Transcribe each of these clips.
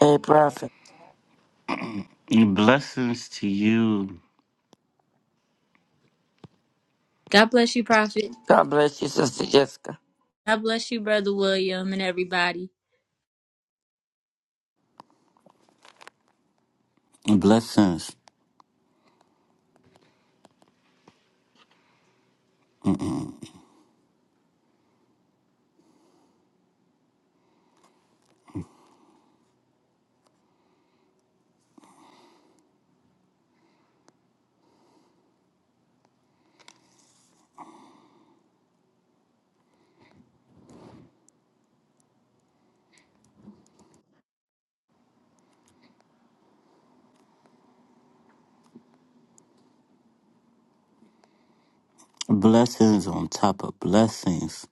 Hey, Prophet. Blessings to you. God bless you, Prophet. God bless you, Sister Jessica. God bless you, Brother William, and everybody. Blessings. Blessings on top of blessings.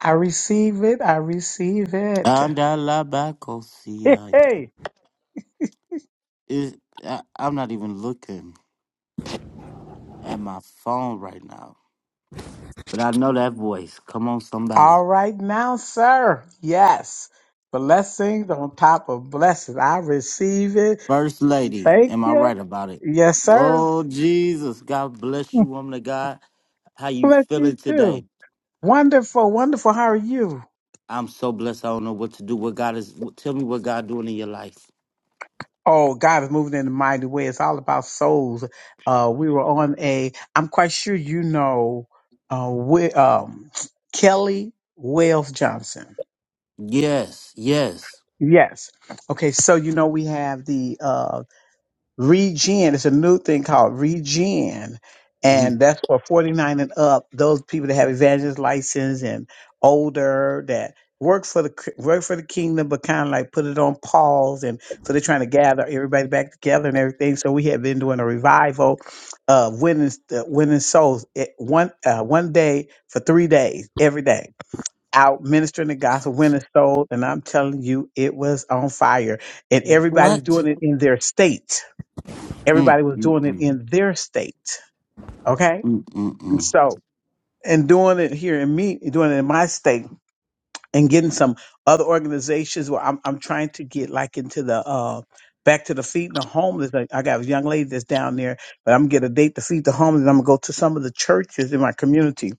I receive it. I receive it. And I lie back, oh, see, Hey, I- hey. it- I- I'm not even looking at my phone right now. But I know that voice. Come on, somebody. All right now, sir. Yes. Blessings on top of blessings. I receive it. First lady. Thank Am I you. right about it? Yes, sir. Oh, Jesus. God bless you, woman of God. How you Bless feeling you too. today? Wonderful, wonderful. How are you? I'm so blessed. I don't know what to do. What God is, tell me what God doing in your life. Oh, God is moving in a mighty way. It's all about souls. Uh, we were on a, I'm quite sure you know, uh, we, um, Kelly Wales Johnson. Yes, yes. Yes. Okay. So, you know, we have the, uh, Regen. It's a new thing called Regen. And Mhm. that's for 49 and up, those people that have evangelist license and older that work for the cr- work for the kingdom, but kind of like put it on pause. And so they're trying to gather everybody back together and everything. So we have been doing a revival of winning, uh, winning souls it, one, uh, one day for three days, every day out ministering the gospel, winning souls. And I'm telling you, it was on fire and everybody's What? doing it in their state Mm, Everybody was mm, doing it mm, in their state. Okay. mm, mm, And mm. so, and doing it here in me, doing it in my state and getting some other organizations where I'm, I'm trying to get like into the, uh, back to the feed and the homeless. Like, I got a young lady that's down there, but I'm going to get a date to feed the homeless. And I'm going to go to some of the churches in my community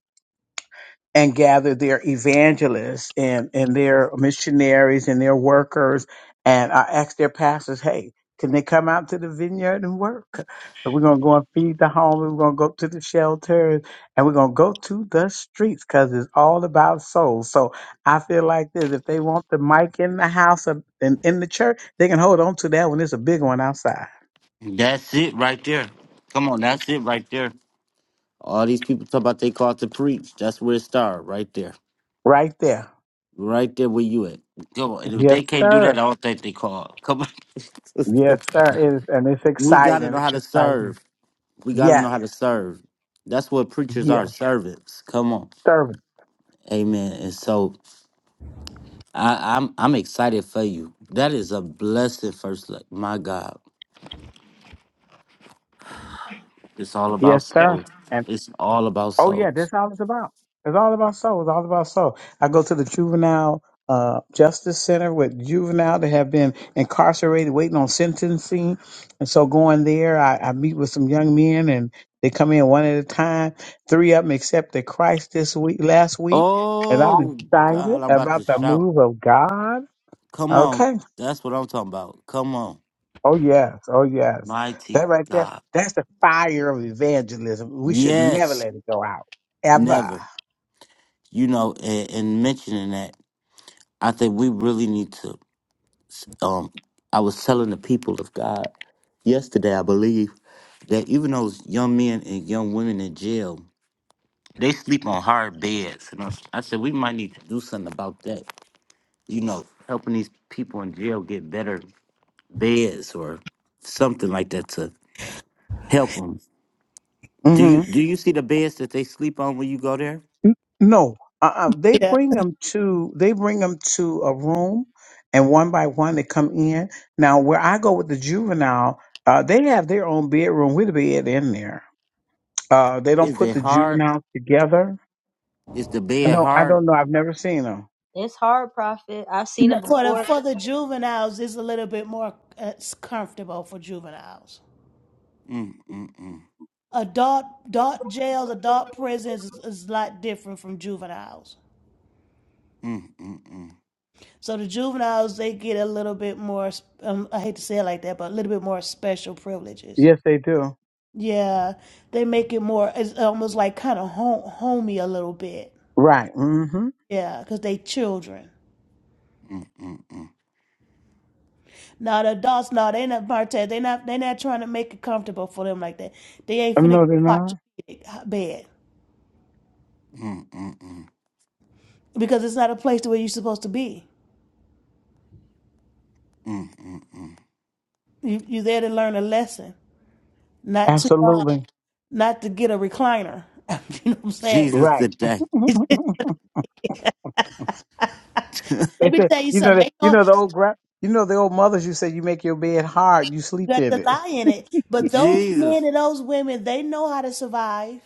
and gather their evangelists and, and their missionaries and their workers. And I asked their pastors, hey, can they come out to the vineyard and work? And we're going to go and feed the homeless. We're going to go to the shelters and we're going to go to the streets because it's all about souls. So I feel like this if they want the mic in the house and in, in the church, they can hold on to that one. It's a big one outside That's it right there. Come on, that's it right there. All these people talk about they called to preach. That's where it started, right there. right there. Right there where you at. Come on. And if Yes, they can't do sir. that, I don't think they called. Come on. Yes, sir. It is, and it's we gotta exciting. know how to It's exciting. serve. We gotta know Yes. how to serve. That's what preachers Yes. are, servants. Come on. serving. Amen. And so I, I'm I'm excited for you. That is a blessed first lady. My God. It's all about Yes, sir. souls. And It's all about oh yeah, souls. that's all it's about. It's all about soul. It's all about soul. I go to the juvenile uh, justice center with juvenile that have been incarcerated, waiting on sentencing. And so going there, I, I meet with some young men, and they come in one at a time. Three of them accepted Christ this week, last week, and I'm Oh excited God, I'm about to about the shout. move of God. Come on. Okay. That's what I'm talking about. Come on. Oh yes, oh yes. Mighty That right there, God. that's the fire of evangelism. We should never Yes. let it go out, ever. Never. You know, and, and mentioning that, I think we really need to um I was telling the people of God yesterday, I believe, that even those young men and young women in jail, they sleep on hard beds. And I, I said we might need to do something about that you know, helping these people in jail get better beds or something like that to help them. Do you hmm do you see the beds that they sleep on when you go there? N- No, uh-uh. They Yeah. bring them to they bring them to a room, and one by one they come in. Now where I go with the juvenile, uh, they have their own bedroom with a bed in there. Uh, they don't Is put it the hard? juveniles together. Is the I bed don't. I hard? don't know. I've never seen them. It's hard, Prophet. I know No, For the before. for the juveniles, it's a little bit more uh, it's comfortable for juveniles. Mm mm mm Adult adult jails, adult prisons is, is a lot different from juveniles. mm mm So the juveniles they get a little bit more. Um, I hate to say it like that, but a little bit more special privileges. Yes, they do. Yeah, they make it more. It's almost like kind of home, homey a little bit. Right. Mm-hmm. Yeah, because they children. mm mm mm mm Now the adults, now they not Marte, they not they not trying to make it comfortable for them like that. They ain't finna No, get they're a not. quadriplegic bed mm mm mm because it's not a place to where you're supposed to be. mm mm mm. You you there to learn a lesson, not to uh, Absolutely. not to get a recliner. you know what I'm saying? Jesus Right. today, Let They me said, tell you you know, something. the, They you know know the old gra- you know the old mothers. You say you make your bed hard, you sleep that in to it. lie in it, but those men Jesus. and those women, they know how to survive.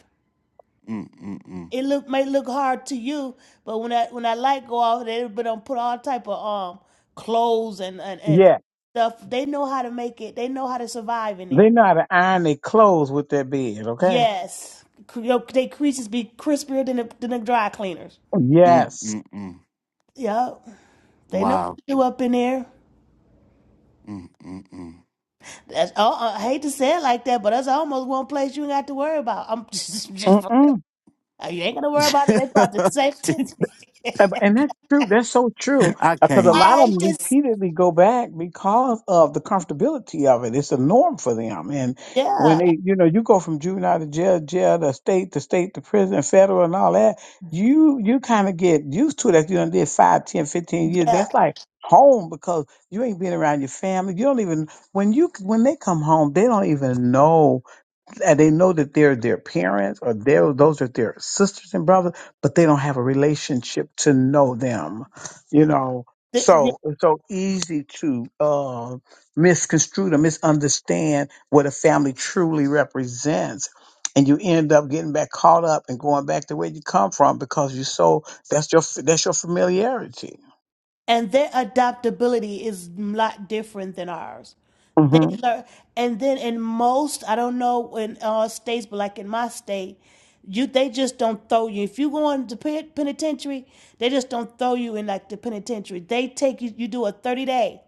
Mm mm mm It look may look hard to you, but when that when that light go off, they everybody don't put all type of um clothes and, and and Yeah, stuff. They know how to make it. They know how to survive in they there. know how to iron their clothes with their bed. Okay. Yes, Cre- your they creases be crispier than the, than the dry cleaners. mm Yes. mm mm. Yup, they know what Wow. to do up in there. Mm mm mm. That's, oh, I hate to say it like that, but that's almost one place you ain't got to worry about. I'm just, just Mm-mm. you ain't gonna worry about it. They about to safety. And and that's true. That's so true. I Because a can't. lot of I them just repeatedly go back because of the comfortability of it. It's a norm for them. And when yeah they, you know, you go from juvenile to jail, jail to state to state to prison, federal and all that, you you kind of get used to it after you done did five, ten, fifteen years. That's like home because you ain't been around your family. You don't even when you when they come home, they don't even know and they know that they're their parents or they're, those are their sisters and brothers, but they don't have a relationship to know them, you know. yeah. So it's so easy to uh, misconstrue to misunderstand what a family truly represents. And you end up getting back caught up and going back to where you come from because you're so that's your that's your familiarity. and their adaptability is a lot different than ours. They hmm learn, and then in most, I don't know in all states, but like in my state, you they just don't throw you. If you go into pen- penitentiary, they just don't throw you in like the penitentiary. They take you. You do a thirty day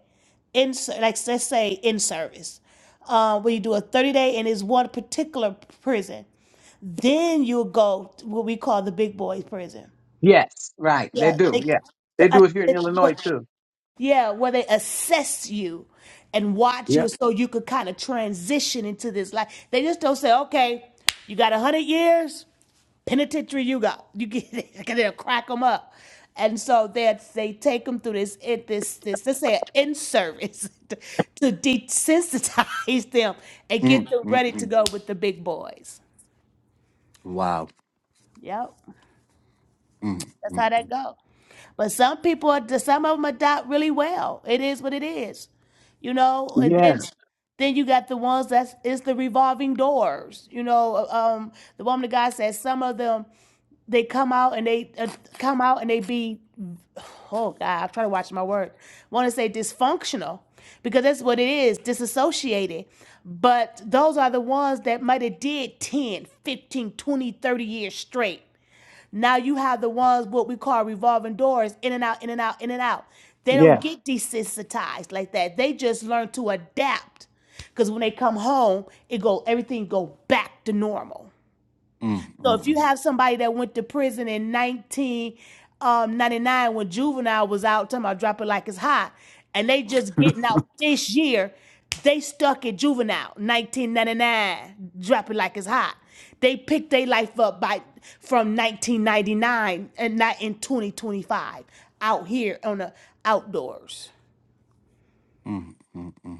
in like let's say in service, uh, where you do a thirty day in this one particular prison. Then you'll go to what we call the big boys prison. Yes, right. They Yeah, they, do. Yeah, so they I, do it here in it, Illinois what too. yeah, where they assess you and watch Yeah. you so you could kind of transition into this life. They just don't say, okay, you got a hundred years, penitentiary you got. You get it. they'll crack them up. And so they they take them through this it this this let's say in service to, to desensitize them and get Mm them mm ready to mm. go with the big boys. Wow. Yep. Mm That's mm, how that go. But some people, are, some of them adopt really well. It is what it is, you know. And then, Yeah. Mhm. then you got the ones that's it's the revolving doors. You know, Uh, um, the woman, the guy said, some of them they come out and they uh, come out and they be, oh God, I'm trying to watch my word. Want to say dysfunctional because that's what it is, disassociated. But those are the ones that might have did 10, 15, 20, thirty years straight. Now you have the ones what we call revolving doors, in and out, in and out, in and out. They don't Yeah. get desensitized like that. They just learn to adapt. Cause when they come home, it go everything go back to normal. Mm, So if you mm, have somebody that went to prison in 1999 when juvenile was out, talking about drop it like it's hot, and they just getting out this year, they stuck at juvenile 1999, drop it like it's hot. They picked their life up by from 1999 and not in 2025 out here on the outdoors. mm, mm, mm, mm.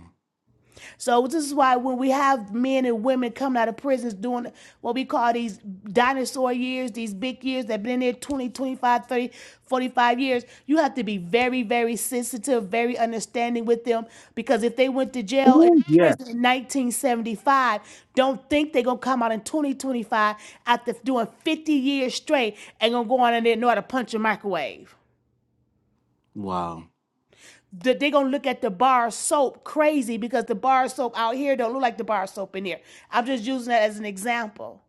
So this is why when we have men and women coming out of prisons doing what we call these dinosaur years, these big years that have been in there 20, 25, 30, 45 years, you have to be very, very sensitive, very understanding with them because if they went to jail and Ooh, Yeah. prison in 1975, don't think they're going to come out in 2025 after doing 50 years straight and going to go on in there and know how to punch a microwave Wow. that they gonna look at the bar soap crazy because the bar soap out here don't look like the bar soap in here. I'm just using that as an example.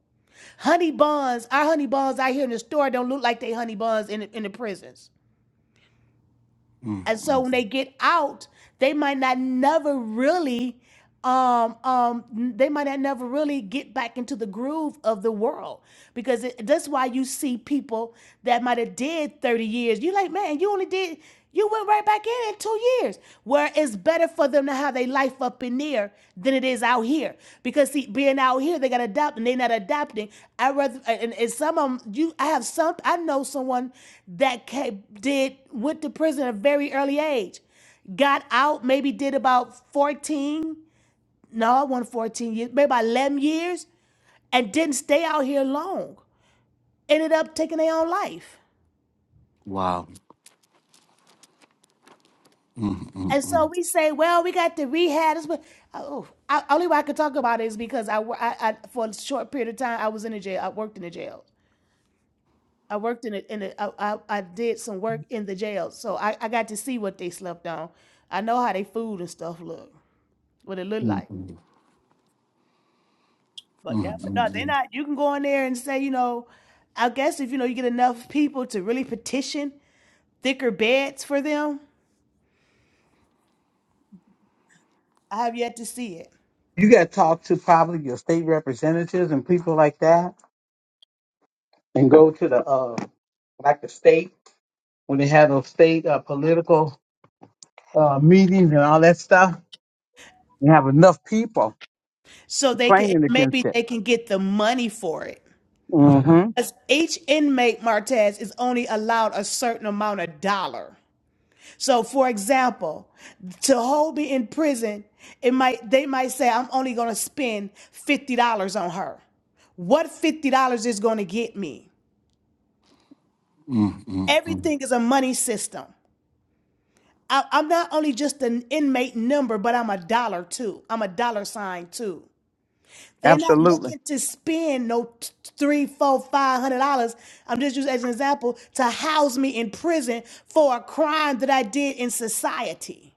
Honey buns, our honey buns out here in the store don't look like they honey buns in the, in the prisons. Mm, And so when mm. they get out, they might not never really um um they might not never really get back into the groove of the world because it, that's why you see people that might have did 30 years you like man you only did you went right back in in two years Whereas it's better for them to have their life up in there than it is out here. Because see, being out here, they got to adapt and they're not adapting. I rather and, and some of them, you I have some I know someone that came, did went to prison at a very early age. Got out, maybe did about 14. No, I wasn't 14 years, maybe about 11 years, and didn't stay out here long. Ended up taking their own life. Wow. Mm, mm, And so mm. we say, well, we got to rehab. oh, I, only way I could talk about it is because I, I, I, for a short period of time, I was in a jail. I worked in a jail. I worked in a, in a, I, I, I did some work in the jail, so I, I got to see what they slept on. I know how they food and stuff look, what it looked Mm, like. mm, But yeah, mm, mm, but mm, no, they're not. You can go in there and say, you know, I guess if you know you get enough people to really petition thicker beds for them, I have yet to see it. You got to talk to probably your state representatives and people like that, and go to the uh, like the state when they have those state uh, political uh, meetings and all that stuff. You have enough people So they can claiming maybe against it. they can get the money for it Mm-hmm. Because each inmate, Martez, is only allowed a certain amount of dollar. So, for example, to hold me in prison, it might they might say I'm only going to spend fifty dollars on her. What fifty dollars is going to get me? mm, mm, mm, Everything is a money system. I, I'm not only just an inmate number, but I'm a dollar too. I'm a dollar sign too. They not Absolutely. looking to spend no t- three, four, five hundred dollars. I'm just using as an example to house me in prison for a crime that I did in society.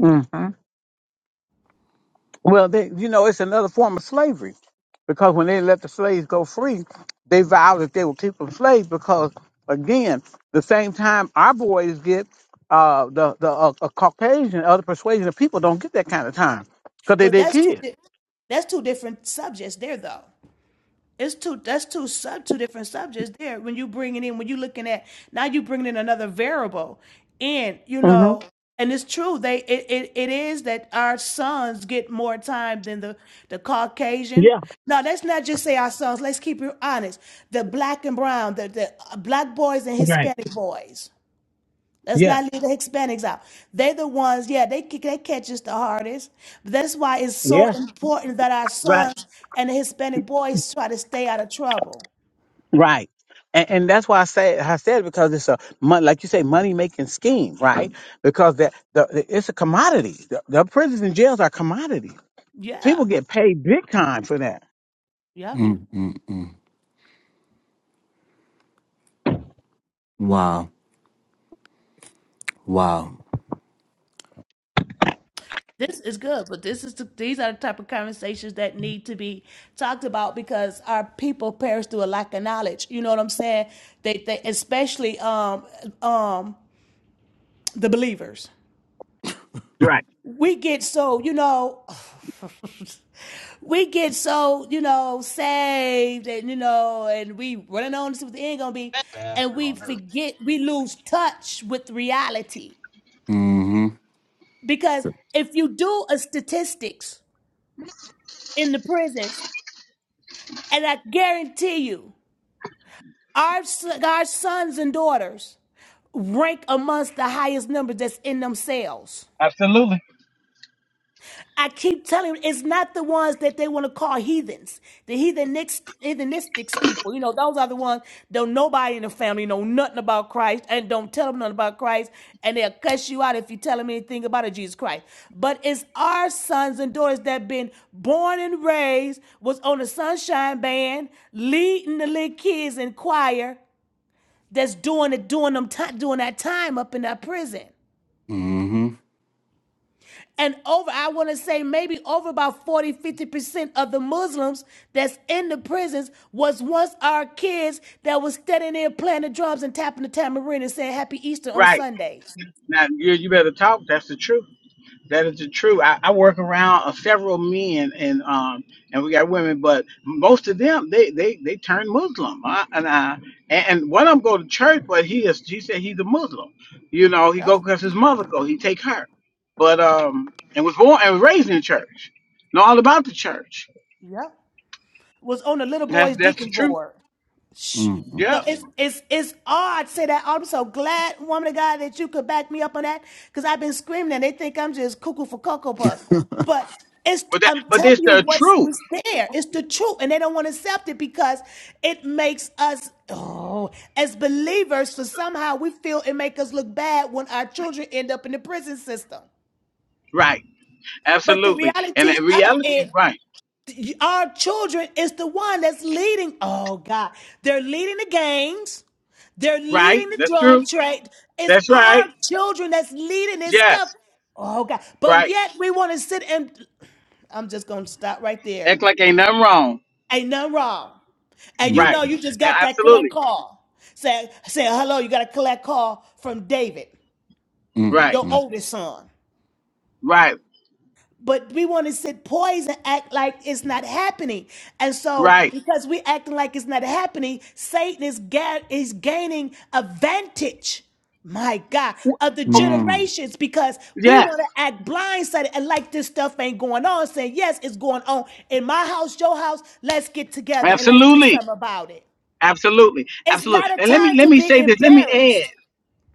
Mm-hmm. Well, they, you know, it's another form of slavery because when they let the slaves go free, they vowed that they would keep them slaves because, again, the same time our boys get uh, the the uh, uh, Caucasian, other persuasion of people don't get that kind of time because they Well, they that's two. kids. di- That's two different subjects there, though. It's two. That's two sub two different subjects there. When you bring it in, when you looking at now, you bringing in another variable, and you hmm know, and it's true. They it, it, it is that our sons get more time than the the Caucasian. Yeah, No, let's not just say our sons. Let's keep it honest. The black and brown, the the uh, black boys and right. Hispanic boys. Let's Yeah, not leave the Hispanics out. They are the ones, yeah, they they catch us the hardest. But that's why it's so yeah, important that our right, sons and the Hispanic boys try to stay out of trouble. right. And, and that's why I say I said because it's a mon- like you say money making scheme, right? Because that the, the- it's a commodity. The, the prisons and jails are commodities People Yeah, get paid big time for that. mm, yeah. mm. mm, mm. Wow. Wow. This is good, but this is the, these are the type of conversations that need to be talked about because our people perish through a lack of knowledge. You know what I'm saying? They, they especially um um the believers. Right. we get so you know we get so you know saved and you know and we running on to see what the end gonna be and we forget we lose touch with reality Mm-hmm. because if you do a statistics in the prisons and i guarantee you our s- our sons and daughters rank amongst the highest numbers that's in them cells Absolutely. I keep telling you, it's not the ones that they want to call heathens, the heathenistic, heathenistics people. You know, those are the ones don't nobody in the family know nothing about Christ and don't tell them nothing about Christ, and they'll cuss you out if you tell them anything about it, Jesus Christ. But it's our sons and daughters that been born and raised, was on the sunshine band, leading the little kids in choir, that's doing it, doing them, ti- doing that time up in that prison. Mm-hmm. and over i want to say maybe over about forty, fifty percent of the muslims that's in the prisons was once our kids that was standing there playing the drums and tapping the tambourine and saying happy easter on Right. sundays Now you you better talk. That's the truth. That is the truth. I, I work around uh, several men and um and we got women, but most of them they they they turn Muslim. I, and I and, and one of them go to church, but he is he said he's a Muslim. You know he yep go because his mother go. He take her, but um and was born and was raised in church. Know all about the church. yep was on the little That's boys that's deacon the truth. board Shh. Mm, mm, So Yeah. it's it's it's odd. to Say that I'm so glad, woman of God, that you could back me up on that because I've been screaming and they think I'm just cuckoo for cocoa puffs. But it's But that I'm but telling it's you the what's, truth. what's there. It's the truth, and they don't want to accept it because it makes us oh as believers for somehow we feel it make us look bad when our children end up in the prison system. Right. But the Absolutely. And reality in of reality, it right, our children is the one that's leading. Oh God, they're leading the gangs. They're right, leading the that's true. drug trade. It's That's our right. children that's leading this stuff. Yes, Oh God, but right. yet we want to sit and I'm just gonna stop right there. Act like ain't nothing wrong. Ain't nothing wrong. And you mm, mm, mm, mm. know Right. you just A- got that collect Absolutely. call. Say say hello, you got a collect call from David, Right, your oldest son. right, but we want to sit poised and act like it's not happening. And so, right. because we're acting like it's not happening, Satan is ga- is gaining advantage. My God, W- of the Okay. generations, because we Yes, want to act blindsided and like this stuff ain't going on, saying, Yes, it's going on in my house, your house. Let's get together and let's do absolutely. something about it. Absolutely, It's absolutely, not a and let me time let to me be say this. Let me add. embarrassed.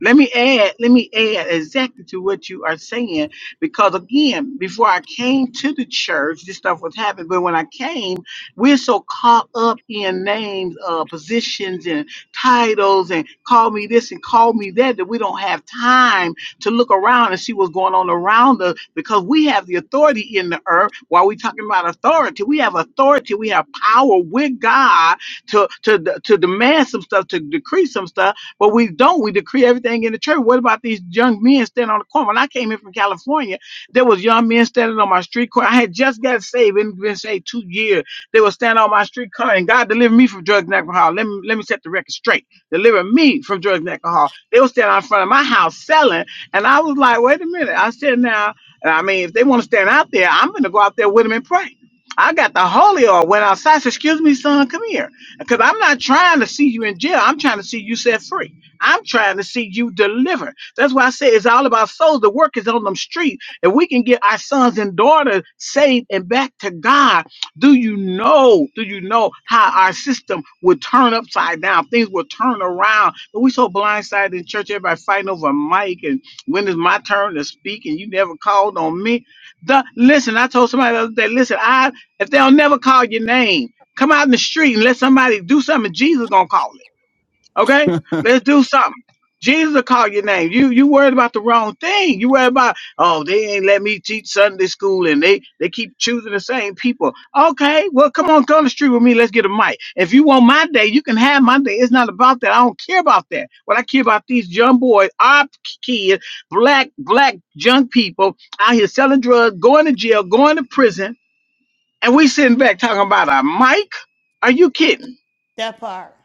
Let me add, let me add exactly to what you are saying, because again, before I came to the church, this stuff was happening. But when I came, we're so caught up in names, uh, positions, and titles, and call me this and call me that, that we don't have time to look around and see what's going on around us because we have the authority in the earth. While we're talking about authority, we have authority, we have power with God to, to, to demand some stuff, to decree some stuff but we don't. We decree everything in the church. What about these young men standing on the corner? When I came in from California, there was young men standing on my street corner. I had just got saved, and been saved two years. They were standing on my street corner, and God delivered me from drugs and alcohol. Let me let me set the record straight. Deliver me from drugs and alcohol. They were standing out in front of my house selling, and I was like, wait a minute. I said now, and I mean, if they want to stand out there, I'm gonna go out there with them and pray. I got the holy oil. Went outside. Said, "Excuse me, son, come here." Because I'm not trying to see you in jail. I'm trying to see you set free. I'm trying to see you delivered. That's why I say it's all about souls. The work is on them streets. If we can get our sons and daughters saved and back to God, do you know? Do you know how our system would turn upside down? Things will turn around. But we so blindsided in church, everybody fighting over a mic and when it's my turn to speak and you never called on me. The, listen, I told somebody the other day, listen, I if they'll never call your name. Come out in the street and let somebody do something. Jesus gonna call it. Okay, let's do something. Jesus will call your name. You you worried about the wrong thing. You worried about oh they ain't let me teach Sunday school and they they keep choosing the same people. Okay, well come on, come to the street with me. Let's get a mic. If you want my day, you can have my day. It's not about that. I don't care about that. What I care about these young boys, our kids, black black young people out here selling drugs, going to jail, going to prison and we sitting back talking about a mic? Are you kidding? That part,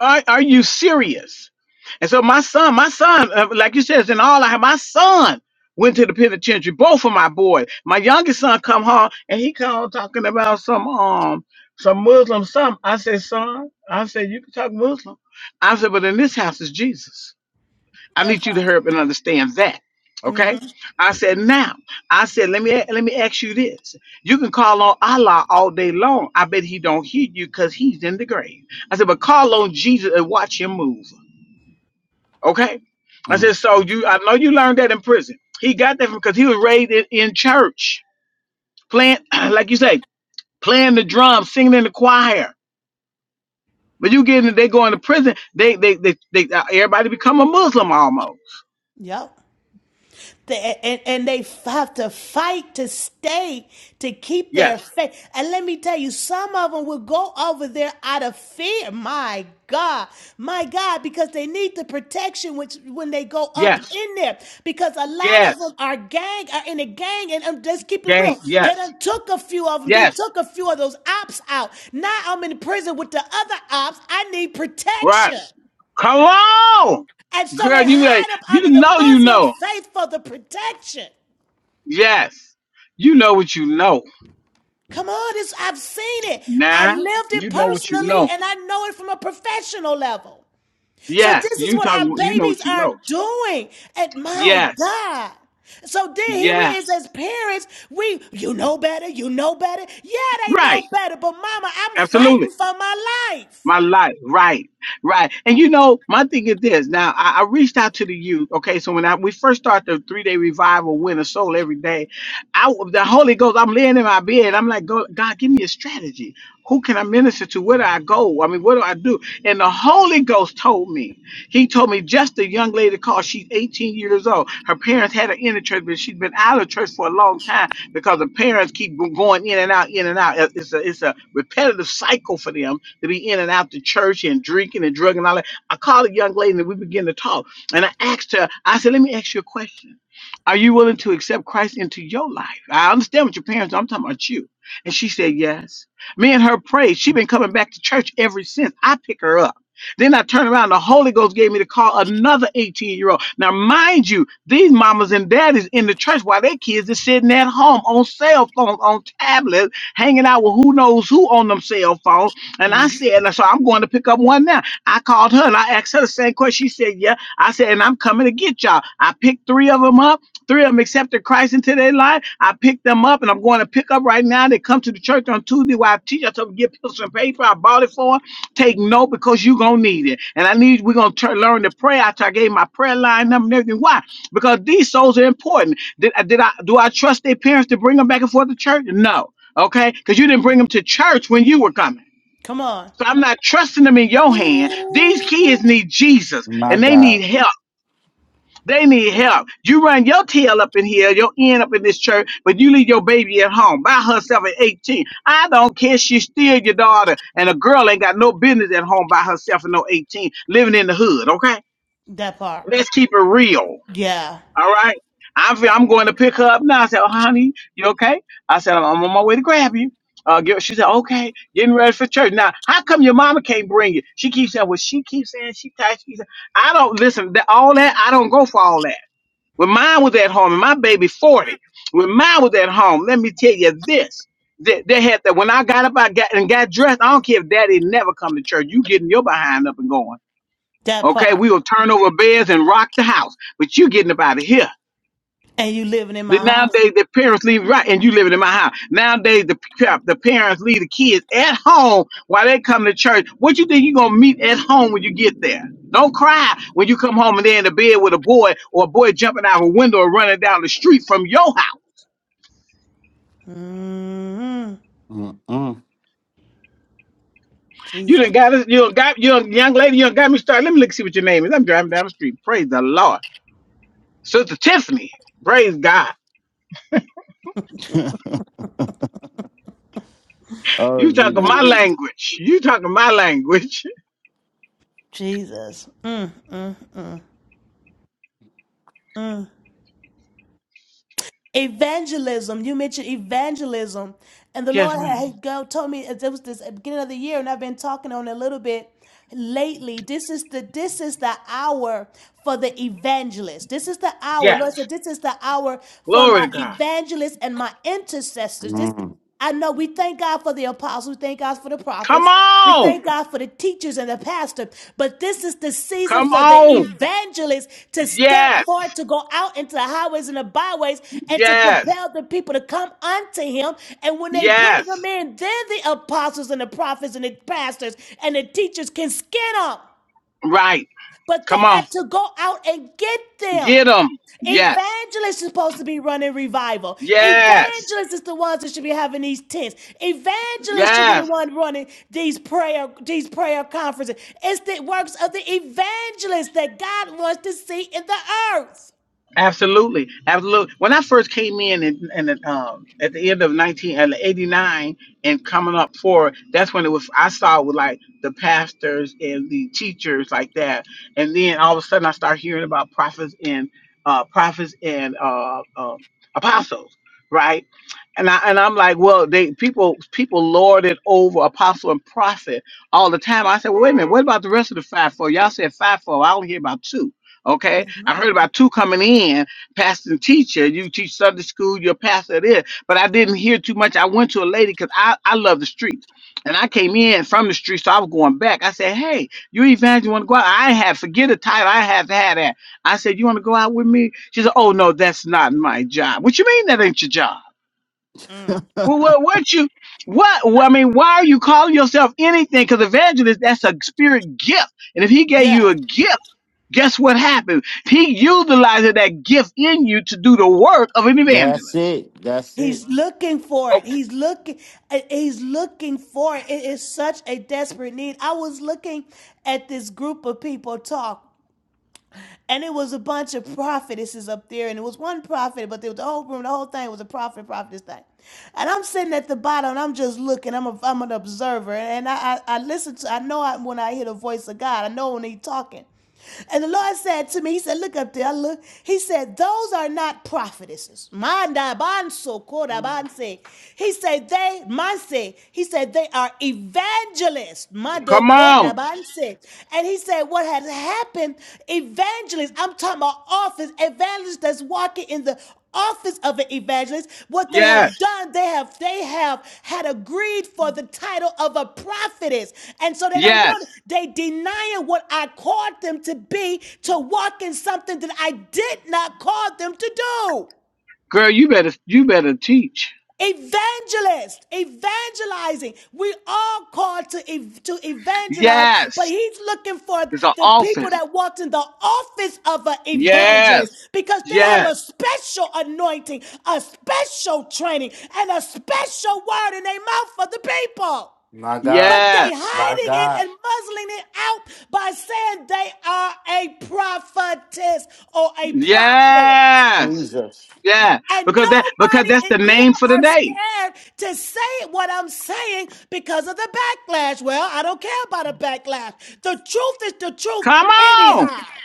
Are, are you serious? And so my son, my son, uh, like you said, it's in all I have. My son went to the penitentiary. Both of my boys. My youngest son come home and he come talking about some um some Muslim something. I said, son, I said you can talk Muslim. I said, but in this house is Jesus. I that need you to part. hurry up and understand that. Okay? I said, now, I said, let me let me ask you this. You can call on Allah all day long. I bet he don't hear you because he's in the grave. I said, but call on Jesus and watch him move. Okay? I Mm. said, so you I know you learned that in prison. He got that from because he was raised in, in church, playing, like you say, playing the drums, singing in the choir. But you get in, they go into prison, they they they, they uh, everybody become a Muslim almost. Yep. and, and they have to fight to stay to keep their Yes, faith. And let me tell you, some of them will go over there out of fear. My God, my God, because they need the protection which when they go up yes, in there, because a lot yes. of them are gang are in a gang, and um, let's keep it Gang, real. They yes, done took a few of them. They yes, took a few of those ops out. Now I'm in prison with the other ops. I need right. protection, Come on, and so girl, they you like hide up under you the know you Muslim know. faith for the protection. Yes, you know what you know. Come on, it's, I've seen it. I Nah, lived it you know what you personally know. and I know it from a professional level. So Yes, this is you what talking. our You know babies what you are know. doing. And my Yes, God. So then here we is yes, as parents. We, you know better, you know better. Yeah, they know right. better, but mama, I'm Absolutely. fighting for my life. My life, right, right. And you know, my thing is this. Now, I, I reached out to the youth. Okay, so when I we first started the three day revival, win a soul every day, I the Holy Ghost. I'm laying in my bed. I'm like, "Go- God, give me a strategy. Who can I minister to? Where do I go? I mean, what do I do? And the Holy Ghost told me. He told me just a young lady called. She's 18 years old. Her parents had her in the church, but she's been out of church for a long time because the parents keep going in and out, in and out. It's a it's a repetitive cycle for them to be in and out the church and drinking and drugging and all that. I called a young lady and we began to talk. And I asked her, I said, let me ask you a question. Are you willing to accept Christ into your life? I understand what your parents are. I'm talking about you. And she said, yes. Me and her prayed. She's been coming back to church ever since. I pick her up. Then I turned around, the Holy Ghost gave me to call another 18 year old. Now, mind you, these mamas and daddies in the church while their kids are sitting at home on cell phones, on tablets, hanging out with who knows who on them cell phones. And I said, so I'm going to pick up one now. I called her and I asked her the same question. She said, yeah. I said, and I'm coming to get y'all. I picked three of them up. Three of them accepted Christ into their life. I picked them up and I'm going to pick up right now. They come to the church on Tuesday while I teach. I told them to get pencil and paper. I bought it for 'em. Take note because you're gonna need it. And I need we're gonna try, learn to pray after I gave my prayer line number and everything. Why? Because these souls are important. Did I did I do I trust their parents to bring them back and forth to church? No. Okay? Because you didn't bring them to church when you were coming. Come on. So I'm not trusting them in your hand. These kids need Jesus My and they God. need help. They need help. You run your tail up in here, your end up in this church, but you leave your baby at home by herself at 18. I don't care. She's still your daughter, and a girl ain't got no business at home by herself at no 18, living in the hood. Okay, That part. let's keep it real. Yeah, All right. I'm fe- I'm going to pick her up now. I said, oh, honey, you okay? I said, I'm I'm on my way to grab you. Uh, get- she said, okay, getting ready for church. Now, how come your mama can't bring you? She keeps saying, well, she keeps saying she tired. She keeps saying, I don't listen. That, all that, I don't go for all that. When mine was at home, and my baby 40, when mine was at home, let me tell you this. They, they had that when I got up I got and got dressed. I don't care if daddy never come to church. You getting your behind up and going. that Okay, part. we will turn over beds and rock the house, but you getting up out of here. And you living in Then my house. nowadays the parents leave right, and you living in my house. Nowadays the pa- the parents leave the kids at home while they come to church. What you think you gonna meet at home when you get there? Don't cry when you come home and they're in the bed with a boy or a boy jumping out of a window or running down the street from your house. Mm-hmm. Mm, mm. You Jesus. done got us. You done got you done, young lady. You done got me started. Let me look see what your name is. I'm driving down the street. Praise the Lord, Sister Tiffany. Praise God. oh, You talking Jesus. my language. You talking my language. Jesus. Mm, mm, mm. mm. Evangelism. You mentioned evangelism, and the Yes, Lord had ma'am. Mhm. he go told me it was this at the beginning of the year, and I've been talking on it a little bit lately. This is the this is the hour for the evangelist. This is the hour. Yes. Lord said, this is the hour for Glory my to God. evangelists and my intercessors. This Mm. I know we thank God for the apostles, we thank God for the Come prophets, we on. thank God for the teachers and the pastor, but this is the season Come for the on. evangelists to step Yes. forward, to go out into the highways and the byways, and to Yes. compel the people to come unto him. And when they bring Yes. him in, then the apostles and the prophets and the pastors and the teachers can skin him Right. but they Come on. got to go out and get them. Get them. Yes. Evangelists is supposed to be running revival. Yes. Evangelists is the ones that should be having these tents. Evangelists should be Yes. the one running these prayer these prayer conferences. It's the works of the evangelists that God wants to see in the earth. Absolutely, absolutely. When I first came in, in, in the, um, at the end of nineteen and eighty nine, and coming up for that's when it was. I saw with like the pastors and the teachers like that, and then all of a sudden I start hearing about prophets and uh, prophets and uh, uh, apostles, right? And I and I'm like, well, they people people lord it over apostle and prophet all the time. I said, well, wait a minute, what about the rest of the five four? Y'all said five four. I only hear about two Okay, I heard about two coming in, pastor and teacher. You teach Sunday school, you're a pastor there, but I didn't hear too much. I went to a lady because I, I love the streets, and I came in from the streets, so I was going back. I said, "Hey, you evangelist want to go out? I have forget the title. I have to have that." I said, "You want to go out with me?" She said, "Oh no, that's not my job." What you mean that ain't your job? Well, what, what you what? Well, I mean, why are you calling yourself anything? Because evangelist, that's a spirit gift, and if he gave you Yes. a gift. Guess what happened? He utilized that gift in you to do the work of an That's evangelist. it. That's it. He's looking for Oh, it. He's looking. uh, He's looking for it. It is such a desperate need. I was looking at this group of people talk And it was a bunch of prophetesses up there, and it was one prophet, but there was the whole room, the whole thing was a prophet, prophetess thing. And I'm sitting at the bottom, and I'm just looking. I'm a, I'm an observer, and I, I, I listen to. I know I, when I hear the voice of God, I know when He's talking. And the Lord said to me, He said, Look up there. I look. He said, Those are not prophetesses. Manda banso koda banse. He said, They, manse. He said, They are evangelists evangelist, come Madoko on. Dabanse. And he said, What had happened, evangelist, I'm talking about office, evangelist that's walking in the office of an evangelist what they have Yes. done they have they have had agreed for the title of a prophetess and so they don't Yes. want it. they denying what i called them to be to walk in something that i did not call them to do Girl, you better you better teach. Evangelist, evangelizing. We are called to ev- to evangelize, but Yes. he's looking for It's an the people office. that walked in the office of an Yes. evangelist because they have Yes. a special anointing, a special training, and a special word in their mouth for the people. My God. But they Yes. My hiding it God. and muzzling it out by saying they are a prophetess or a prophet. Yes. Jesus. Yeah. And Because that because nobody that's the and name people for the are day. scared to say what I'm saying because of the backlash. Well, I don't care about a backlash. The truth is the truth Come on. anyhow.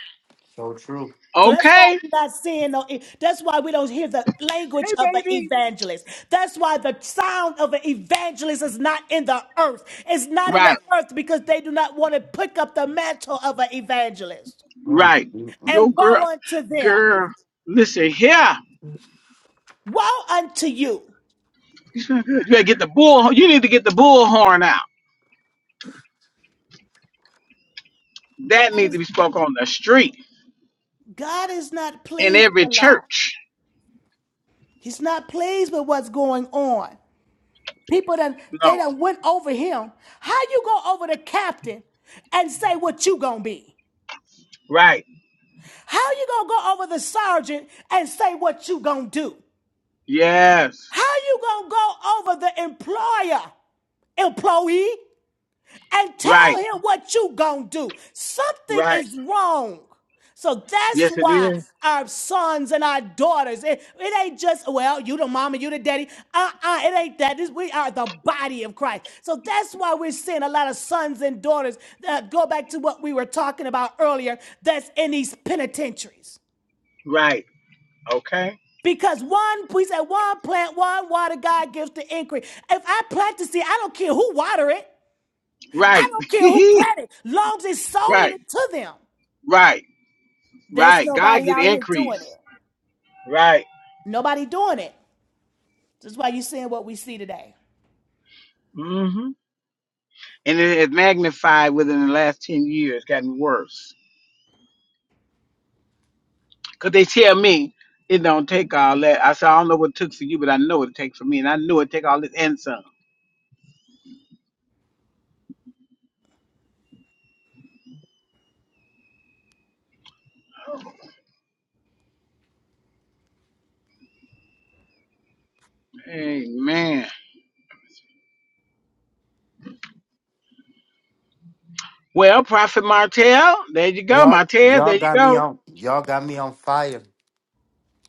So true. So that's why Okay. we're not seeing no. e, That's why we don't hear the language Hey of an baby. evangelist. That's why the sound of an evangelist is not in the earth. It's not in the Right. earth because they do not want to pick up the mantle of an evangelist. Mm, Right. mm, mm. Yo And woe girl unto them. girl. Listen here. Woe unto you. You better get the bull. You need to get the bullhorn out. That God need to is. be spoke on the street God is not in pleased every with a lie. church. He's not pleased with what's going on. People that they No. done went over him. How you go over the captain and say what you gonna be? Right. How you gonna go over the sergeant and say what you gonna do? Yes. How you gonna go over the employer, employee? and tell Right. him what you gonna do. Something Right. is wrong. So that's Yes, it why is. our sons and our daughters, it, it ain't just, well, you the mama, you the daddy. Uh-uh, it ain't that. This- we are the body of Christ. So that's why we're seeing a lot of sons and daughters that go back to what we were talking about earlier, that's in these penitentiaries. Right. Okay. Because one, we said one plant, one water, God gives the increase. If I plant the seed, I don't care who water it. I Right. don't care who planted, long as it's sown right. to them. Right. There's Right. God nobody get out here doing increase. it. Right. Nobody doing it. That's why you're seeing what we see today. hmm And it has magnified within the last ten years, gotten worse. Cause they tell me it don't take all that. I said I don't know what it took for you, but I know what it takes for me, and I know it take all this and some. Amen. Well, Prophet Martell, there you go, Y'all, Martell. y'all there you got me go. on. Y'all got me on fire.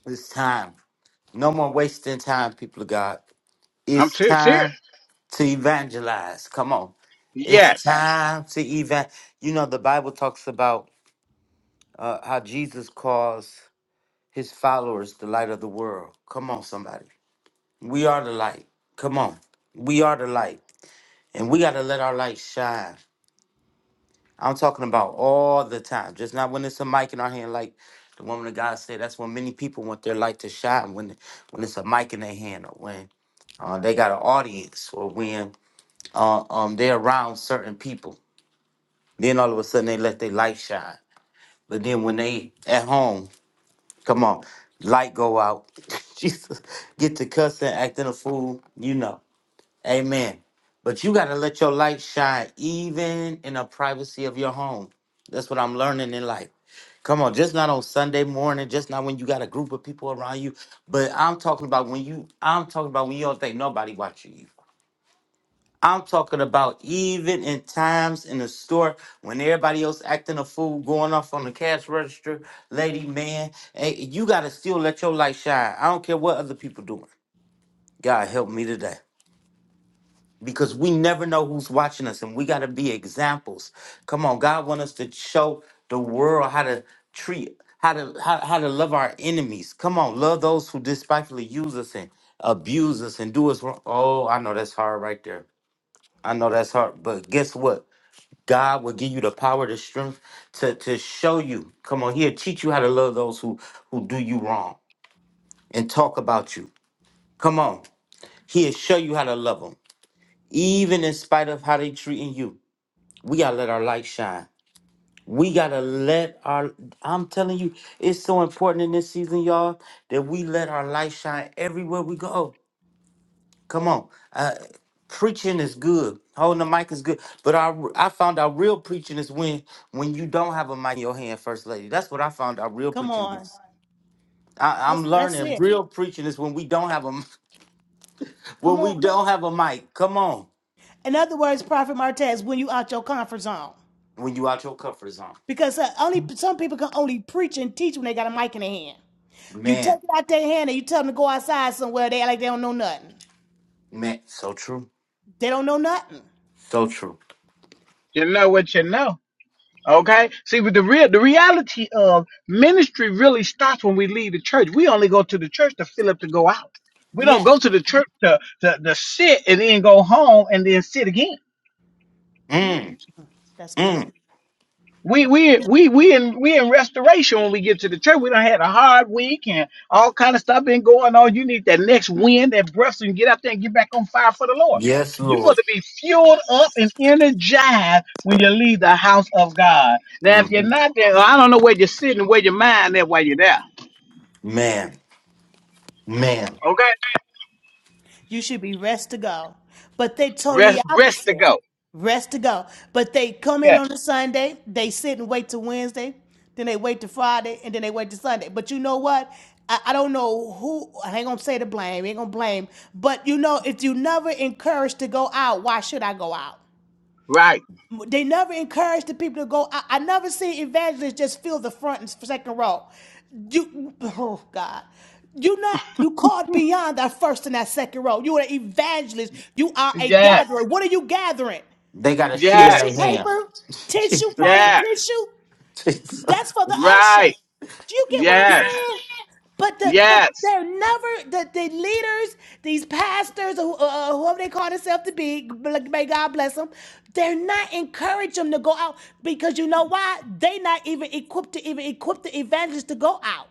It's time. No more wasting time, people of God. I'm It's ser- time serious. to evangelize. Come on. It's Yes, time to even. You know, the Bible talks about uh, how Jesus calls his followers the light of the world. Come on, somebody. We are the light. Come on. We are the light. And we got to let our light shine. I'm talking about all the time, just not when it's a mic in our hand, like the woman of God said. That's when many people want their light to shine when when it's a mic in their hand, or when uh, they got an audience, or when uh, um they're around certain people. Then all of a sudden they let their light shine. But then when they at home, come on, light go out. Jesus, get to cussing, acting a fool, you know. Amen. But you gotta let your light shine even in the privacy of your home. That's what I'm learning in life. Come on, just not on Sunday morning, just not when you got a group of people around you. But I'm talking about when you I'm talking about when you don't think nobody watching you. I'm talking about even in times in the store when everybody else acting a fool, going off on the cash register, lady, man, hey, you gotta still let your light shine. I don't care what other people doing. God help me today because we never know who's watching us and we got to be examples come on god want us to show the world how to treat how to how, how to love our enemies come on love those who despitefully use us and abuse us and do us wrong oh i know that's hard right there i know that's hard but guess what god will give you the power the strength to to show you come on he'll teach you how to love those who who do you wrong and talk about you come on he'll show you how to love them even in spite of how they treating you We gotta let our light shine. We gotta let our I'm telling you, it's so important in this season, y'all, that we let our light shine everywhere we go. Come on. Uh, preaching is good. Holding the mic is good. But I I found out real preaching is when when you don't have a mic in your hand, first lady. That's what I found out real Come preaching is. on. I, I'm That's that's learning it. real preaching is when we don't have a m- Come when we on. don't have a mic. Come on. In other words, Prophet Martez, when you out your comfort zone. When you out your comfort zone. Because uh, only some people can only preach and teach when they got a mic in their hand. You Man, take it out their hand and you tell them to go outside somewhere, they act like they don't know nothing. man, so true. They don't know nothing. So true. you know what you know. Okay. See, with the real, the reality of ministry really starts when we leave the church. We only go to the church to fill up to go out. We don't Yeah. go to the church to to, to sit and then go home and then sit again. Ooh, Mm, That's good. mm. We we we we in we in restoration when we get to the church. We done had a hard week and all kind of stuff been going on. You need that next wind, that breath, so you can get out there and get back on fire for the Lord. Yes, You want Lord. to be fueled up and energized when you leave the house of God. Now, if you're Mhm. not there, I don't know where you're sitting, where your mind at while you're there. Man, man, Okay, You should be rest to go. But they totally rest, rest to opposite. go. Rest to go. But they come in Yeah, on a Sunday, they sit and wait till Wednesday, then they wait to Friday, and then they wait to Sunday. But you know what? I, I don't know who I ain't gonna say the blame, ain't gonna blame. But you know, if you never encouraged to go out, why should I go out? right. They never encourage the people to go. I, I never see evangelists just fill the front and second row. You, oh God, you not you called beyond that first and that second row. You are an evangelist. You are a Yes, gatherer. What are you gathering? they got a sheet in Tissue their yes, hand. paper, tissue, Jesus, falling yes. tissue. Jesus. That's for the usher. right. Do you get what I'm Yes, saying? But the but yes. they're never the, the leaders, these pastors, or who- uh, uh, whoever they call themselves to be. like, May God bless them. They're not encourage them to go out because you know why? They not even equipped to even equip the evangelist to go out.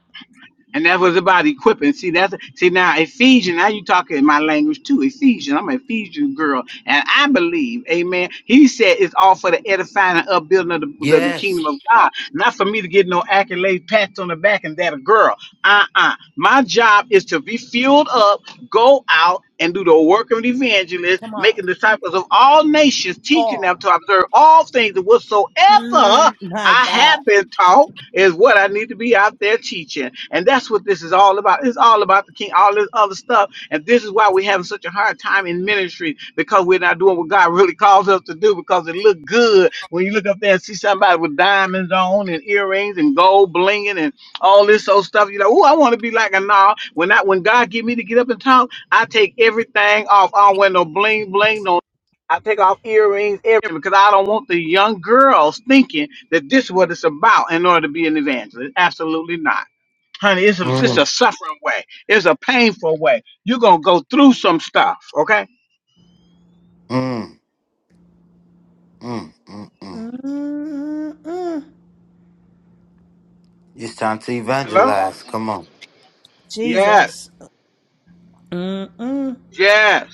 And that was about equipping. See, that's see now Ephesians. Now you talking my language too. Ephesians. I'm an Ephesian girl, and I believe, Amen. He said it's all for the edifying and upbuilding of the, the, the Yes. kingdom of God, not for me to get no accolades, pats on the back, and that a girl. Uh-uh. My job is to be filled up, go out and do the work of an evangelist, Come on, making disciples of all nations, teaching oh them to observe all things and whatsoever mm, my I God, have been taught is what I need to be out there teaching. And that's what this is all about. It's all about the king, all this other stuff. And this is why we're having such a hard time in ministry because we're not doing what God really calls us to do because it look good when you look up there and see somebody with diamonds on and earrings and gold blinging and all this old stuff. You're like, oh, I want to be like a nah. When I, when God get me to get up and talk, I take everything off. I don't wear no bling bling, no. I take off earrings, everything, because I don't want the young girls thinking that this is what it's about in order to be an evangelist. Absolutely not. Honey, it's a, it's a Mm, suffering way. It's a painful way. You're going to go through some stuff, okay? mm, mm, mm, mm. mm mm It's time to Hello? evangelize. Come on. Yes, Jesus, mm yes,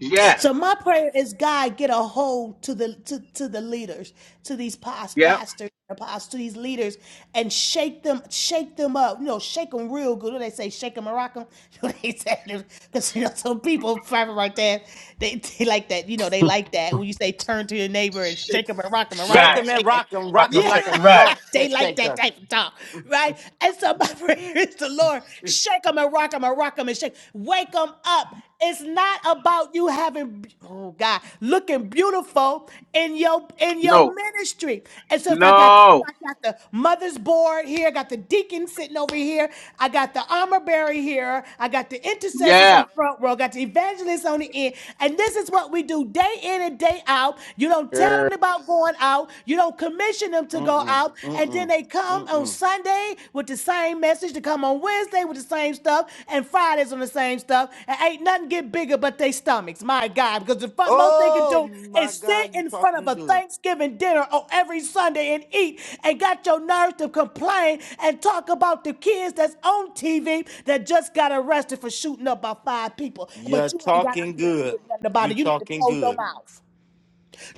yes, So my prayer is God get a hold to the to, to the leaders, to these past yep. pastors, apostles, to these leaders, and shake them, shake them up. You know, shake them real good. What do they say, shake them, and rock them. What they say, because you know some people private right there, they, they like that. You know, they like that when you say turn to your neighbor and Shake, shake them and rock them and rock Shake them right. and 'em and shake 'em. rock 'em, rock Fucking 'em Yeah, shake, like a right. salt they sh- like that shaker. type of talk, right? And so my prayer is the Lord, shake them and rock them and rock them and shake, wake them up. It's not about you having, oh God, looking beautiful in your in your No, ministry. And so if I got no, I got the mother's board here. I got the deacon sitting over here. I got the armor bearer here. I got the intercessors on yeah. the front row. I got the evangelists on the end. And this is what we do day in and day out. You don't tell Girl. them about going out. You don't commission them to go Mm-mm, out. And then mm-mm, they come on mm-mm. Sunday with the same message. They come on Wednesday with the same stuff and Fridays on the same stuff, and ain't nothing get bigger but they stomachs. My God, because the fu- most they can Oh do my is sit God, you in front of talking a good. Thanksgiving dinner on every Sunday and eat, and got your nerves to complain and talk about the kids that's on TV that just got arrested for shooting up by five people, You're but you ain't got out talking there and good. did nothing about You it. You need to talking close your good. mouth.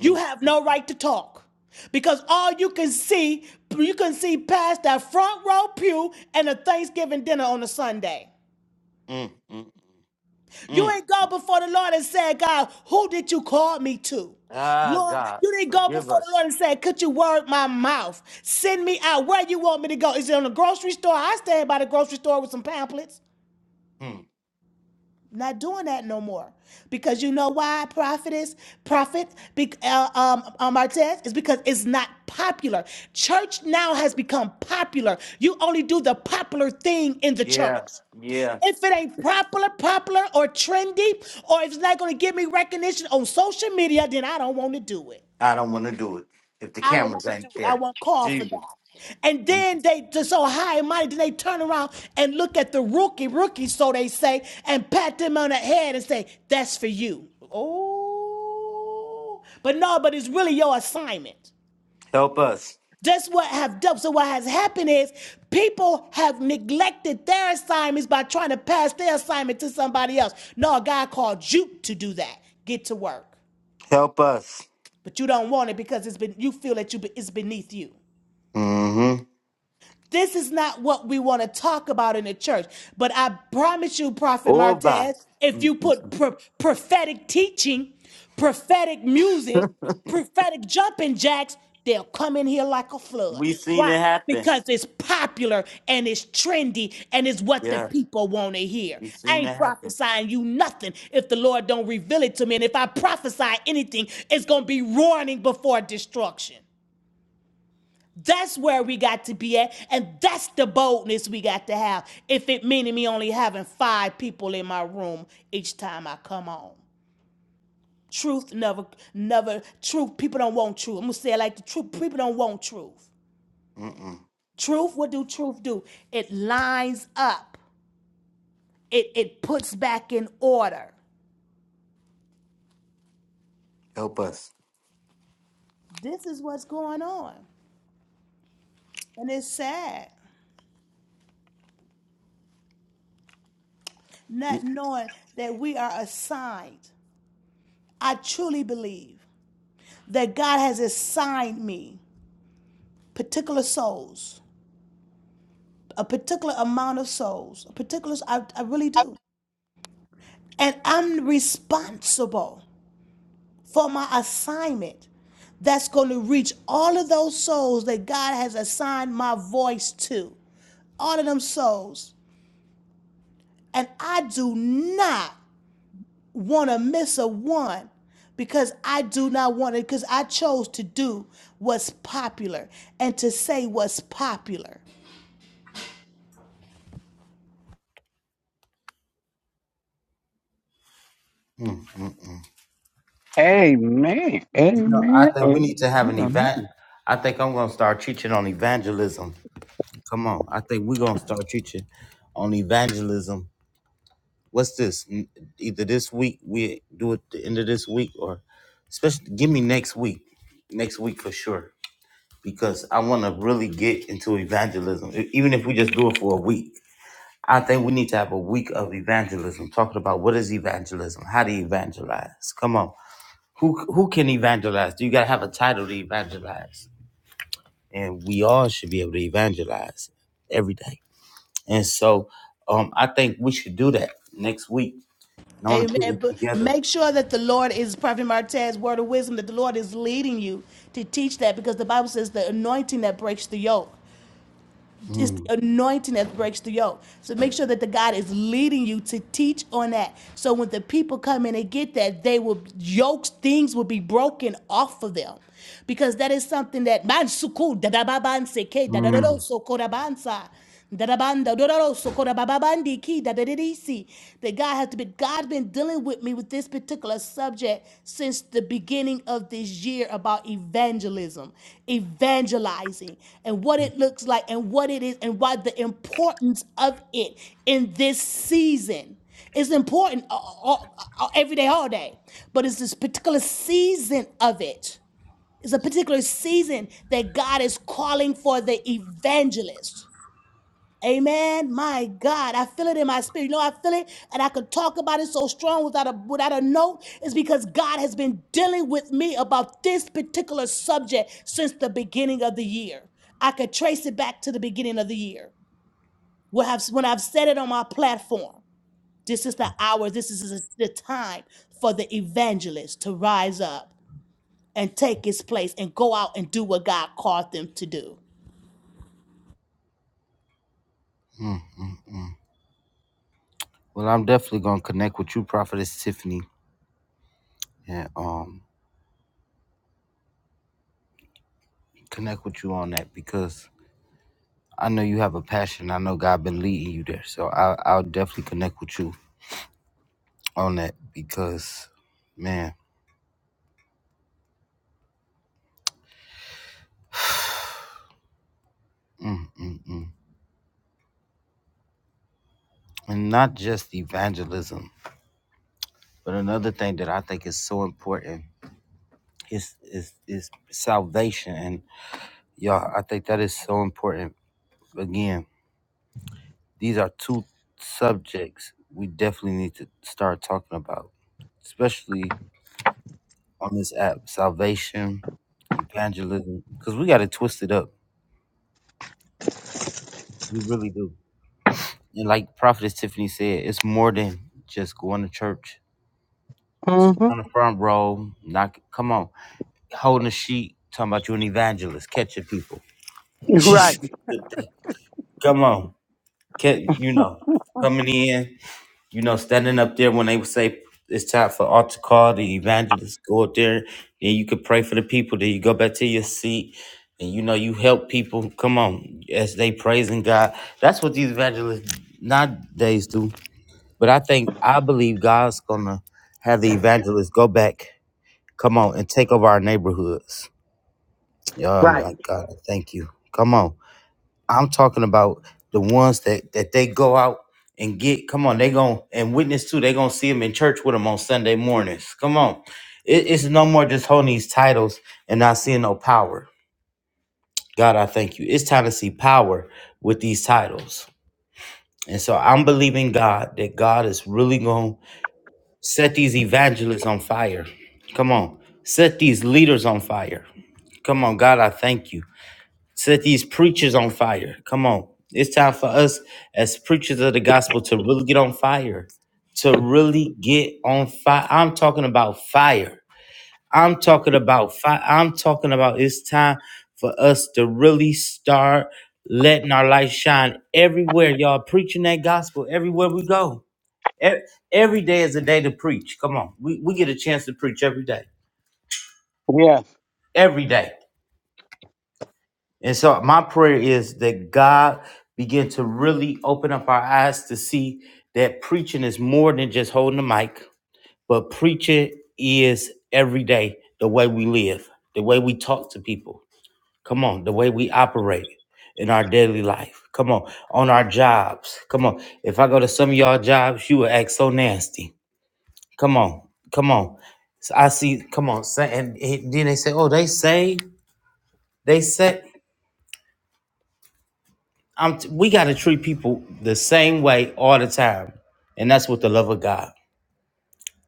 You have mm, no right to talk. Because all you can see, you can see past that front row pew and a Thanksgiving dinner on a Sunday. mm, mm, mm. mm. You ain't go before the Lord and said, God, who did you call me to? Ah, Lord, God, you didn't go forgive before the us. Lord and said, Could you word my mouth? Send me out where you want me to go. Is it on the grocery store? I stand by the grocery store with some pamphlets. Hmm. Not doing that no more. Because you know why, prophetess, prophet, be, uh, um, um, Martez? It's because it's not popular. Church now has become popular. You only do the popular thing in the Yeah, church yeah. if it ain't popular, popular, or trendy, or if it's not going to give me recognition on social media, then I don't want to do it. I don't want to do it if the I don't want cameras to do ain't it. I there. won't call for Jesus, that. And Mm. then they just so high and mighty, then they turn around and look at the rookie, rookie, so they say, and pat them on the head and say, that's for you. Oh, but no, but it's really your assignment. help us. That's what have done. So what has happened is people have neglected their assignments by trying to pass their assignment to somebody else. No, God called you to do that. Get to work, Help us. but you don't want it because it's been you feel that you it's beneath you. Mm-hmm. This is not what we want to talk about in the church. But I promise you, Prophet Oh, by. Martez, if you put pro- prophetic teaching, prophetic music, prophetic jumping jacks, they'll come in here like a flood. we seen Why? it happen. Because it's popular and it's trendy and it's what the Yeah, people want to hear. we I seen ain't it happen. prophesying you nothing if the Lord don't reveal it to me. And if I prophesy anything, it's going to be warning before destruction. That's where we got to be at, and that's the boldness we got to have. If it meaning me only having five people in my room each time I come on. Truth never, never, truth, people don't want truth. I'm gonna say it like the truth, people don't want truth. Mm-mm. Truth, what do truth do? It lines up, it, it puts back in order. Help us. This is what's going on. And it's sad Mm-mm. not knowing that we are assigned. I truly believe that God has assigned me particular souls, a particular amount of souls, a particular, I, I really do. And I'm responsible for my assignment that's going to reach all of those souls that God has assigned my voice to, all of them souls. And I do not want to miss a one because I do not want it, because I chose to do what's popular and to say what's popular. You Amen. know, I Amen. think we need to have an Amen. event. I think I'm going to start teaching on evangelism. Come on. I think we're going to start teaching on evangelism What's this? N- Either this week we do it the end of this week, or especially give me next week, next week for sure, because I want to really get into evangelism. E- Even if we just do it for a week, I think we need to have a week of evangelism, talking about what is evangelism, how to evangelize. Come on, who who can evangelize? Do you gotta have a title to evangelize? And we all should be able to evangelize every day. And so, um, I think we should do that next week. And I want to put Amen. it But together. make sure that the Lord is Prophet Martez's word of wisdom, that the Lord is leading you to teach that because the Bible says the anointing that breaks the yoke. It's Mm, the anointing that breaks the yoke. So make sure that the God is leading you to teach on that. So when the people come in and get that, they will yokes, things will be broken off of them. Because that is something that man suku da da baban seke da da da do mm. so kodabansa. Darabanda, dororo, sokora, bababandi, ki, dadadidisi. That God has been God been dealing with me with this particular subject since the beginning of this year about evangelism, evangelizing, and what it looks like and what it is and why the importance of it in this season. It's important all, all- all- every day, all day, but it's this particular season of it. It's a particular season that God is calling for the evangelist. Amen. My God, I feel it in my spirit. You know, I feel it, and I could talk about it so strong without a without a note. It's because God has been dealing with me about this particular subject since the beginning of the year. I could trace it back to the beginning of the year. When I've, when I've said it on my platform, this is the hour, this is the time for the evangelist to rise up and take his place and go out and do what God called them to do. Well, I'm definitely gonna connect with you, Prophetess Tiffany, and um connect with you on that because I know you have a passion. I know God been leading you there, so I, I'll definitely connect with you on that because, man, mm, mm, mm. and not just evangelism, but another thing that I think is so important is is is salvation, and y'all, I think that is so important again These are two subjects we definitely need to start talking about, especially on this app salvation, evangelism, because we got to twist it up. We really do. And like Prophetess Tiffany said, it's more than just going to church. hmm On the front row, knock, come on, holding a sheet, talking about you an evangelist, catching people. come on, catch, you know, coming in. you know, standing up there when they would say it's time for altar call, the evangelist go up there, and you could pray for the people, then you go back to your seat, and you know, you help people. Come on, as they praising God. That's what these evangelists nowadays do. But I think I believe God's gonna have the evangelists go back, come on, and take over our neighborhoods. Yeah, Oh Right. my God, thank you. Come on. I'm talking about the ones that that they go out and get. Come on, they gon' and witness too. They gonna see them in church with them on Sunday mornings. Come on, it, it's no more just holding these titles and not seeing no power. God, I thank you. It's time to see power with these titles. And so I'm believing God that God is really going to set these evangelists on fire. Come on. Set these leaders on fire. Come on, God, I thank you set these preachers on fire. Come on. It's time for us as preachers of the gospel to really get on fire. To really get on fire. I'm talking about fire. I'm talking about fire. I'm talking about it's time for us to really start letting our light shine everywhere. Y'all preaching that gospel everywhere we go. E- Every day is a day to preach. Come on. We, we get a chance to preach every day. Every day. And so my prayer is that God begin to really open up our eyes to see that preaching is more than just holding the mic, but preaching is every day the way we live, the way we talk to people. Come on, the way we operate in our daily life. Come on, on our jobs. Come on. If I go to some of y'all jobs, you will act so nasty. Come on, come on. So I see, come on. sa- And and then they say, oh, they saved. They say. I'm t- we got to treat people the same way all the time. And that's with the love of God.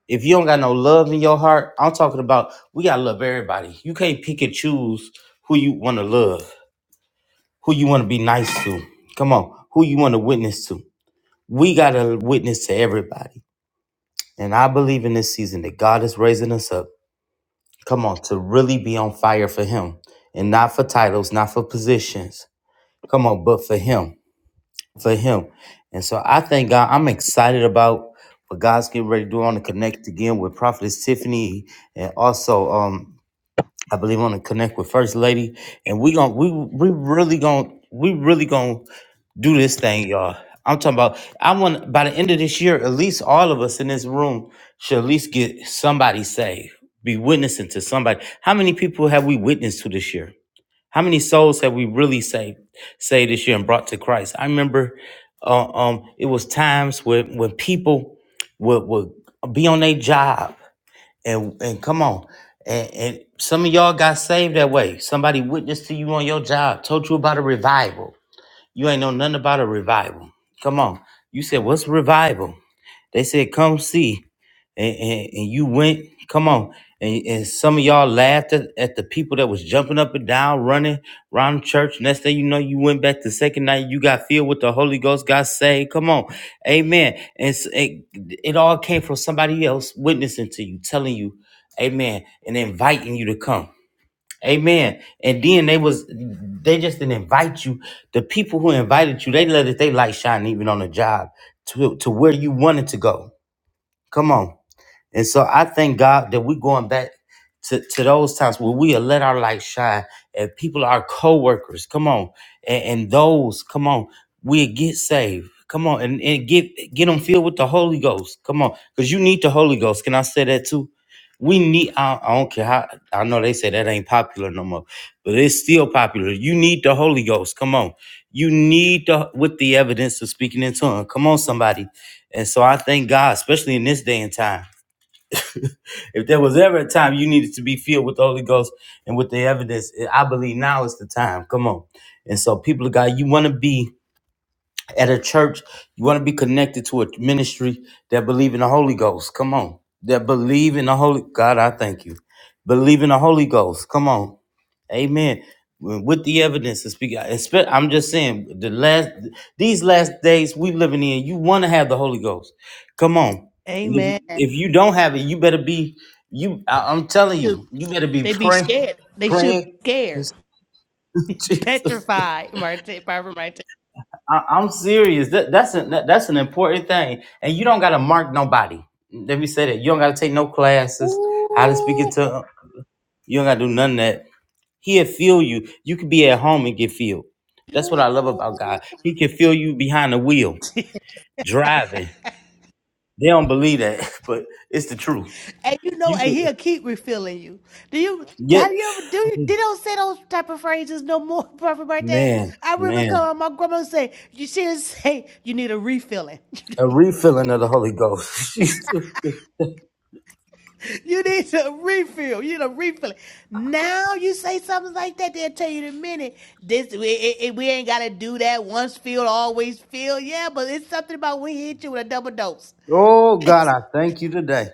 If you don't got no love in your heart, I'm talking about we got to love everybody. You can't pick and choose who you want to love, who you want to be nice to. Come on, who you want to witness to. We got to witness to everybody. And I believe in this season that God is raising us up. Come on, to really be on fire for Him and not for titles, not for positions. Come on, but for Him. for him. And so I thank God. I'm excited about what God's getting ready to do. I want to connect again with Prophetess Tiffany, and also um, I believe I want to connect with First Lady. And we gonna we we really gonna we really gonna do this thing, y'all. I'm talking about. I want by the end of this year, at least all of us in this room should at least get somebody saved, be witnessing to somebody. How many people have we witnessed to this year? How many souls have we really saved, saved this year and brought to Christ? I remember uh, um, it was times when, when people would, would be on their job and, and come on. And, and some of y'all got saved that way. Somebody witnessed to you on your job, told you about a revival. You ain't know nothing about a revival. Come on. You said, What's revival? They said, "Come see," and, and, and you went. Come on, and, and some of y'all laughed at, at the people that was jumping up and down, running around the church. Next thing you know, you went back the second night. You got filled with the Holy Ghost. Got saved. Come on, Amen. And s- it, it all came from somebody else witnessing to you, telling you, Amen, and inviting you to come. Amen. And then they was they just didn't invite you. The people who invited you, they let it they light shine even on the job to, to where you wanted to go. Come on. And so I thank God that we're going back to, to those times where we have let our light shine and people, our co-workers, come on, and, and those, come on, we get saved. Come on, and, and get get them filled with the Holy Ghost. Come on, because you need the Holy Ghost. Can I say that too? We need. I, I don't care how. I know they say that ain't popular no more, but it's still popular. You need the Holy Ghost. Come on, you need the with the evidence of speaking in tongues. Come on, somebody. And so I thank God, especially in this day and time. If there was ever a time you needed to be filled with the Holy Ghost and with the evidence, I believe now is the time. Come on. And so, people of God, you want to be at a church, you want to be connected to a ministry that believe in the Holy Ghost. Come on. That believe in the Holy God, I thank you. Believe in the Holy Ghost. Come on. Amen. With the evidence to speak, I I'm just saying the last these last days we living in, you want to have the Holy Ghost. Come on, and if Amen. They if you don't have it, you better be you. I, I'm telling you, you better be they be praying, scared. They should be praying. scared. Jesus. petrified, Marte, Barbara Marte. I, I'm serious. That, that's a, that, that's an important thing, and you don't gotta mark nobody. Let me say that you don't gotta take no classes, how to speak in Ooh, tongues. You don't gotta do none of that. He'll feel you. You could be at home and get filled. That's what I love ooh. about God. He can feel you behind the wheel driving. They don't believe that, but it's the truth. And you know, You and could he'll keep refilling you. Do you get have you ever do you they don't say those type of phrases no more, Barbara Marte? man, I remember man, calling my grandma say, you should say you need a refilling. a refilling of the Holy Ghost. Jesus. you need a refill. You need a refilling. Now you say something like that, they'll tell you in a minute. This we, it, it- we ain't gotta do that. Once filled, always filled. Yeah, but it's something about we hit you with a double dose. oh God, I thank you today.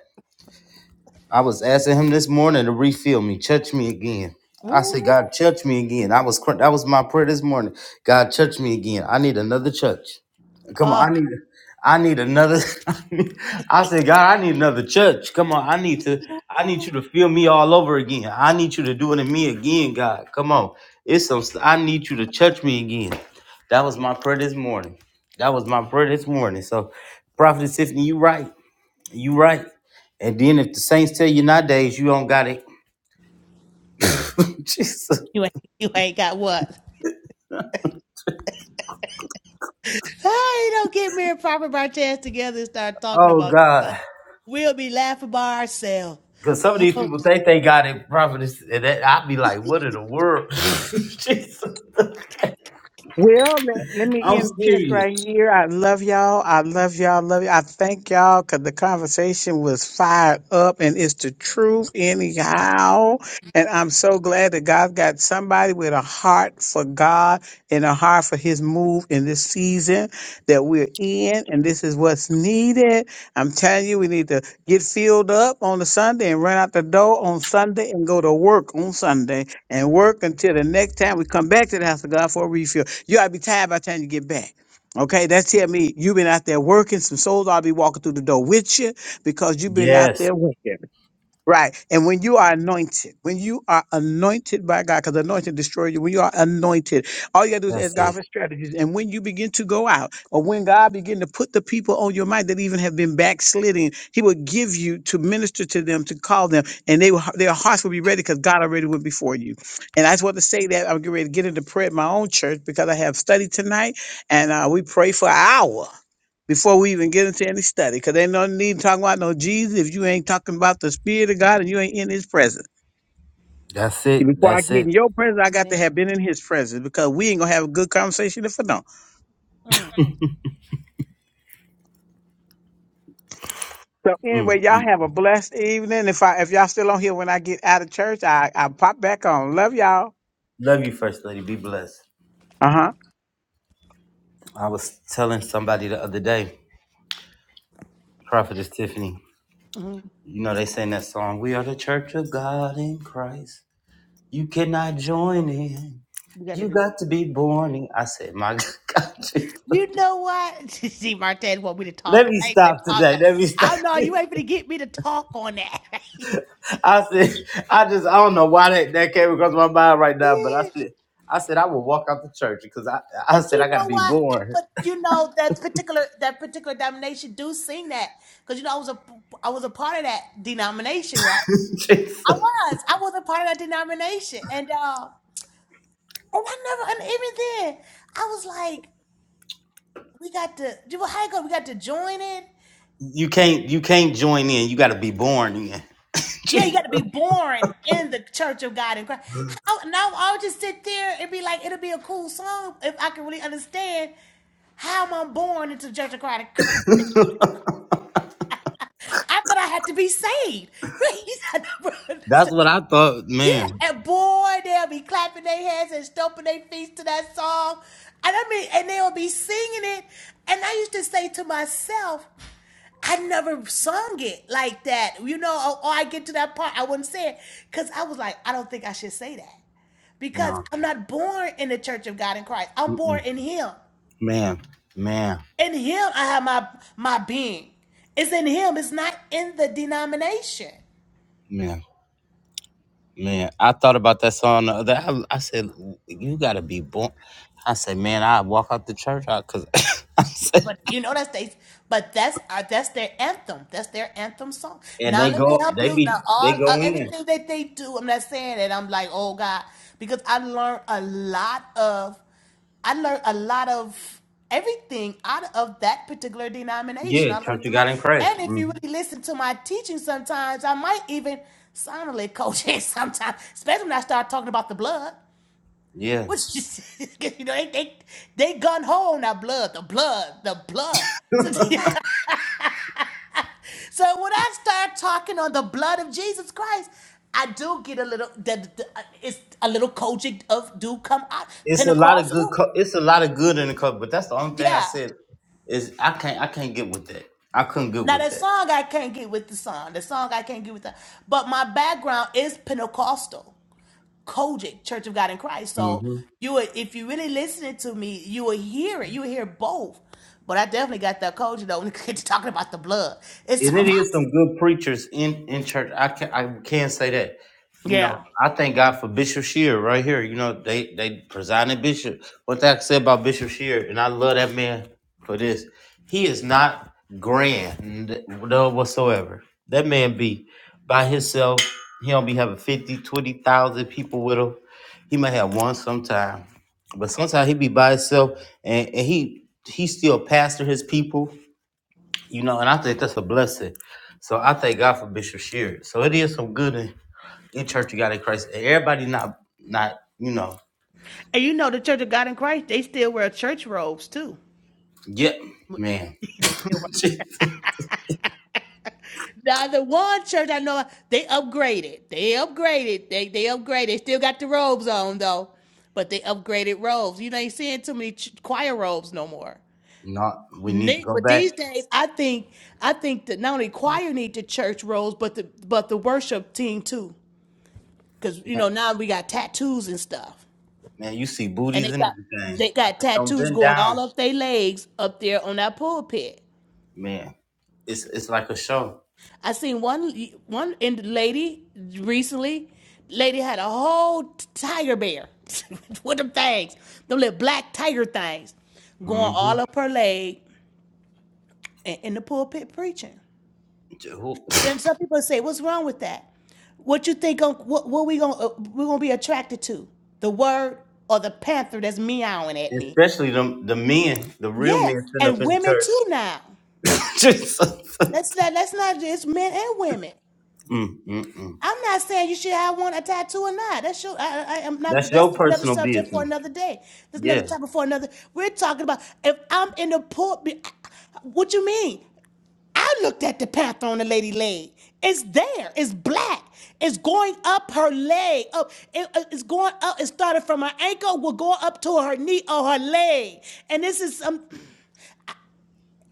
I was asking him this morning to refill me, touch me again. I Ooh. said, God, touch me again. I was cr- that was my prayer this morning. God, touch me again. I need another touch. Come on, Oh, I need I need another. I said, God, I need another church. Come on, I need to. I need you to feel me all over again. I need you to do it in me again, God. Come on, it's some. I need you to touch me again. That was my prayer this morning. That was my prayer this morning. So, Prophet Tiffany, you right. You right. And then if the saints tell you nowadays you don't got it, Jesus. you ain't, you ain't got what? I don't get me and Prophet Martez together and start talking Oh about stuff. God. We'll be laughing by ourselves. Cause some of these people think they got it prophetess, and that I'd be like, what in the world? Jesus. Well, let, let me I'm interject right serious. here. I love y'all. I love y'all. Love you. I thank y'all because the conversation was fire. The truth, how, and I'm so glad that God got somebody heart for God and a heart for His move in this season that we're in, and this is what's needed. I'm telling you, we need to get filled up on the Sunday and run out the door on Sunday and go to work on Sunday and work until the next time we come back to the house for a refill. You ought to be tired by the time you get back. Okay. there, will I be walking through the door with you? Because you've been out Yes. there with him. Right. And when you are anointed, when you are anointed by God, because anointing destroys you, when you are anointed, all you gotta do is That's ask God it. for strategies. And when you begin to go out, or when God begin to put the people on your mind that even have been backsliding, He will give you to minister to them, to call them, and they will, their hearts will be ready because God already went before you. And I just want to say that I'm getting ready to get into prayer at my own church because I have study tonight, and uh, we pray for an hour before we even get into any study, because ain't no need talking about no Jesus if you ain't talking about the Spirit of God and you ain't in His presence. That's See, it. Before I That's get it. in your presence, I got to Man, have been in His presence because we ain't gonna have a good conversation if I don't. mm, So Mm. anyway, y'all have a blessed evening. If I if y'all still on here when I get out of church, I I pop back on. Love y'all. Love you, First Lady. Be blessed. Uh huh. I was telling somebody the other day, Prophetess Tiffany, mm, you know, they sang that song, We are the church of God in Christ. You cannot join in. you gotta You be. got to be born. in-" I said, my God, You know what? See, Martez want me to let talk. me I ain't been stop today. talking. Let me stop. I know you ain't gonna get me to talk on that. I said, I just, I don't know why that, that came across my mind right now, but I Yeah. said, I said, I will walk out the church because I, I But said, I you got to know be what? born. But you know that particular that particular denomination do sing that because you know I was a I was a part of that denomination, right? I Jesus. was. I was a part of that denomination. And uh and I never and even then I was like, we got to do how you go, we got to join it. You can't, you can't join in. You got to be born in. Yeah, you Jesus. got to be born in the Church of God in Christ. How now I would just sit there and be like, it'll be a cool song if I can really understand how am I born into the Church of God in Christ? I thought I had to be saved. Right? That's what I thought, Yeah, man. and boy, they'll be clapping their hands and stomping their feet to that song. And I mean, and they'll be singing it. And I used to say to myself, I never sung it like that. You know, or, or I get to that part, I wouldn't say it. Because I was like, I don't think I should say that. Because No, I'm not born in the church of God in Christ. I'm born Mm-mm. in Him. man, man, In Him, I have my my being. It's in Him. It's not in the denomination. man. Man, I thought about that song. The other, I, I said, "You gotta be born." I said, "Man, I walk out the church out because." I said, But you know that's they, but that's uh, that's their anthem. That's their anthem song. and Now they let me go, help they you. Now be, they all go uh, in. everything that they do, I'm not saying that I'm like oh God, because I learned a lot of, I learned a lot of everything out of that particular denomination. Yeah, I church learned you a lot, got in Christ. and if you hmm really listen to my teaching, sometimes I might even sound like a little coaching sometimes, especially when I start talking about the blood. Yeah, What you say? you know, they they they gun home now blood, the blood, the blood. So, so when I start talking on the blood of Jesus Christ, I do get a little that that- uh, it's a little coaching of do come out it's a lot of good. Pentecostal. Co- it's a lot of good in the cover, but that's the only thing I Yeah. said is I can't, I can't get with that. I couldn't get Now with that that. song I can't get with the song. The song I can't get with that. But my background is Pentecostal. Kojic, Church of God in Christ. So you would, if you really listening to me, you would hear it. You would hear both. But I definitely got that Kojic though. When it comes talking about the blood, it's and it about is some good preachers in in church. I can I can say that. You know, yeah. I thank God for Bishop Shear right here. You know, they they presiding bishop. What that said about Bishop Shear, and I love that man for this. He is not grand no whatsoever. That man be by himself. He don't be having 50, 20,000 people with him. He might have one sometime. But sometimes he be by himself and, and he he still pastor his people you know, and I think that's a blessing. So I thank God for Bishop Sheard. So it is some good in, in Church of God in Christ. And Everybody not not, you know, And you know the Church of God in Christ, they still wear church robes too. yeah, man. they still wear. Now the one church I know they upgraded. They upgraded. They they upgraded. They still got the robes on though, but they upgraded robes. You ain't seeing too many ch- choir robes no more. Not we need to Need, go but back. these days, I think I think that not only choir need the church roles, but the but the worship team too, because you Man, know now we got tattoos and stuff, you see and they booties and got everything. they I got think don't tattoos bend going all down. up their legs up there on that pulpit. Man, it's it's like a show. I seen one one in lady recently. Lady had a whole t- tiger bear with them things, them little black tiger things, going hmm all up her leg and in the pulpit preaching. Then some people say, "What's wrong with that? What you think? gon- What, what we gonna uh, we gonna be attracted to? The word or the panther that's meowing at me? Especially the the men, the real Yeah, men sitting up and in the women church. too now. Jesus. Let's not let's not. It's men and women. mm, mm, mm. I'm not saying you should have one a tattoo or not. That's your. I, I am not. That's your That's another personal subject for business. another day. That's another Yeah. topic for another. We're talking about if I'm in the pulpit. What you mean? I looked at the path on the lady leg. It's there. It's black. It's going up her leg. Up. It- it- it's going up. It started from her ankle. Will go up to her knee or her leg. And this is some.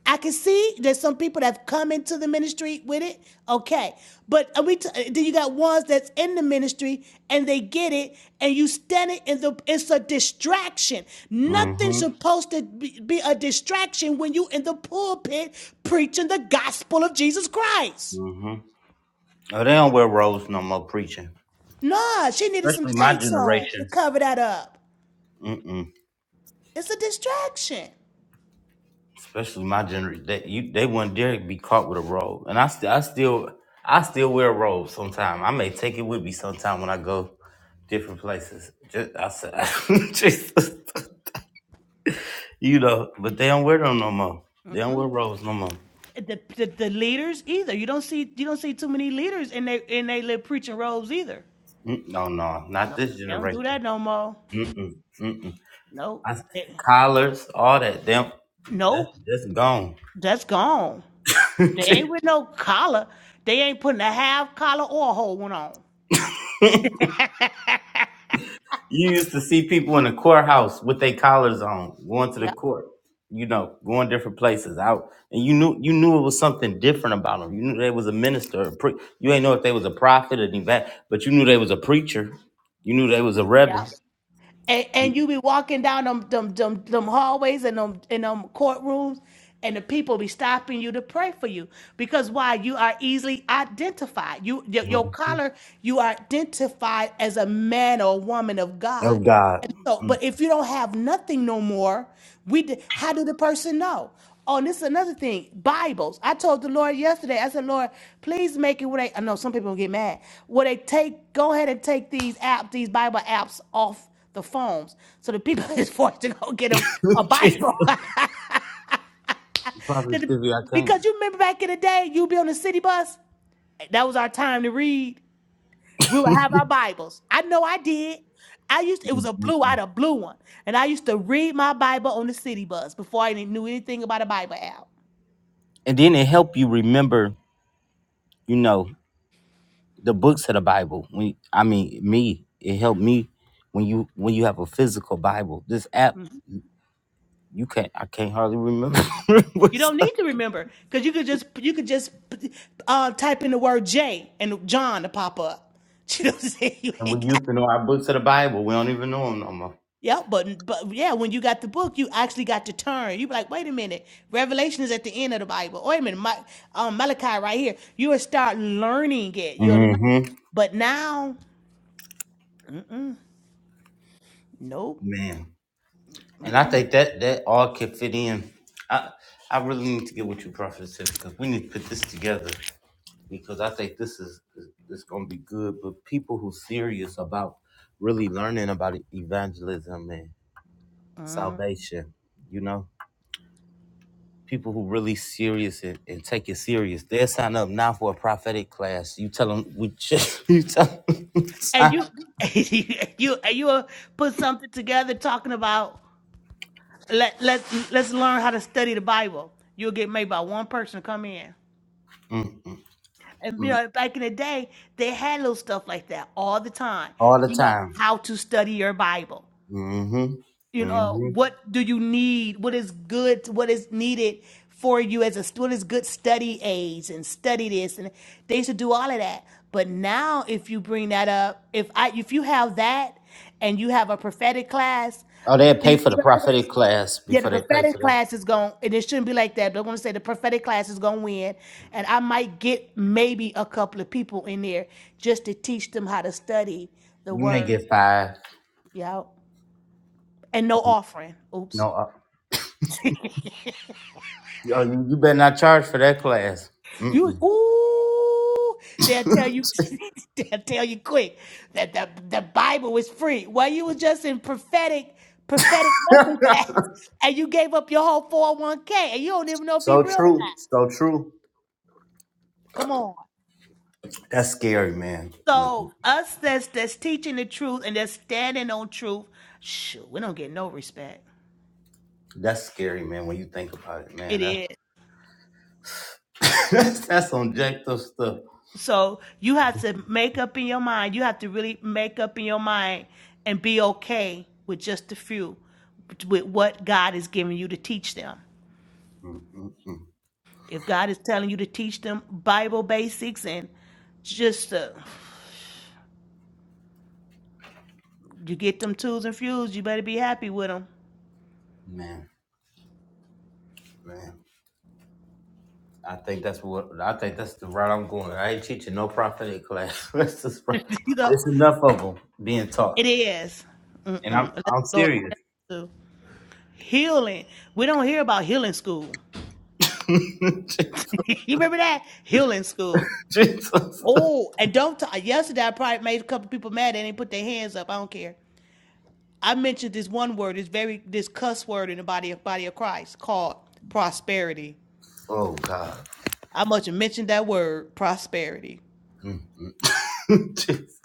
I can see there's some people that have come into the ministry with it. Okay. But are we t- uh, then you got ones that's in the ministry and they get it and you stand it in the it's a distraction. Nothing's Mm-hmm. supposed to be, be a distraction when you in the pulpit preaching the gospel of Jesus Christ. mm-hmm. Oh, they don't wear robes no more preaching. Nah, she needed some especially my tights on to generation. cover that up. Mm-mm. It's a distraction. Especially my generation, they, you, they wouldn't dare be caught with a robe. And I, st- I still, I still wear a robe sometime. I may take it with me sometime when I go different places. Just, I said, Jesus, you know. But they don't wear them no more. They don't wear robes no more. The, the, the leaders either. You don't see you don't see too many leaders in they in they little preaching robes either. Mm, No, no, not No, this they don't do generation. that no more. Mm-mm, mm-mm. No, I, They, collars, all that. Them, that, nope. that's gone. That's gone. They ain't with no collar. They ain't putting a half collar or a whole one on. You used to see people in the courthouse with their collars on, going to the Yeah, court. You know, going different places out, and you knew you knew it was something different about them. You knew they was a minister. A pre- you ain't know if they was a prophet or that, but you knew they was a preacher. You knew they was a yeah. reverend. And, and you be walking down them them them, them hallways and them in them courtrooms, and the people be stopping you to pray for you because why you are easily identified. You your, your Mhm. collar, you are identified as a man or a woman of Oh God. God, And so, Mm. but if you don't have nothing no more, we d- how do the person know? Oh, and this is another thing. Bibles. I told the Lord yesterday. I said, Lord, please make it where they. I know some people will get mad. Where they take, go ahead and take these apps, these Bible apps off the phones, so the people is forced to go get a, a Jesus. Bible. Prophet That the- Stevie, I can't. because you remember back in the day, you'd be on the city bus. That was our time to read. We would have our Bibles. I know I did. I used it was a blue, I Mm-mm-mm. had a blue one, and I used to read my Bible on the city bus before I knew anything about a Bible app. And then it helped you remember, you know, the books of the Bible. When I mean me, it helped me when you when you have a physical Bible. This app Mhm. You can't. I can't hardly remember. You what's don't up. need to remember because you could just you could just uh, type in the word J and John to pop up. You know what I'm saying? You And ain't we got used to know our books of the Bible. We don't even know them no more. yeah, but but yeah, when you got the book, you actually got to turn. You be like, wait a minute, Revelation is at the end of the Bible. Wait a minute, my, um, Malachi right here. You will start learning it. You'll learn, Mm-hmm. but now, nope. Man, and I think that that all can fit in. I I really need to get with you, Prophet, said, because we need to put this together. Because I think this is it's going to be good. But people who serious about really learning about evangelism and Uh, salvation, you know. people who really serious and, and take it serious, they'll sign up now for a prophetic class. You tell them we just, you tell them and sign- you, and you, and you will put something together talking about let let let's learn how to study the Bible. You'll get maybe about one person to come in, mm, mm, and you mm, know back in the day they had little stuff like that all the time. all the You know time. how to study your Bible. Mm-hmm. you know Mm-hmm. what do you need what is good what is needed for you as a student? what is good study aids and study this and they used to do all of that but now if you bring that up if i if you have that and you have a prophetic class Oh, they'll pay the for the prophetic- prophetic class yeah the before they pay for prophetic that. class is going and it shouldn't be like that but i want to say the prophetic class is going to win and i might get maybe a couple of people in there just to teach them how to study the You may word get fired. yeah and no offering oops No, uh, yo, you, you better not charge for that class. You Mm-mm. ooh, they'll tell you they'll tell you quick that the, the Bible is free. Well, you was just in prophetic prophetic nothing class and you gave up your whole 401k and you don't even know if he so real or true. not. So true. Come on. That's scary, man. When, So us that's that's teaching the truth and that's standing on truth, shoot, we don't get no respect. that's scary, man. When you think about it, It man, that's is. that's, that's objective stuff. So you have to make up in your mind. You have to really make up in your mind and be okay with just a few, with what God is giving you to teach them. Mm, mm, mm. If God is telling you to teach them Bible basics and just uh, you get them tools and fuels, you better be happy with them. Man, man. I think that's what I think that's the route I'm going. I ain't teaching no prophetic class. That's just right. you know, it's enough of them being it taught, is. and I'm Mm-mm. Let the I'm Lord serious. help you. Healing. We don't hear about healing school. you remember that? Healing school. Jesus, Oh, and don't. T- yesterday, I probably made a couple people mad. They didn't put their hands up. I don't care. I mentioned this one word, this very this cuss word in the body of body of Christ called prosperity. oh God, I must have mentioned that word, prosperity. Mm, mm. Jesus.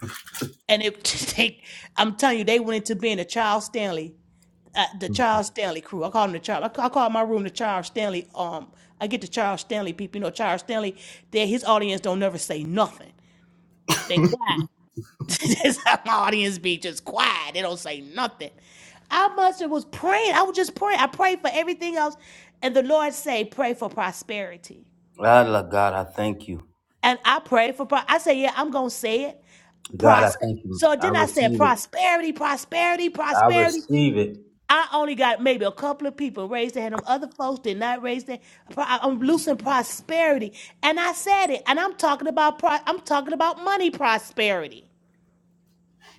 And it they, I'm telling you, they went into being a Charles Stanley, uh, the Charles Stanley crew. I call them the Charles. I, ca- I call my room the Charles Stanley. Um, I get the Charles Stanley people. You know, Charles Stanley. That his audience don't never say nothing. They quiet. Just my audience be just quiet. They don't say nothing. I must have was praying. I was just praying. I prayed for everything else. And the Lord say, pray for prosperity. I love God. I thank you, And I prayed for, pro- I said, yeah, I'm going to say it. God. I Prosper. thank you. So I then I said, receive it. prosperity, prosperity, I prosperity. receive it. I only got maybe a couple of people raised their hand. Them other folks did not raise their. pro- I'm losing prosperity, and I said it. And I'm talking about. Pro, I'm talking about money prosperity.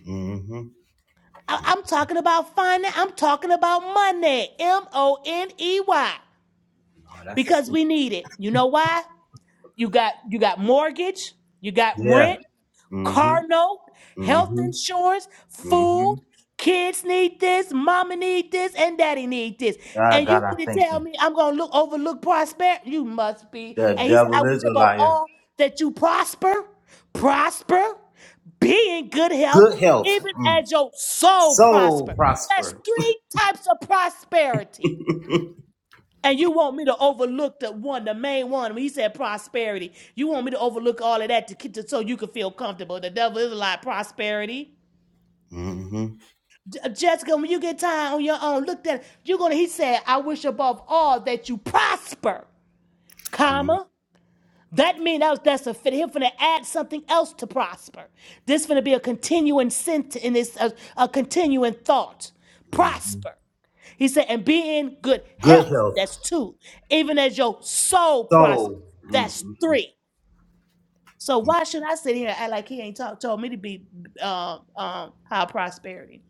Mm-hmm. I- I'm talking about finance. I'm talking about money. M O N E Y. Oh, that's a Because sin. we need it. You know why? You got you got mortgage, you got yeah. rent, Mm-hmm. car note, health Mm-hmm. insurance, Mm-hmm. food. Kids need this, mama need this, and daddy need this. God, And God, you I mean to thank tell you. me I'm gonna look overlook prosperity? You must be. The And he said, devil I is wish a above liar. all that you prosper, prosper, be in good health, Good health. even Mm. as your soul Soul prosper. That's prosper. three types of prosperity. And you want me to overlook the one, the main one, when he said prosperity. You want me to overlook all of that to, to so you can feel comfortable. The devil is a lie, prosperity. Mm-hmm. J- Jessica, when you get time on your own, look that you're gonna. He said, "I wish above all that you prosper, Mm-hmm. comma." That means that was, that's a fit. He's going to add something else to prosper. This going to be a continuing sentence, and it's a, a continuing thought. Prosper. He said, and be in good Good health. health. That's two. Even as your soul prosper. Soul. That's Mm-hmm. three. So why should I sit here and act like he ain't talk, told me to be um, um, high prosperity?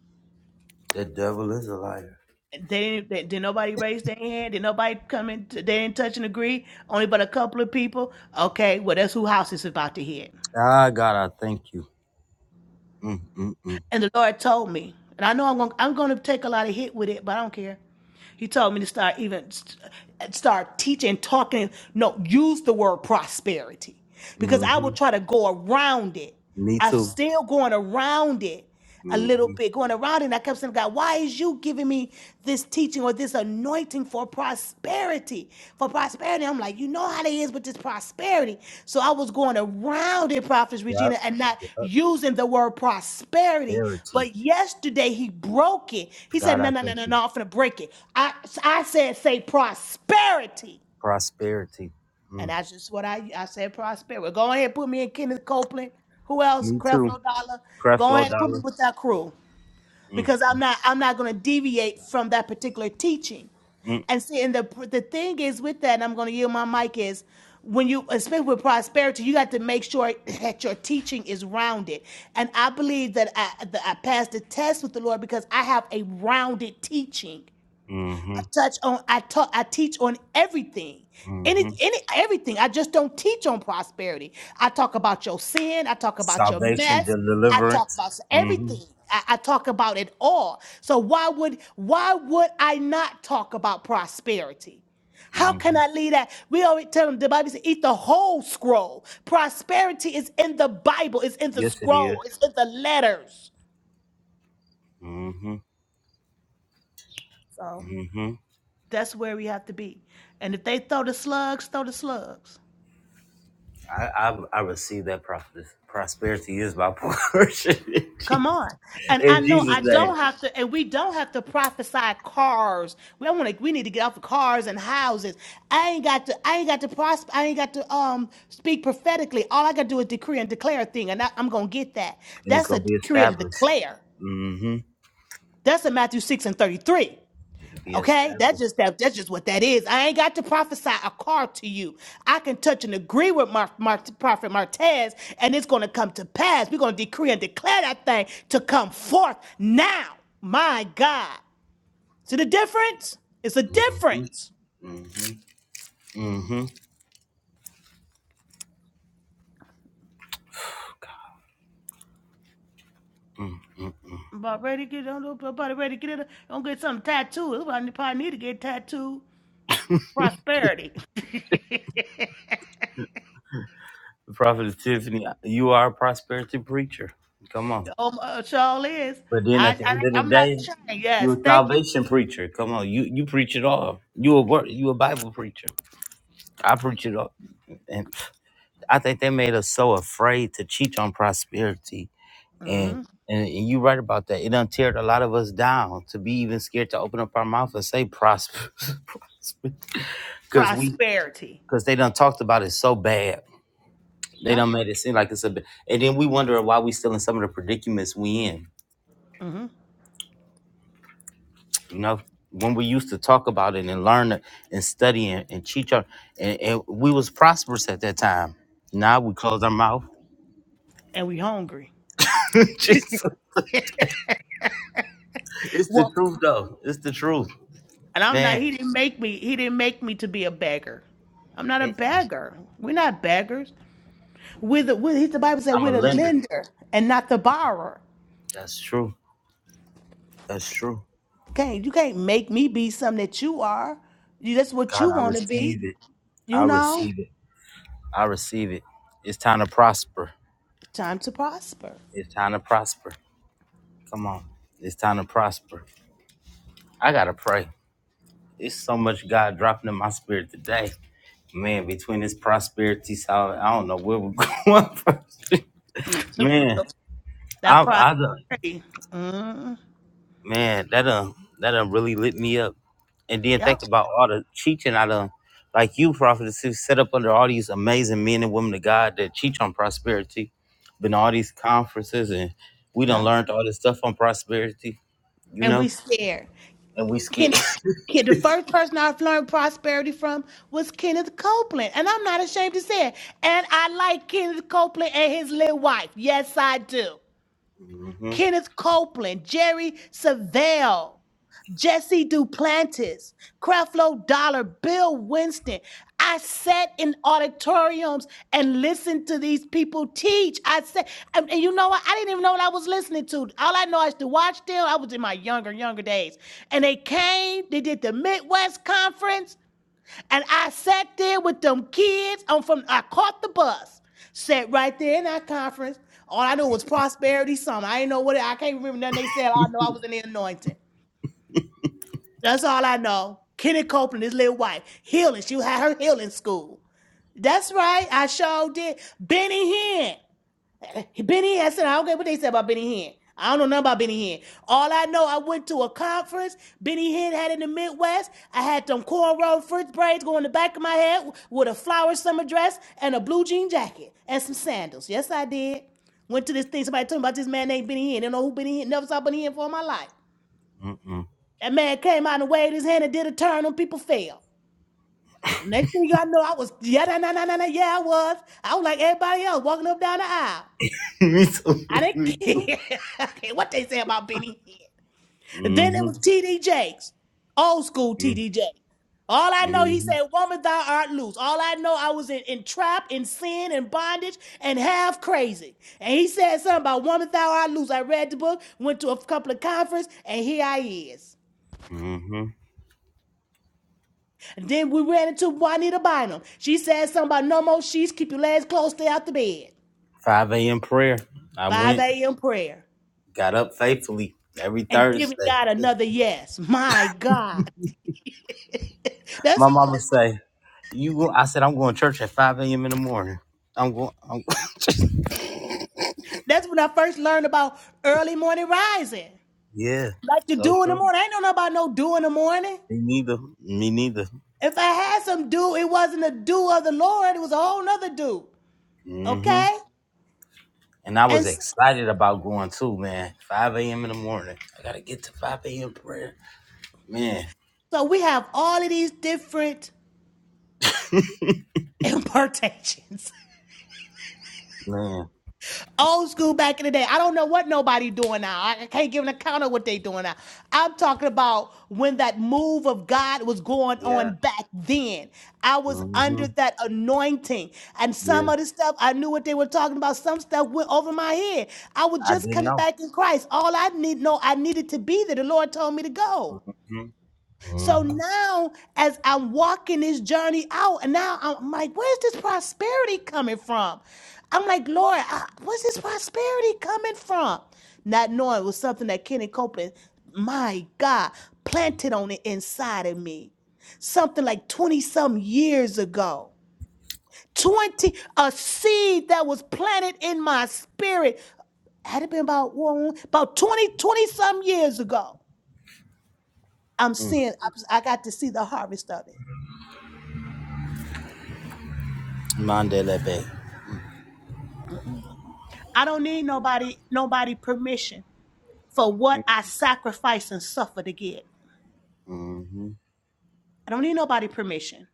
The devil is a liar. They didn't, they, did nobody raise their hand? Did nobody come in? They didn't touch and agree? Only but a couple of people? Okay, well, that's who house is about to hit. Ah, God, I thank you. Mm-hmm. And the Lord told me, and I know I'm going, I'm going to take a lot of hit with it, but I don't care. He told me to start even start teaching, talking. No, use the word prosperity because I hmm will try to go around it. Me I'm too. still going around it a little Mm-hmm. bit, going around it. And I kept saying, God, why is you giving me this teaching or this anointing for prosperity? prosperity for prosperity. I'm like, you know how they is with this prosperity. So I was going around it, Prophetess Yep. Regina, and not Yep. using the word prosperity. Prosperity. But yesterday he broke it. He said, God, no, I no, no, thank no, you. no, I'm gonna break it. I I said, say prosperity. Prosperity. And Mm. that's just what I I said prosperity. Go ahead, and put me in Kenneth Copeland. Who else? Me too. Creflo Dollar. Go Creflo ahead and put me Dollar. with that crew because I'm Mm-hmm. not I'm not going to deviate from that particular teaching. And see, and the the thing is with that, and I'm going to yield my mic is when you, especially with prosperity, you got to make sure that your teaching is rounded. And I believe that I that I passed the test with the Lord because I have a rounded teaching. I Mm-hmm. touch on I talk I teach on everything. Any Mm-hmm. any everything. I just don't teach on prosperity. I talk about your sin, I talk about your Salvation, mess, I talk deliverance. about s- hmm everything. I, I talk about it all. So why would why would I not talk about prosperity? How can I leave that? We always tell them the Bible says eat the whole scroll. Prosperity is in the Bible, it's in the Yes, it is. scroll, it's in the letters. Mm-hmm. So Mm-hmm. that's where we have to be. And if they throw the slugs, throw the slugs. I, I I receive that prophet. Prosperity is my portion in Come Je- on. And I in know Jesus' I name, don't have to, and we don't have to prophesy cars. We don't want to, we need to get off of cars and houses. I ain't got to, I ain't got to prosper, I ain't got to um speak prophetically. All I got to do is decree and declare a thing, and I, I'm going to get that. and it's That's a gonna be decree and established. declare. Mm-hmm. That's in Matthew 6 and 33. It'll be Okay, that's established. just that. That's just what that is. I ain't got to prophesy a car to you. I can touch and agree with Mar- Mar- Prophet Martez, and it's going to come to pass. We're going to decree and declare that thing to come forth now. My God, see the difference? It's a Mm-hmm. difference. Mm-hmm. Mm-hmm. Mm-hmm. I'm about ready to get. on. I'm about ready to get it. I'm gonna get something tattooed. I probably need to get tattooed. Prosperity. The Prophet Tiffany, you are a prosperity preacher. Come on. oh, my, Shawl is. But then at I, the I end of the I'm not day, ashamed. you're Yes, a thank you. salvation preacher. Come on, you you preach it all. You a word, you a Bible preacher. I preach it all. and I think they made us so afraid to cheat on prosperity. And hmm and, and you right about that. It done teared a lot of us down to be even scared to open up our mouth and say prosper. Because we Prosperity. because they done talked about it so bad. They Yep. done made it seem like it's a bit and then we wonder why we still in some of the predicaments we in. hmm You know? When we used to talk about it and learn it and study and, and teach on and, and we was prosperous at that time. Now we close our mouth. And we hungry. Jesus. It's the Well, truth though. It's the truth. And I'm not. Man, He didn't make me. He didn't make me to be a beggar. I'm not a it- beggar. We're not beggars. We're the. We're, he's- the Bible said I'm a we're the lender. lender and not the borrower. That's true. That's true. Okay, you can't make me be something that you are. You, that's what God, you I want to be. receive it. You I know, receive it. I receive it. It's time to prosper. it's time to prosper. It's time to prosper. Come on. It's time to prosper. I got to pray. It's so much God dropping in my spirit today. Man, between this prosperity, solid, I don't know where we're going first. that Man, I, I done, prosperity. Mm, man, that done, that done really lit me up. And then yep. think about all the teaching I done, like you, prophetess, who set up under all these amazing men and women of God that teach on prosperity. Been to all these conferences and we done Yep. learned all this stuff on prosperity, you And we know, scared. and we scared. Kenneth, Ken- the first person I've learned prosperity from was Kenneth Copeland. And I'm not ashamed to say it. And I like Kenneth Copeland and his little wife. Yes, I do. mm-hmm. Kenneth Copeland, Jerry Savelle. Jesse Duplantis, Creflo Dollar, Bill Winston. I sat in auditoriums and listened to these people teach. I said, and, and you know what? I didn't even know what I was listening to. All I know is to watch them. I was in my younger, younger days. And they came, they did the Midwest Conference, and I sat there with them kids. I'm from, I caught the bus, sat right there in that conference. All I knew was prosperity, something. I didn't know what, it- I can't remember nothing they said. All I know I was in the anointing. That's all I know. Kenny Copeland, his little wife, healing. She had her healing school. That's right. I sure did. Benny Hinn. Benny Hinn. I said, I don't care what they said about Benny Hinn. I don't know nothing about Benny Hinn. All I know, I went to a conference Benny Hinn had in the Midwest. I had them cornrow frizz braids going in the back of my head with a flower summer dress and a blue jean jacket and some sandals. Yes, I did. Went to this thing. Somebody told me about this man named Benny Hinn. Don't know who Benny Hinn. Never saw Benny Hinn for my life. Mm-mm. That man came out and waved his hand and did a turn, and people fell. Next thing I know, I was yeah, nah, nah, nah, nah, nah, yeah, I was. I was like everybody else walking up down the aisle. Me I too. didn't Me too. care Okay, what they say about Benny Hinn. Then it was Mm-hmm. TD Jakes, old school TD Jakes. All I know, he Mm-hmm. said, "Woman, thou art loose." All I know, I was in, in trap, in sin, in bondage, and half crazy. And he said something about "Woman, thou art loose." I read the book, went to a couple of conferences, and here I is. Mm-hmm. And then we ran into Juanita Bynum. She said something about no more sheets, keep your legs closed, stay out the bed. 5 a.m. prayer. I 5 went, a.m. prayer. got up faithfully every And giving Thursday. God another yes. My God. That's My mama say, You go. I said I'm going to church at 5 a.m. in the morning. I'm going. I'm, that's when I first learned about early morning rising. yeah, Like to so do in the true. morning. I ain't know nothing about no do in the morning. Me neither. Me neither. If I had some do, it wasn't a do of the Lord, it was a whole nother do. hmm Okay? And I was And so, excited about going too, man. 5 a.m. in the morning. I gotta get to 5 a.m. prayer, man. so we have all of these different impartations. man. Old school back in the day. I don't know what nobody doing now. I can't give an account of what they doing now. I'm talking about when that move of God was going Yeah. on back then. I was hmm under that anointing. And Yeah. some of the stuff, I knew what they were talking about. Some stuff went over my head. I was I just didn't coming know. back in Christ. All I need, no, I needed to be there. The Lord told me to go. hmm So hmm now, as I'm walking this journey out, and now I'm like, where's this prosperity coming from? I'm like, Lord, I, where's this prosperity coming from? Not knowing it was something that Kenny Copeland, my God, planted on the inside of me. Something like 20 some years ago. 20, a seed that was planted in my spirit. Had it been about, about 20 20 some years ago. I'm seeing, I I got to see the harvest of it. Mandela Bay. I don't need nobody nobody permission for what I sacrifice and suffer to get. Mm-hmm. I don't need nobody permission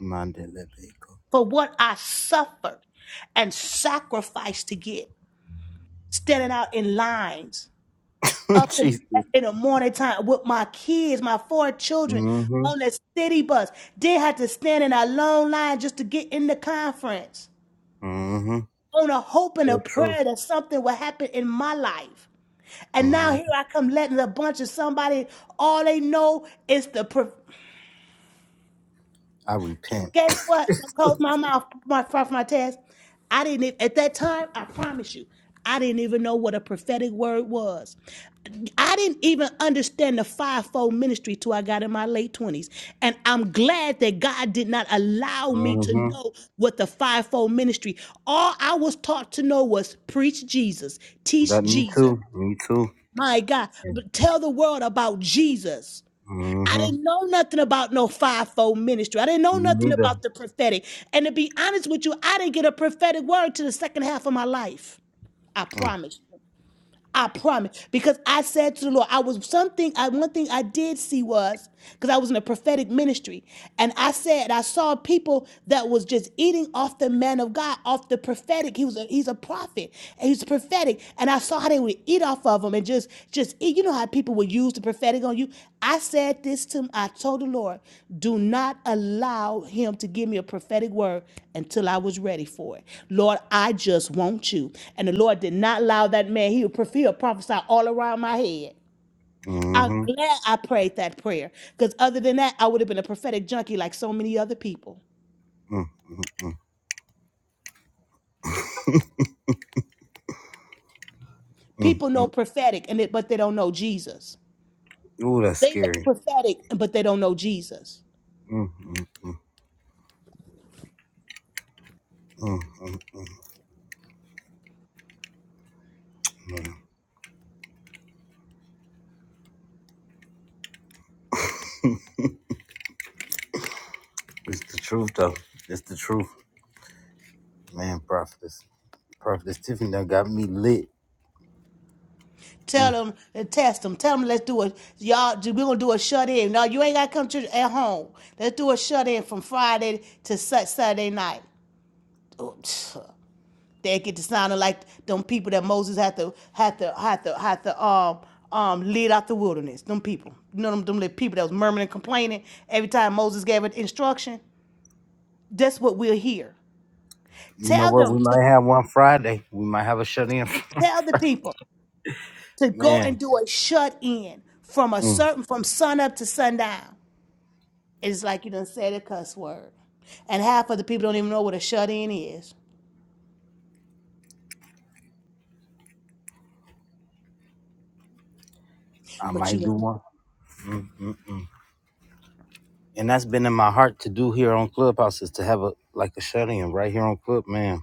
Mandela Bay. for what I suffered and sacrificed to get. Standing out in lines up in, Jesus. in the morning time with my kids, my four children hmm on the city bus. They had to stand in a long line just to get in the conference hmm on a hope and a So true. prayer that something will happen in my life. And now Mm, here I come letting a bunch of somebody, all they know is the. pro- I repent. Guess what? I'm close my mouth my, off my task. I didn't even, at that time, I promise you, I didn't even know what a prophetic word was. I didn't even understand the fivefold ministry till I got in my late 20s. And I'm glad that God did not allow me to hmm know what the fivefold ministry. All I was taught to know was preach Jesus, That teach me Jesus. too. Me too. My God, but tell the world about Jesus. I hmm didn't know nothing about no fivefold ministry. I didn't Me know nothing neither. about the prophetic. And to be honest with you, I didn't get a prophetic word to the second half of my life. I Mm, promise. you. I promise. Because I said to the Lord, I was something, I one thing I did see was, because I was in a prophetic ministry, and I said I saw people that was just eating off the man of God, off the prophetic. He was a he's a prophet. And he's prophetic. And I saw how they would eat off of him and just just just you know how people will use the prophetic on you i said this to him. i told the lord do not allow him to give me a prophetic word until i was ready for it lord i just want you and the lord did not allow that man he would he would prophesy all around my head i'm hmm glad i prayed that prayer because other than that i would have been a prophetic junkie like so many other people Mm, mm, mm, mm, people know mm. prophetic and it, but they don't know jesus Ooh, that's they know scary. prophetic but they don't know jesus Mm, mm, mm, mm, mm, mm. It's the truth, though. It's the truth, man. Prophetess, prophetess Tiffany, that got me lit. Mm. Tell them and test them. Tell them let's do a y'all. We're gonna do a shut in. No, you ain't gotta come to church at home. Let's do a shut in from Friday to Sat- Saturday night. Oh, They get to sounding like them people that Moses had to had to had to had to um um lead out the wilderness. Them people, you know them them little people that was murmuring and complaining every time Moses gave an instruction. That's what we're here. You know Tell what? them We to might have one Friday. We might have a shut in, tell the people to go man. and do a shut in from a Mm. certain from sun up to sundown. It's like you done said a cuss word. And half of the people don't even know what a shut in is. I But you might do want one. Mm, mm, mm. and that's been in my heart to do here on Clubhouse is to have a like a shut in right here on Club, man.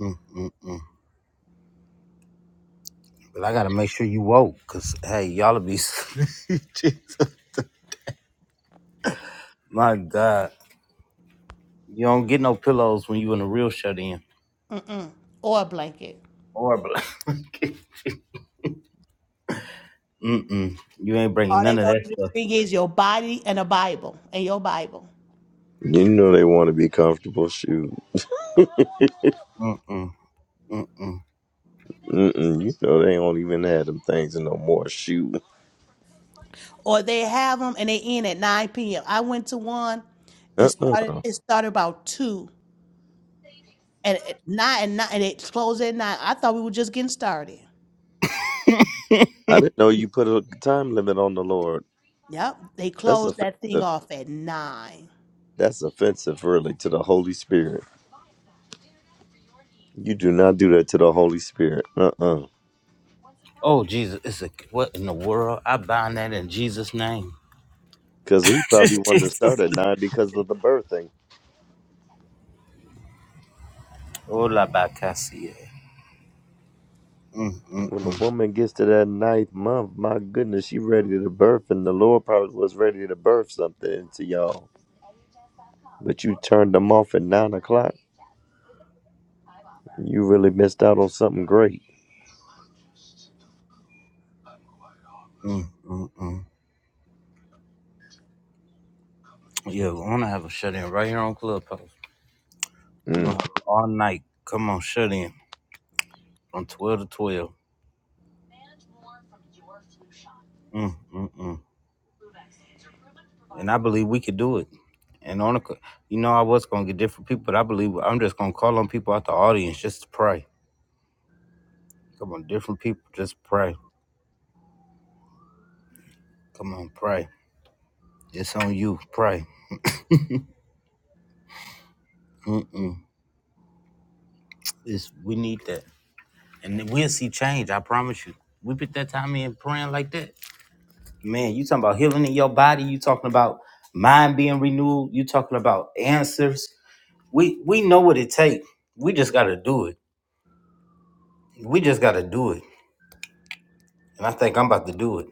Mm, mm, mm. But I gotta make sure you woke, cause hey, y'all be Jesus. my God, you don't get no pillows when you in a real shut in mm-mm, or a blanket. or a Mm-mm. You ain't bringing All they none of want that you to stuff. bring is your body and a Bible and your Bible. You know they want to be comfortable. Shoot, Mm-mm. Mm-mm. Mm-mm, you know they don't even have them things no more. Shoot, Or they have them and they end at 9 p.m. I went to one. It started. uh-uh. It started about two and at nine and nine and it closed at nine. I thought we were just getting started. I didn't know you put a time limit on the Lord. Yep, they That's closed offensive. that thing off at nine. That's offensive, really, to the Holy Spirit. You do not do that to the Holy Spirit. Uh-uh. oh Jesus, it's a what in the world? I bind that in Jesus' name. Because he probably wanted to Jesus. start at nine because of the birthing. Hola, bacasia. When a Mm-mm-mm. woman gets to that ninth month, my goodness, she ready to birth, and the Lord probably was ready to birth something into y'all. But you turned them off at nine o'clock. You really missed out on something great. Yeah, we're gonna have a shut in right here on Clubhouse. We're Mm, gonna have it all night. Come on, shut in from twelve to twelve. Mm, mm, mm. And I believe we could do it. And on, a, c- you know, I was gonna get different people, but I believe I'm just gonna call on people out the audience just to pray. Come on, different people, just pray. Come on, pray. It's on you, pray. Mm, mm. It's we need that, and then we'll see change. I promise you. We put that time in praying like that. Man, you talking about healing in your body, you talking about mind being renewed, you talking about answers. We we know what it takes. We just gotta do it. We just gotta do it. And I think I'm about to do it.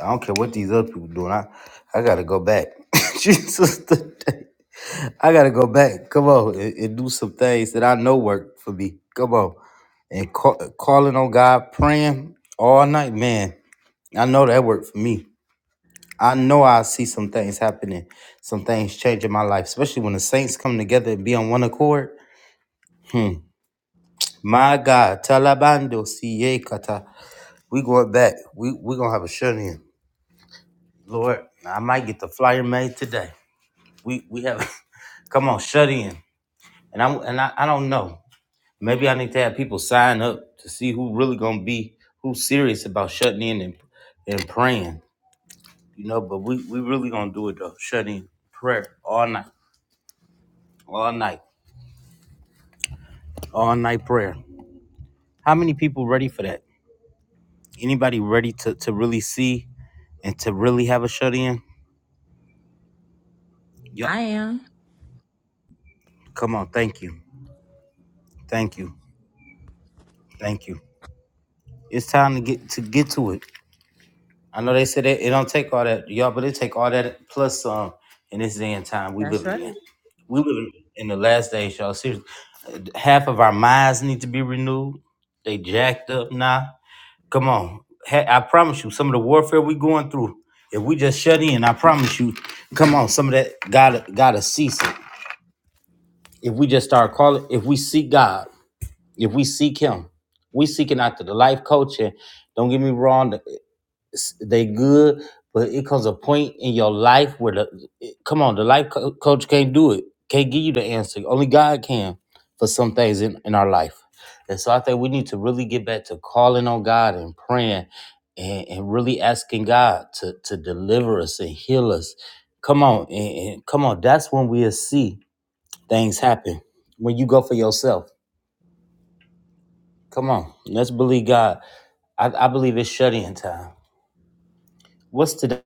I don't care what these other people doing. I, I gotta go back. Jesus today. I gotta go back. Come on and, and do some things that I know work for me. Come on. And call, calling on God, praying all night, man. I know that worked for me. I know I see some things happening, some things changing my life, especially when the saints come together and be on one accord. Hmm. My God, Talabando CA Kata. We going back. We we gonna have a shut in. Lord, I might get the flyer made today. We we have come on, shut in. And I and I, I don't know. Maybe I need to have people sign up to see who really gonna be who's serious about shutting in and and praying. You know, but we we really gonna do it though. Shut in prayer all night, all night. all night prayer. How many people ready for that? Anybody ready to, to really see and to really have a shut in? Yup. I am. Come on, thank you. Thank you. Thank you. It's time to get to get to it. I know they said it, it don't take all that, y'all, but it take all that plus some in this day and time we That's living right. in. We living in the last days, y'all. Seriously. Half of our minds need to be renewed. They jacked up now. Come on. Hey, I promise you, some of the warfare we going through, if we just shut in, I promise you, come on, some of that gotta gotta cease it. If we just start calling, if we seek God, if we seek Him, we seeking after the life coach. And don't get me wrong, s- they good, but it comes a point in your life where the it- come on, the life co- coach can't do it, can't give you the answer. Only God can for some things in, in our life. And so I think we need to really get back to calling on God and praying and, and really asking God to, to deliver us and heal us. Come on, and, and come on, that's when we'll see things happen. When you go for yourself. Come on. Let's believe God. I, I believe it's shut in time. What's today?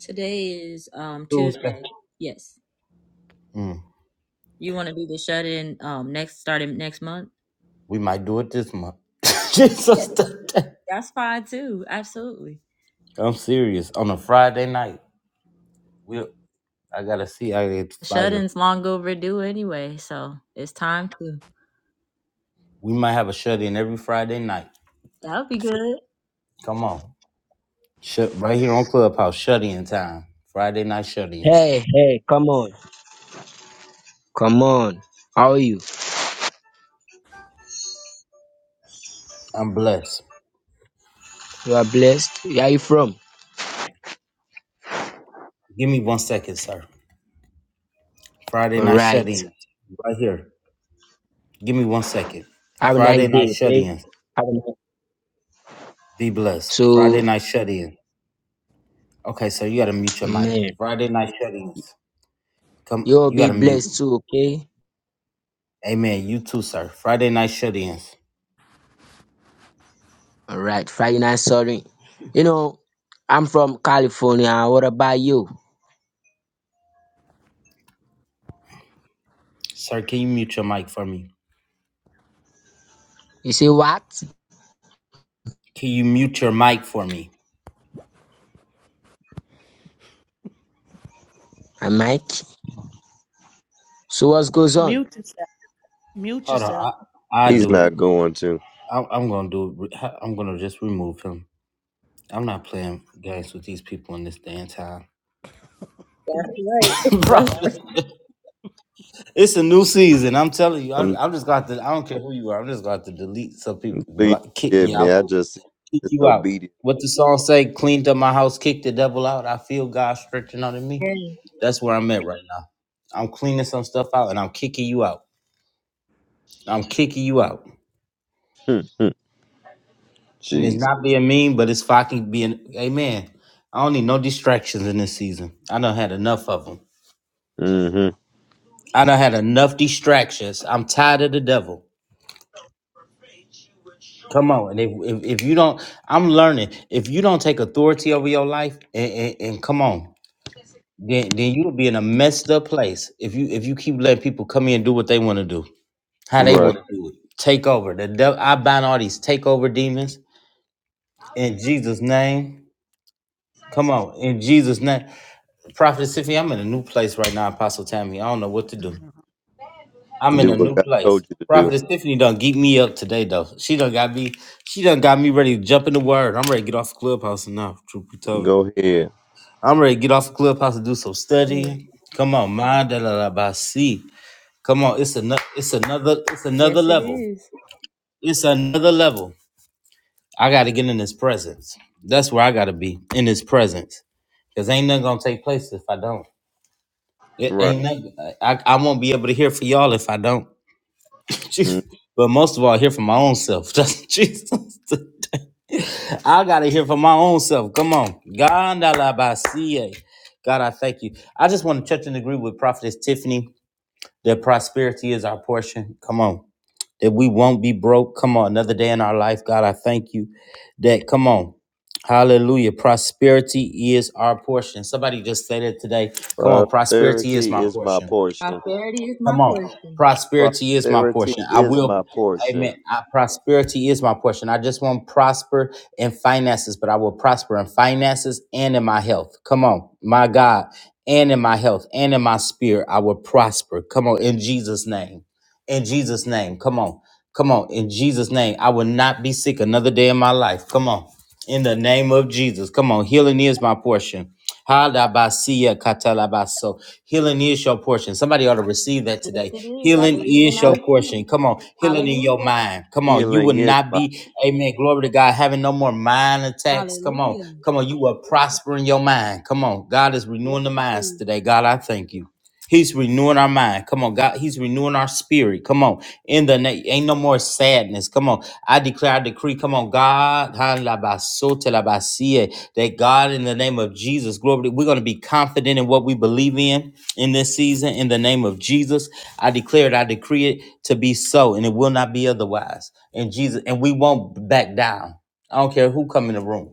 Today is um Tuesday. Tuesday. Yes. You want to do the shut in um next starting next month? We might do it this month. Jesus, That's fine too. Absolutely. I'm serious. On a Friday night, we I gotta see I get the Shut flyer. in's long overdue anyway, so it's time to. We might have a shut in every Friday night. That'll be good. Come on, shut right here on Clubhouse. Shut in time. Friday night shut in. Hey, hey, come on. Come on. How are you? I'm blessed. You are blessed. Where are you from? Give me one second, sir. Friday All night shut right. in. Right here. Give me one second. Have a nice Friday night day, shut okay? in. Have a nice Be blessed. Friday So, night shut in. Okay, so you gotta mute your mic. man, Friday night shut ins. Come, you'll you be gotta mute. blessed too, okay? Amen. You too, sir. Friday night shut ins. All right. Final sorry. You know, I'm from California. What about you? Sir, can you mute your mic for me? You say what? Can you mute your mic for me? I'm Mike. So, what goes on? Mute yourself. Mute Hold on. yourself. I, I He's do. not going to. I'm, I'm going to do it. I'm going to just remove him. I'm not playing games with these people in this day and time. That's right. Bro, That's it's a new season. I'm telling you. I'm, I'm, I'm just got to, I don't care who you are. I'm just got to delete some people. please Block, kick forgive you me. out. I just see kick you out. disobedience. What the song say? Cleaned up my house, kicked the devil out. I feel God stretching out in right. me. Yes, That's where I'm at right now. I'm cleaning some stuff out, and I'm kicking you out. I'm kicking you out, and it's Jeez. not being mean, but it's fucking being. Amen. I don't need no distractions in this season. I done had enough of them. hmm I done had enough distractions. I'm tired of the devil. Come on, and if, if, if you don't, I'm learning. If you don't take authority over your life, and, and, and come on, then then you'll be in a messed up place if you if you keep letting people come in and do what they want to do, how they Right. want to do it. Take over. The devil, I bind all these takeover demons in Jesus' name. Come on, in Jesus' name. Prophet Tiffany, I'm in a new place right now, Apostle Tammy. I don't know what to do. I'm in Do a what new God place. told you to do. Prophet Tiffany done geek me up today though. She done got me, she done got me ready to jump in the word. I'm ready to get off clubhouse now, truth be told. Go ahead. I'm ready to get off clubhouse and do some yes. studying. Come on, mind da la la ba see. Come on, it's another, it's another, it's another Yes, it level. is. It's another level. I gotta get in His presence. That's where I gotta be in His presence, cause ain't nothing gonna take place if I don't. It Right. ain't nothing. I, I won't be able to hear for y'all if I don't. Jeez. Mm. But most of all, I hear for my own self. Just Jesus, I gotta hear for my own self. Come on, Gandalabasie. God, I thank you. I just want to touch and agree with Prophetess Tiffany that prosperity is our portion. Come on that we won't be broke. Come on, another day in our life, God, I thank you that, come on. Hallelujah. Prosperity is our portion. Somebody just said it today. Come on, prosperity is Prosperity my is my portion. portion. Prosperity is my Come on. portion. Prosperity is my portion. Prosperity I is my will. portion. Amen. I, prosperity is my portion. I just won't prosper in finances, but I will prosper in finances and in my health. Come on, my God, and in my health and in my spirit, I will prosper. Come on, in Jesus' name. In Jesus' name. Come on. Come on. In Jesus' name. I will not be sick another day in my life. Come on. In the name of Jesus. Come on. Healing is my portion. Hadabasia katalabaso. Healing is your portion. Somebody ought to receive that Yes, today. it is. I Healing believe and is I your receive portion. it. Come on. Healing in your Hallelujah. mind. Come on. You will Healing is not my be, amen. Glory to God. Having no more mind attacks. Come on. Hallelujah. Come on. You will prosper in your mind. Come on. God is Yes, renewing the minds indeed. today. God, I thank you. He's renewing our mind. Come on, God. He's renewing our spirit. Come on. In the name, ain't no more sadness. Come on. I declare, I decree. Come on, God. ha, la, ba, so, te, la, ba, si, eh, That God, in the name of Jesus, glory, to- we're going to be confident in what we believe in in this season. In the name of Jesus, I declare it, I decree it to be so, and it will not be otherwise. In Jesus, and we won't back down. I don't care who come in the room.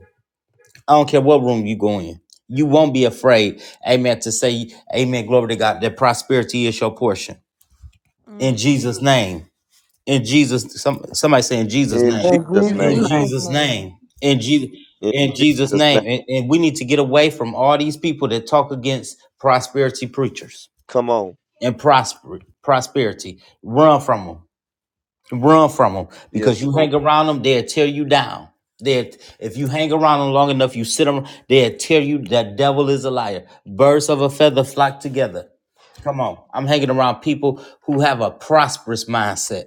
I don't care what room you go in. You won't be afraid, amen, to say, amen, glory to God, that prosperity is your portion. In Mm, Jesus' name. In Jesus, some, somebody say in Jesus' in name. In Jesus' In Jesus' In name. name. Jesus' Jesus' name. name. In Jesus, In in Jesus' Jesus' name. name. And, and we need to get away from all these people that talk against prosperity preachers Come on. and prosper, prosperity. Run from them. Run from them because Yes, you Lord. hang around them, they'll tear you down. They, if you hang around them long enough, you sit them, they'll tear you. That devil is a liar. Birds of a feather flock together. Come on, I'm hanging around people who have a prosperous mindset.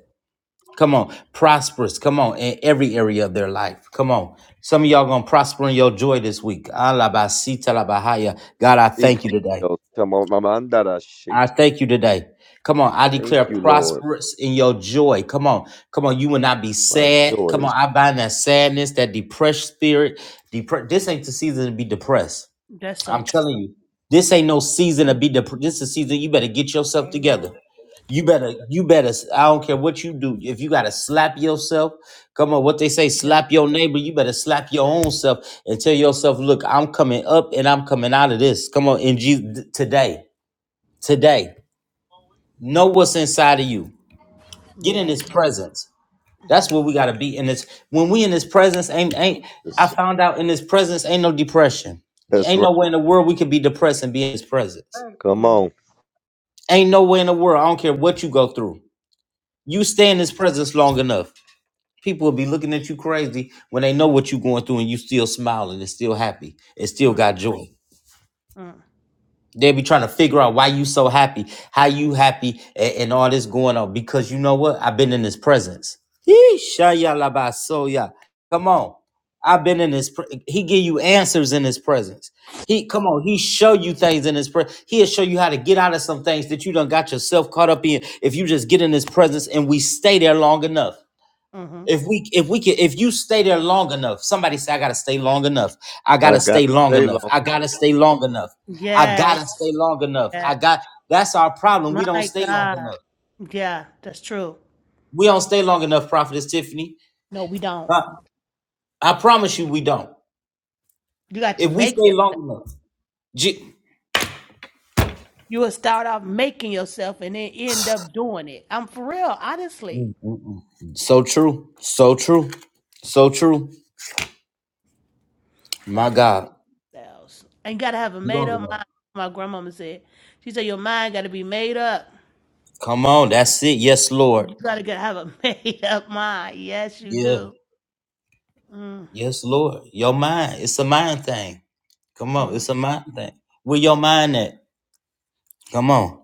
Come on, prosperous. Come on, in every area of their life. Come on, some of y'all gonna prosper in your joy this week. Alabasita labahaya. God, I Speak, thank you Holy today. Ghost. Come on. Mama, andara I shit. thank you today. Come on, I declare Thank you, Lord. prosperous in your joy. Come on, come on, you will not be My sad. joy Come is on, I bind that sadness, that depressed spirit. Depre- this ain't the season to be depressed. that's so I'm true. telling you, this ain't no season to Mm, be depressed. This is the season you better get yourself Amen. together. You better, you better. I don't care what you do. If you gotta slap yourself, come on. What they say, yeah. slap your neighbor. You better slap your own self and tell yourself, look, I'm coming up and I'm coming out of this. Come on, in Jesus today, today. Know what's inside of you. Get in his Yes. presence. That's Mm-hmm. where we gotta be. In this when we in his presence, ain't ain't I Jesus. found out in his presence ain't no depression. That's Ain't right. no way in the world we could be depressed and be in his presence. Good. Come Mm, on. Ain't no way in the world. I don't care what you go through. You stay in his presence long enough. People will be looking at you crazy when they know what you're going through and you still smiling and still happy and still mm, got joy. mm, They be trying to figure out why you so happy, how you happy, and, and all this going on. Because you know what? I've been in his presence. Yeeshayalabasoya. Come on. I've been in his pre- he give you answers in his presence. He come on, he show you things in his presence. He'll show you how to get out of some things that you done got yourself caught up in if you just get in his presence and we stay there long enough. mhm. If we if we can if you stay there long enough, somebody say I gotta stay long enough. I I gotta got stay to long Long stay enough. long. enough. I gotta stay long enough. I gotta Yes. stay long enough. I Yes. got that's our problem. We My don't stay long God. enough. Yeah, that's true. We don't stay long enough, Prophetess Tiffany. No, we don't. I, I promise you we don't. You got to If we stay make yourself. long enough. Je- You will start off making yourself and then end up doing it. I'm for real, honestly. Mm, mm, mm. mm. so true. So true. So true. My Got to make God. yourselves. And gotta have a made Long up enough. mind. My grandmama said, she said, your mind gotta be made up. Come on, that's it. Yes, Lord. You gotta get, have a made up mind. Yes, you Yeah. do. Mm, Yes, Lord. Your mind. It's a mind thing. Come on, mm, it's a mind thing. Where your mind at? Come on,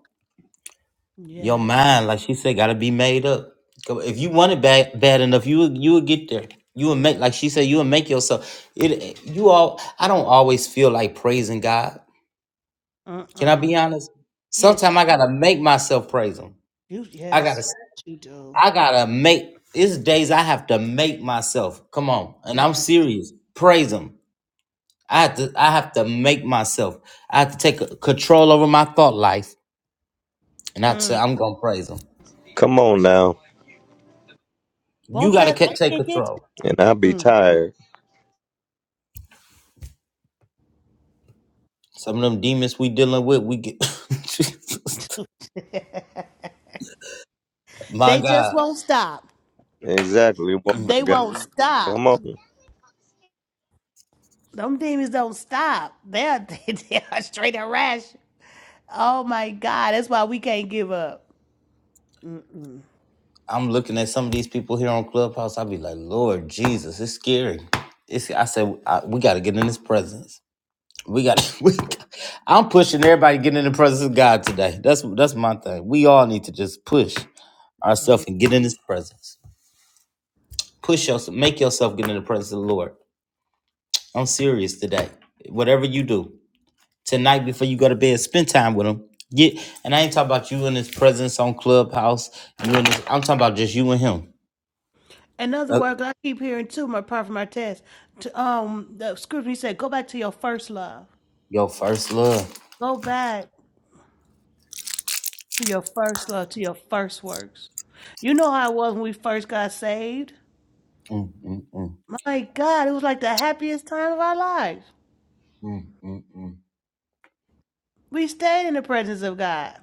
your yes. mind, like she said, gotta be made up. Come on, If you want it bad, bad enough, you will, you will get there. You will make, like she said, you will make yourself. It, you all. I don't always feel like praising God. Can I Mm-mm. be honest? Yes, you Sometimes can. I gotta make myself praise Him. You, I gotta, yes, you do. I gotta make. It's days I have to make myself. Come on, and I'm Yeah. serious. Praise Him. I have to. I have to make myself. I have to take control over my thought life. And I said, Mm. I'm gonna praise him. Come on now. You Won't gotta that ca- thing take get you? control. And i be Mm, mm. tired. Some of them demons we dealing with, we get. My They just God, won't stop. Exactly, woman Mm. They of God. won't stop. Come on. Them demons don't stop. They're they, they are straight and rash. Oh my God! That's why we can't give up. I'm looking at some of these people here on Clubhouse. I be like, Lord Jesus, it's scary. It's. I said, I, we gotta get in His presence. We got. We, I'm pushing everybody to get in the presence of God today. That's that's my thing. We all need to just push ourselves Mm. and get in His presence. Push yourself, make yourself get in the presence of the Lord. I'm serious today. Whatever you do, tonight before you go to bed. Spend time with him. Get and I ain't talking about you in his presence on Clubhouse. You and his, I'm talking about just you and him. Another Uh, word, 'cause I keep hearing too, my apart from my test. To, um, the scripture he said, "Go back to your first love. your first love. Go back to your first love, to your first works." You know how it was when we first got saved. Mm, mm, mm, My God, it was like the happiest time of our lives. mm, mm, mm, We stayed in the presence of God,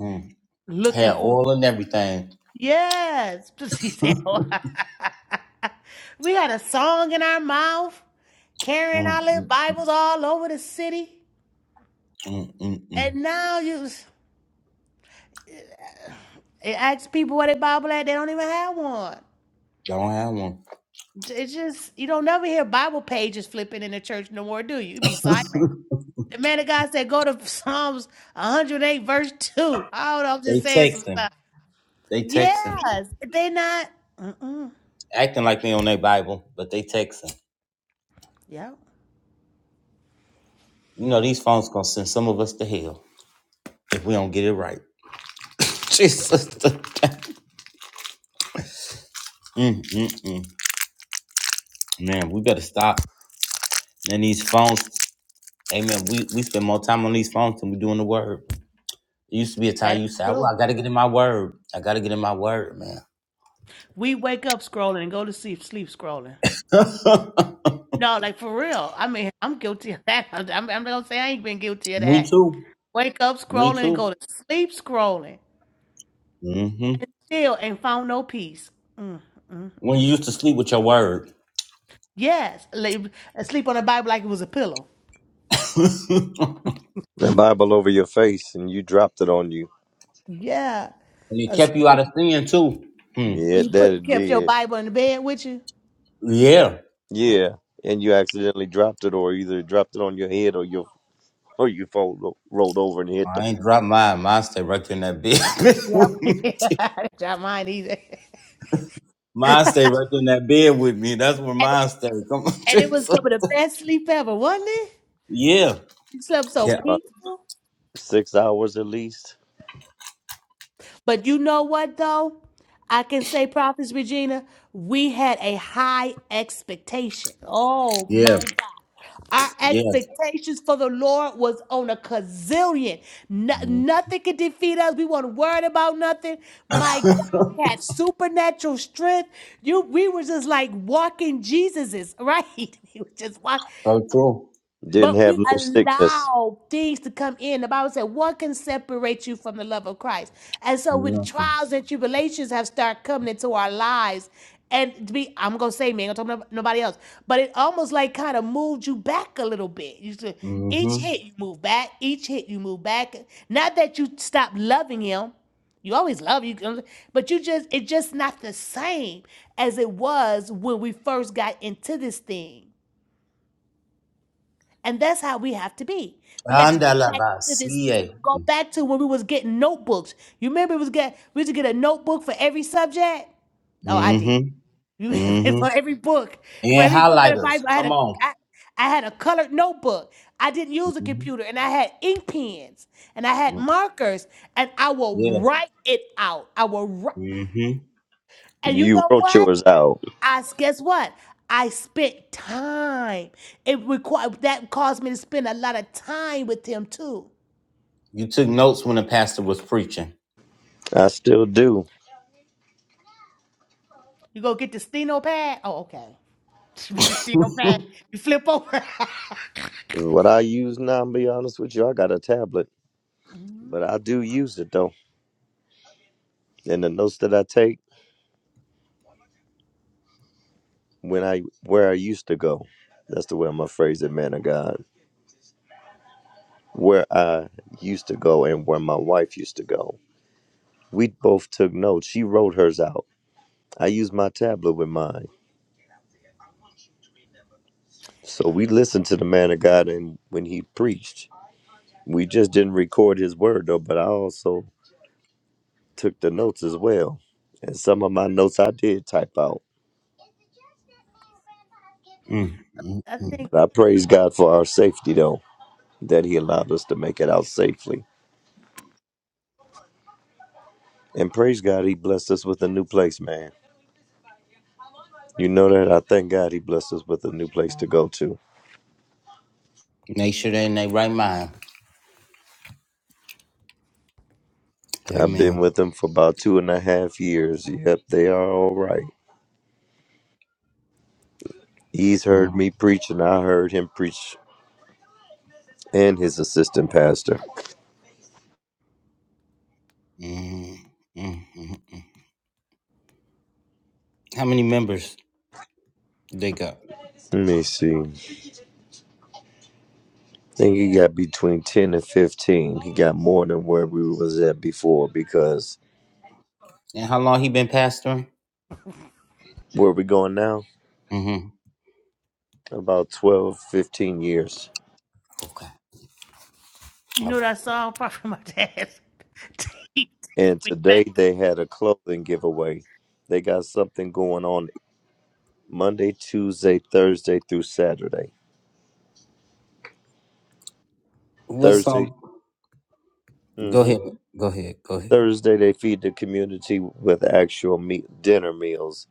mm. looking Had for. oil and everything. Yes, she said. we had a song in our mouth, carrying Mm, our little mm, Bibles all over the city, mm, mm, mm. and now you s- it asks people where their Bible at. They don't even have one. Don't have one. It's just you don't never hear Bible pages flipping in the church no more, do you? You be silent. The man of God said, "Go to Psalms 108, verse two." I don't know. I'm just they saying some texting. stuff. They texting. Yes, they not. Mm-mm. Acting like they on their Bible, but they texting. Yeah. You know these phones gonna send some of us to hell if we don't get it right. Jesus. mm, mm, mm. Man, we better stop. And these phones, amen. We we spend more time on these phones than we do in the word. It used to be a That time is you said, Well, true. I gotta get in my word. I gotta get in my word, man. We wake up scrolling and go to sleep, sleep scrolling. No, like for real. I mean, I'm guilty of that. I'm, I'm not gonna say I ain't been guilty of Me that. too. Wake up Me scrolling and too. go to sleep scrolling, hmm and still ain't found no peace. Mm, mm, When you mm. used to sleep with your word. Yes, lay, sleep on the Bible like it was a pillow. and The Bible over your face and you dropped it on you. Yeah, it asleep kept you out of sin too. Hmm. when Yeah, you that put it kept your did. Bible in the bed with you. Yeah. Yeah, Yeah. And you accidentally dropped it or either dropped it on your head or your or you fold, rolled over and hit the I floor. ain't dropped mine. Mine stay right there in that bed with Yep. me. yeah, that's not mind either. Mine stay right there in that bed with me. That's where And, mine stay. Come on, and it was Jesus. some of the best sleep ever, wasn't it? Yeah. You slept so Yeah. About peaceful. six hours at least. But you know what though? I can say, Prophets Regina, we had a high expectation. Oh Yeah. my God. Our Yeah. expectations for the Lord was on a gazillion. No- Mhm. nothing could defeat us. We weren't worried about nothing. My God, we had supernatural strength. You, we were just like walking Jesuses, right? We were just walking. So true. Didn't But have we no sickness. allow things to come in. The Bible said, "What can separate you from the love of Christ?" And so, when Nothing. trials and tribulations have started coming into our lives, and to be, I'm gonna say, me, I'm talking about nobody else, but it almost like kind of moved you back a little bit. You said, each Mm-hmm. hit you move back, each hit you move back. Not that you stop loving Him, you always love you, but you just it's just not the same as it was when we first got into this thing. And that's how we have to be. We got to go back to this, Andalabasie. go back to when we was getting notebooks. You remember it was get we used to get a notebook for every subject? Oh, I did. Mm-hmm. You Mm-hmm. for every book. For And every book in the highlighters. Bible, I had Come a on. I, I had a colored notebook. I didn't use a Mm-hmm. computer and I had ink pens and I had markers and I will Yeah. write it out. I will write Mm-hmm. and you You know wrote what? yours out. I s- guess what? I spent time. It required that caused me to spend a lot of time with him too. You took notes when the pastor was preaching. I still do. You go get the steno pad. Oh, okay. the steno pad. You flip over. What I use now, I'm be honest with you, I got a tablet Mhm. but I do use it though. And the notes that I take when I where I used to go. That's the way I'm gonna phrase it, man of God. Where I used to go and where my wife used to go. We both took notes. She wrote hers out. I used my tablet with mine. So I, we listened to the man of God and when he preached. We just didn't record his word though, but I also took the notes as well. And some of my notes I did type out. Mm-hmm. I think But I praise God for our safety though, that he allowed us to make it out safely. And praise God, He blessed us with a new place, man. You know that? I thank God He blessed us with a new place to go to. Make sure they're in their right mind. I've been Amen. with Him for about two and a half years. Yep, they are all right. He's heard Mm-hmm. me preach, and I heard him preach and his assistant pastor. Mm-hmm. How many members they got? Let me see. I think he got between 10 and 15. He got more than where we was at before because And how long he been pastoring? where we going now? Mm-hmm. About twelve, fifteen years. Okay. you All know right. that song probably from my dad. Take And me back. today they had a clothing giveaway. They got something going on Monday, Tuesday, Thursday through Saturday. What's Thursday, um? Go hmm ahead. Go ahead. Go ahead. Thursday they feed the community with actual meat, dinner meals.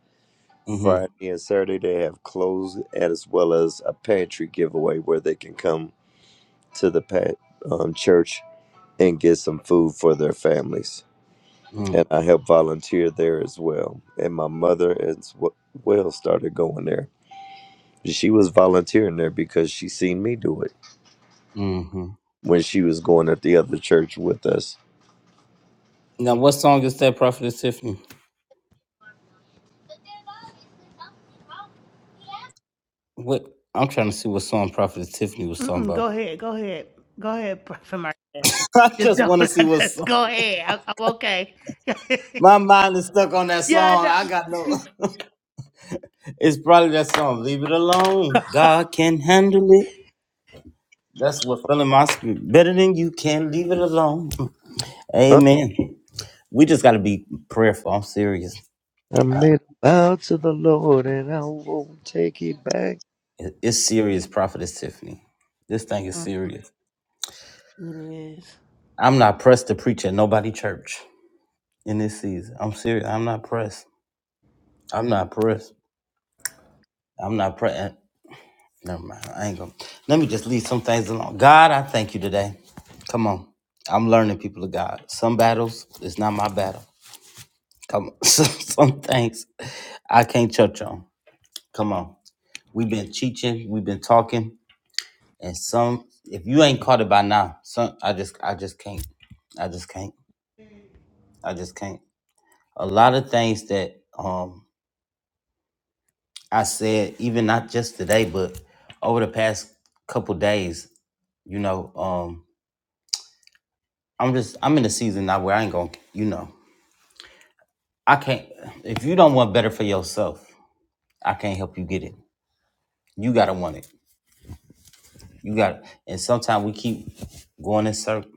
Friday Mm-hmm. and Saturday they have clothes as well as a pantry giveaway where they can come to the pa- um, church and get some food for their families. And I help volunteer there as well. And my mother as w- well started going there. She was volunteering there because she seen me do it Mm-hmm. when she was going at the other church with us. Now, what song is that, Prophetess Tiffany? What I'm trying to see what song Prophetess Tiffany was talking Mm-mm, about. go ahead. Go ahead. Go ahead. Prophet from my dad. I Just just don't. want to see what Just song. go ahead. I, I'm okay. My mind is stuck on that yeah, I song. I know. got no. It's probably that song. Leave it alone. God can handle it. That's what filling my spirit. Better than you can. Leave it alone. Huh? Amen. We just got to be prayerful. I'm serious. I made a vow to the Lord and I won't take it back. It- It's serious, Prophetess Tiffany. This thing is serious. It is. I'm not pressed to preach at nobody church in this season. I'm serious. I'm not pressed. I'm not pressed. I'm not praying. Never mind. I ain't gonna. Let me just leave some things alone. God, I thank you today. Come on. I'm learning people of God. Some battles is not my battle. Come on. Some, some things I can't touch on. Come on. We've been teaching, we've been talking, and some if you ain't caught it by now, some I just I just can't. I just can't. I just can't. A lot of things that um I said, even not just today, but over the past couple days, you know, um. I'm just I'm in a season now where I ain't gonna you know I can't if you don't want better for yourself I can't help you get it you gotta want it you got and sometimes we keep going in circles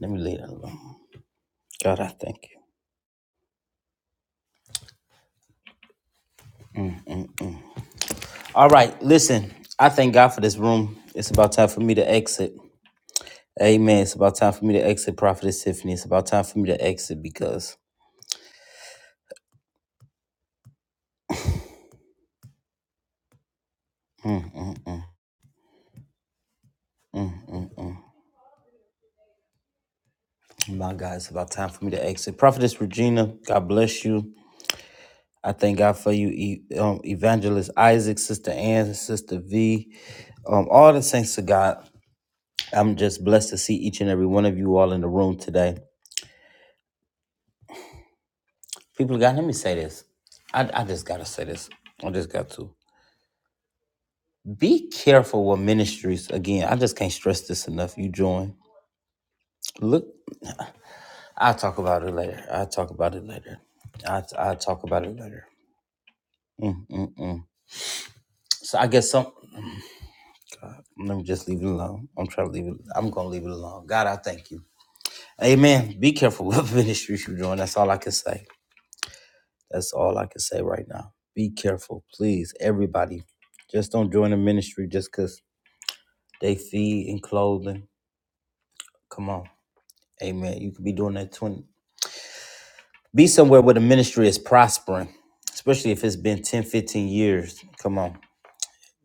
let me leave that alone God I thank you all right listen I thank God for this room it's about time for me to exit Amen it's about time for me to exit Prophetess Tiffany it's about time for me to exit because my God it's about time for me to exit Prophetess Regina God bless you I thank God for you, E- um, Evangelist Isaac, Sister Ann, Sister V, um, all the saints of God. I'm just blessed to see each and every one of you all in the room today. People of God, let me say this. I, I just got to say this. I just got to. Be careful with ministries. Again, I just can't stress this enough. You join. Look, I'll talk about it later. I'll talk about it later. I, I'll talk about it later. Mm, mm, mm. So I guess some. Let me just leave it alone. I'm trying to leave it. I'm gonna leave it alone. God, I thank you. Amen. Be careful what ministries you're doing. That's all I can say. That's all I can say right now. Be careful, please. Everybody, just don't join a ministry just because they feed and clothing. Come on. Amen. You could be doing that 20. Be somewhere where the ministry is prospering, especially if it's been 10, 15 years. Come on.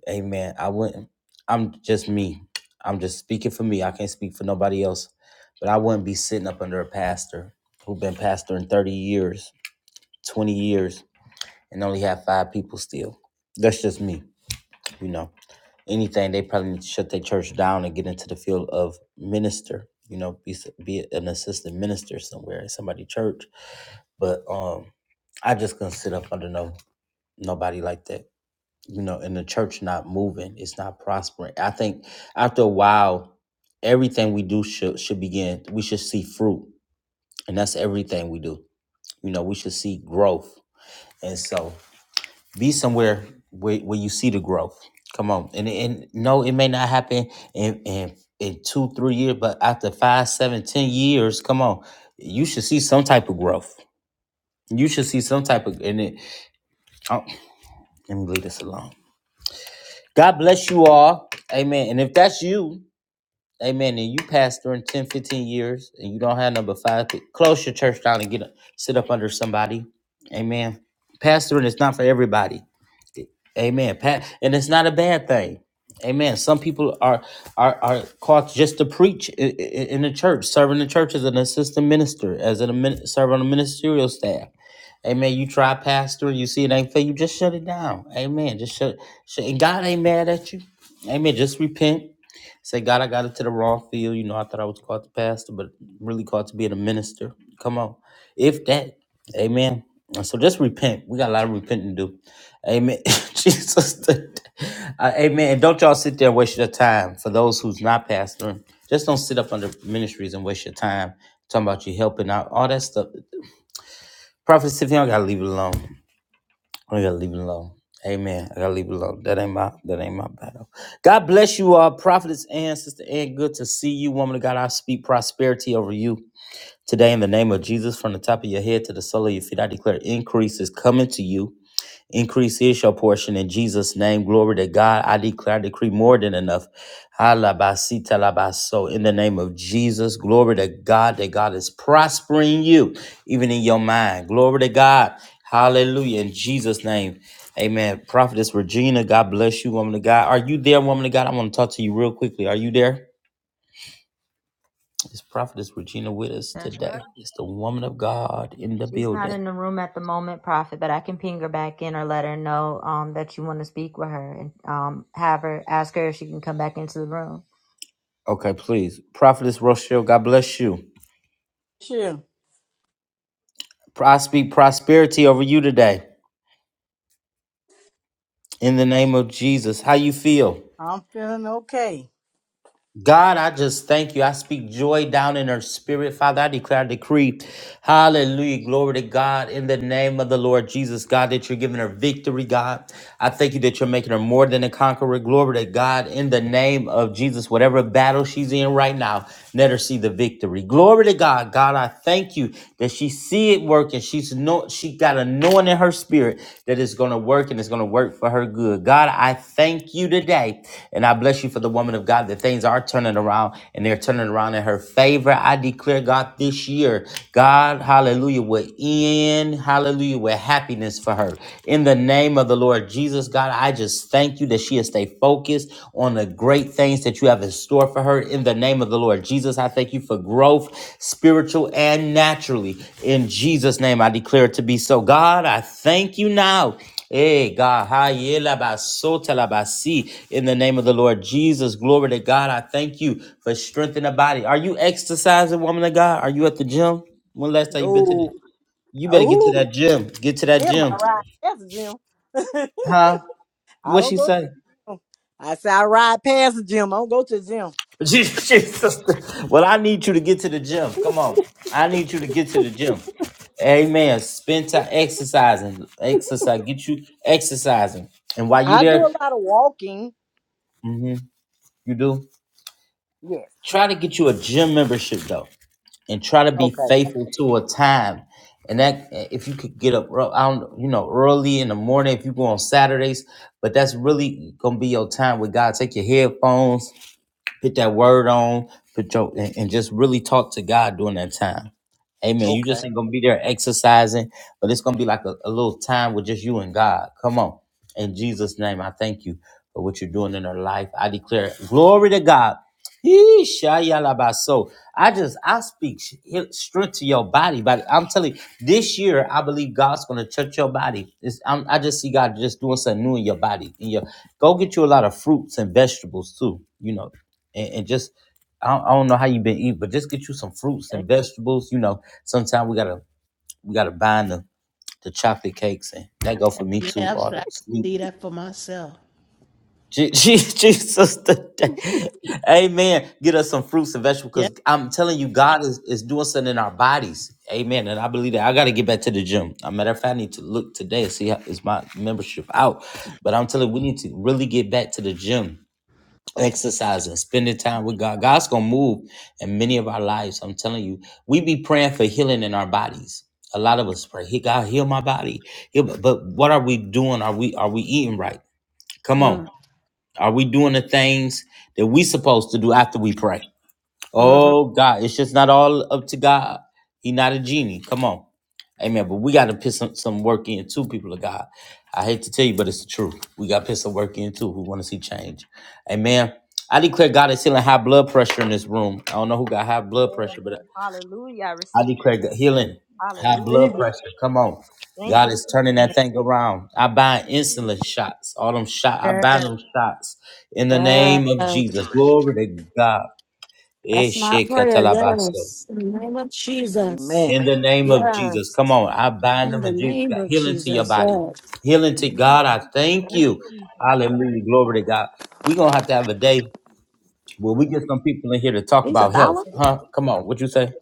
Amen. I wouldn't. I'm just me. I'm just speaking for me. I can't speak for nobody else. But I wouldn't be sitting up under a pastor who's been pastoring 30 years, 20 years and only have five people still. That's just me, you know. Anything they probably need to shut their church down and get into the field of minister, you know, be s- be an assistant minister somewhere in somebody's church. But um, I just couldn't sit up under no nobody like that, you know. And the church not moving, it's not prospering. I think after a while, everything we do should should begin. We should see fruit, and that's everything we do. You know, we should see growth. And so be somewhere where, where you see the growth. Come on, and and no, it may not happen in in in two three years, but after five seven ten years, come on, you should see some type of growth. You should see some type of and it. Oh, let me leave this alone. God bless you all, Amen. And if that's you, Amen, and you passed during 10, fifteen years, and you don't have number five, close your church down and get a, sit up under somebody, Amen. Pastoring is not for everybody. Amen. Pat, and it's not a bad thing. Amen. Some people are are are called just to preach in, in the church, serving the church as an assistant minister, as an admin- serving on the ministerial staff. Amen. You try pastor, you see it ain't fair, you just shut it down. Amen. Just shut, shut. And God ain't mad at you. Amen. Just repent. Say, God, I got into the wrong field. You know, I thought I was called to pastor, but really called to being a minister. Come on. If that, amen. So just repent. We got a lot of repenting to do. Amen. Jesus. Uh, amen. And don't y'all sit there and waste your time. For those who's not pastoring, just don't sit up under ministries and waste your time talking about you helping out. All that stuff. Prophets, if you don't got to leave it alone. I gotta leave it alone. Amen. I gotta leave it alone. That ain't my that ain't my battle. God bless you all, prophetess and sister Ann. Good to see you, woman of God. I speak prosperity over you today in the name of Jesus, from the top of your head to the sole of your feet. I declare increase is coming to you. Increase is your portion in Jesus' name. Glory to God. I declare, I decree more than enough. Alabasita labaso. In the name of Jesus, glory to God that God is prospering you, even in your mind. Glory to God. Hallelujah. In Jesus' name. Amen. Prophetess Regina, God bless you, woman of God. Are you there, woman of God? I want to talk to you real quickly. Are you there? Is Prophetess Regina with us That's right. today? It's the woman of God in the She's not building. in the room at the moment, Prophet, but I can ping her back in or let her know um, that you want to speak with her and um, have her ask her if she can come back into the room. Okay, please. Prophetess Rochelle, God bless you. Sure. I speak prosperity over you today in the name of Jesus. How you feel? I'm feeling okay. God, I just thank you. I speak joy down in her spirit, Father. I declare, and decree, hallelujah, glory to God, in the name of the Lord Jesus, God, that you're giving her victory, God. I thank you that you're making her more than a conqueror. Glory to God, in the name of Jesus, whatever battle she's in right now, let her see the victory. Glory to God, God, I thank you that she see it working. She's no, she got a knowing in her spirit that it's going to work and it's going to work for her good. God, I thank you today. And I bless you for the woman of God that things are turning around and they're turning around in her favor. I declare, God, this year, God, hallelujah, will end, hallelujah, with happiness for her. In the name of the Lord Jesus, God, I just thank you that she has stayed focused on the great great things that you have in store for her in the name of the Lord Jesus. I thank you for growth, spiritual and naturally. In Jesus' name, I declare it to be so. God, I thank you now. Hey, God, ha, ye, la, ba, so, te, la, ba, si. in the name of the Lord Jesus, glory to God. I thank you for strengthening the body. Are you exercising, woman of God? Are you at the gym? When last time you been to the No. You better get to Oh, that gym. Get to that Jim, gym. I ride past the gym. Huh? I What don't she go to say? the gym. I say I ride past the gym. I don't go to the gym. Jesus. Well, I need you to get to the gym. Come on. I need you to get to the gym. Amen. Spend time exercising. Exercise. Get you exercising. And while you I do there, a lot of walking. hmm you do. Yes. Try to get you a gym membership though. And try to be Okay. faithful to a time. And that if you could get up ear- I don't, you know, early in the morning if you go on Saturdays, but that's really gonna be your time with God. Take your headphones Put that word on. Put your and, and just really talk to God during that time. Amen. You Okay. just ain't gonna be there exercising, but it's gonna be like a, a little time with just you and God. Come on. In Jesus' name, I thank you for what you're doing in our life. I declare glory to God. Yee, shayalabaso. I just I speak sh- strength to your body, but I'm telling you, this year I believe God's going to touch your body. It's, I'm, I just see God just doing something new in your body. In your go get you a lot of fruits and vegetables too. You know, and, and just I don't, I don't know how you've been eating, but just get you some fruits And and vegetables. You know, sometimes we gotta we gotta bind the, the chocolate cakes, and that go for me too. Yeah, I'm All sorry. the I sweet. see that for myself. Je- Je- Jesus, today. Amen. Get us some fruits and Yeah. vegetables because I'm telling you, God is, is doing something in our bodies. Amen. And I believe that I got to get back to the gym. As a matter of fact, I need to look today and see how is my membership out. But I'm telling you, we need to really get back to the gym exercising, spending time with God. God's gonna move in many of our lives. I'm telling you, we be praying for healing in our bodies. A lot of us pray, "He God heal my body." Heal, but what are we doing? Are we are we eating right? Come on, Mm, are we doing the things that we supposed to do after we pray? mm, mm. Oh God, it's just not all up to God. He not a genie. Come on. Amen. But we got to put some, some work in too, people of God. I hate to tell you, but it's the truth. We got to put some work in too who want to see change. Amen. I declare God is healing high blood pressure in this room. I don't know who got high blood pressure, Yes. but Hallelujah. I I received declare God it. healing high Hallelujah. blood Receive it. pressure. Come on. Thank you. God Lord. is turning that right thing around. I Thank bind you, insulin Jesus. shots, all them shots. I there. bind them shots in the I- Yes. name of Jesus. Glory to God. That's my Eshe prayer. katalabasa. Yes. In the name of Jesus. Amen. In the name of Jesus, Yes. come on. I bind In them the and Jesus, name God, of healing to your Jesus. body. Yes. Healing to God, Hallelujah. I thank Thank you. you, Jesus. Hallelujah. Glory to God. We're going to have to have a day where we get some people in here to talk He's a about dollar. health. Huh? Come on. What you say?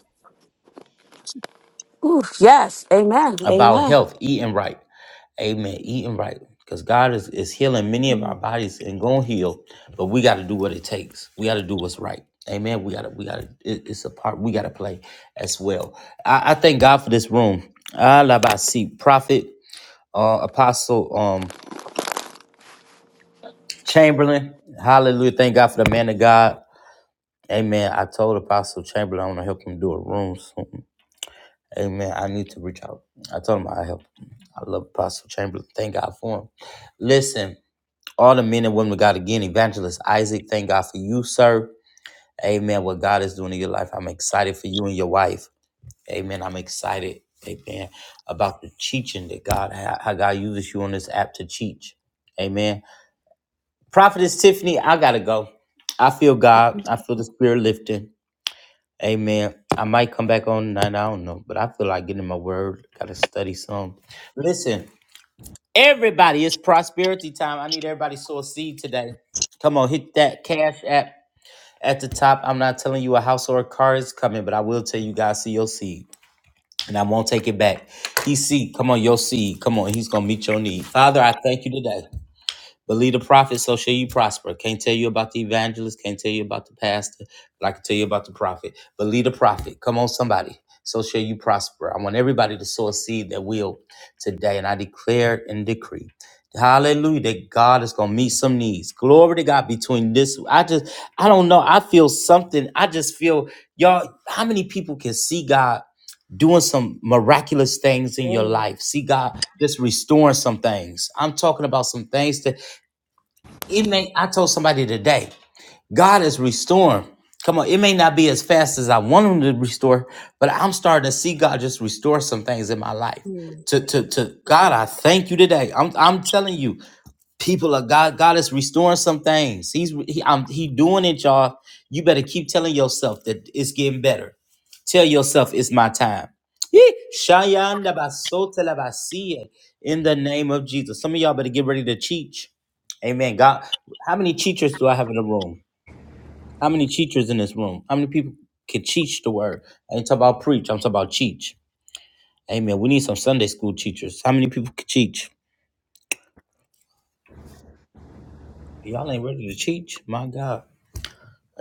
Ooh, yes. Amen. About Amen. health, eating right. Amen. Eating right. Because God is, is healing many of our Mm. bodies and going to heal, but we got to do what it takes. We got to do what's right. Amen. We got to, we got to, it, it's a part we got to play as well. I, I thank God for this room. Ah, la ba si Prophet. uh, Apostle um, Chamberlain. Hallelujah. Thank God for the man of God. Amen. I told Apostle Chamberlain I want to help him do a room soon. Amen. I need to reach out. I told him I help him. I love Apostle Chamberlain. Thank God for him. Listen, all the men and women of God again, Evangelist Isaac, thank God for you, sir. Amen. What God is doing in your life. I'm excited for you and your wife. Amen. I'm excited. Amen. About the teaching that God, how how God uses you on this app to teach. Amen Prophetess Tiffany, I gotta go. I feel God. I feel the spirit lifting. Amen. I might come back on tonight. I don't know, but I feel like getting my word. Gotta study some. Listen, everybody, it's prosperity time. I need everybody to sow a seed today. Come on, hit that cash app at the top. I'm not telling you a house or a car is coming, but I will tell you guys, see your seed. And I won't take it back. He see, come on, your seed. Come on, he's gonna meet your need. Father, I thank you today. Believe the prophet, so shall you prosper. Can't tell you about the evangelist, can't tell you about the pastor, but I can tell you about the prophet. Believe the prophet. Come on, somebody. So shall you prosper. I want everybody to sow a seed that will today. And I declare and decree. Hallelujah. That God is gonna meet some needs. Glory to God between this. I just I don't know. I feel something. I just feel y'all, how many people can see God doing some miraculous things in your Yes. life? See God just restoring some things. I'm talking about some things that it may I told somebody today, God is restoring. Come on, it may not be as fast as I want him to restore, but I'm starting to see God just restore some things in my life. yes. To to to God, I thank you today. I'm I'm telling you people of God, God is restoring some things. He's he, I'm, he doing it, y'all. You better keep telling yourself that it's getting better. Tell yourself it's my time. Yee. Shayanda basote basie. In the name of Jesus, some of y'all better get ready to teach. Amen. God, how many teachers do I have in the room? How many teachers in this room? How many people can teach the word? I ain't talking about preach. I'm talking about teach. Amen. We need some Sunday school teachers. How many people can teach? Y'all ain't ready to teach. My God.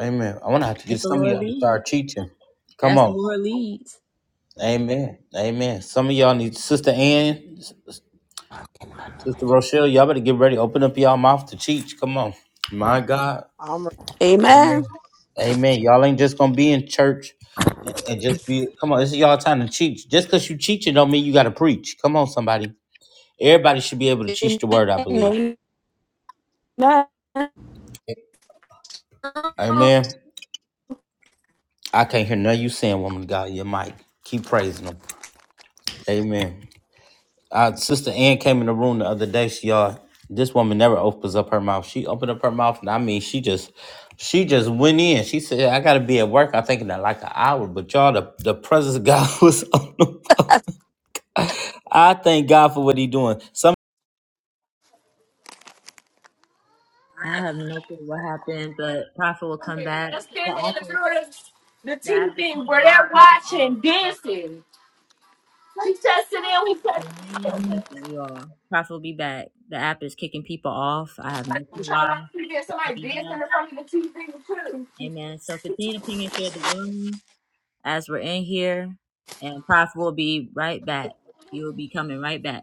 Amen. i want to have to get As the some of Lord y'all to leads. start teaching. Come As the on. Lord leads. Amen. Amen. Some of y'all need Sister Ann, Sister Rochelle, y'all better get ready. Open up y'all mouth to teach. Come on. My God. I'm Amen. Amen. Amen. Y'all ain't just gonna be in church and, and just be come on, this is y'all time to teach. Just cause you teaching don't mean you gotta preach. Come on, somebody. Everybody should be able to teach the word, I believe. Amen. Amen. Amen. I can't hear none of you saying, woman of God, your mic. Keep praising them. Amen. Uh, Sister Ann came in the room the other day. She y'all, this woman never opens up her mouth. She opened up her mouth, and I mean, she just, she just went in. She said, "I gotta be at work." I think in like an hour, but y'all, the the presence of God was on the phone. I thank God for what He doing. Some I have no clue what happened, but Prophet will come back. Just The standing app in the is, middle of the the app is TV kicking a where lot of they're people off. watching dancing. He tested in, he So tested in one second, you all. Prophet will be back. The app is kicking people off. I have no in, clue trying to why. watch TV, and But he'll somebody be dancing back. in front Amen. So continue to ping and share the room as we're in here, and Prophet will be right back. He will be coming right back.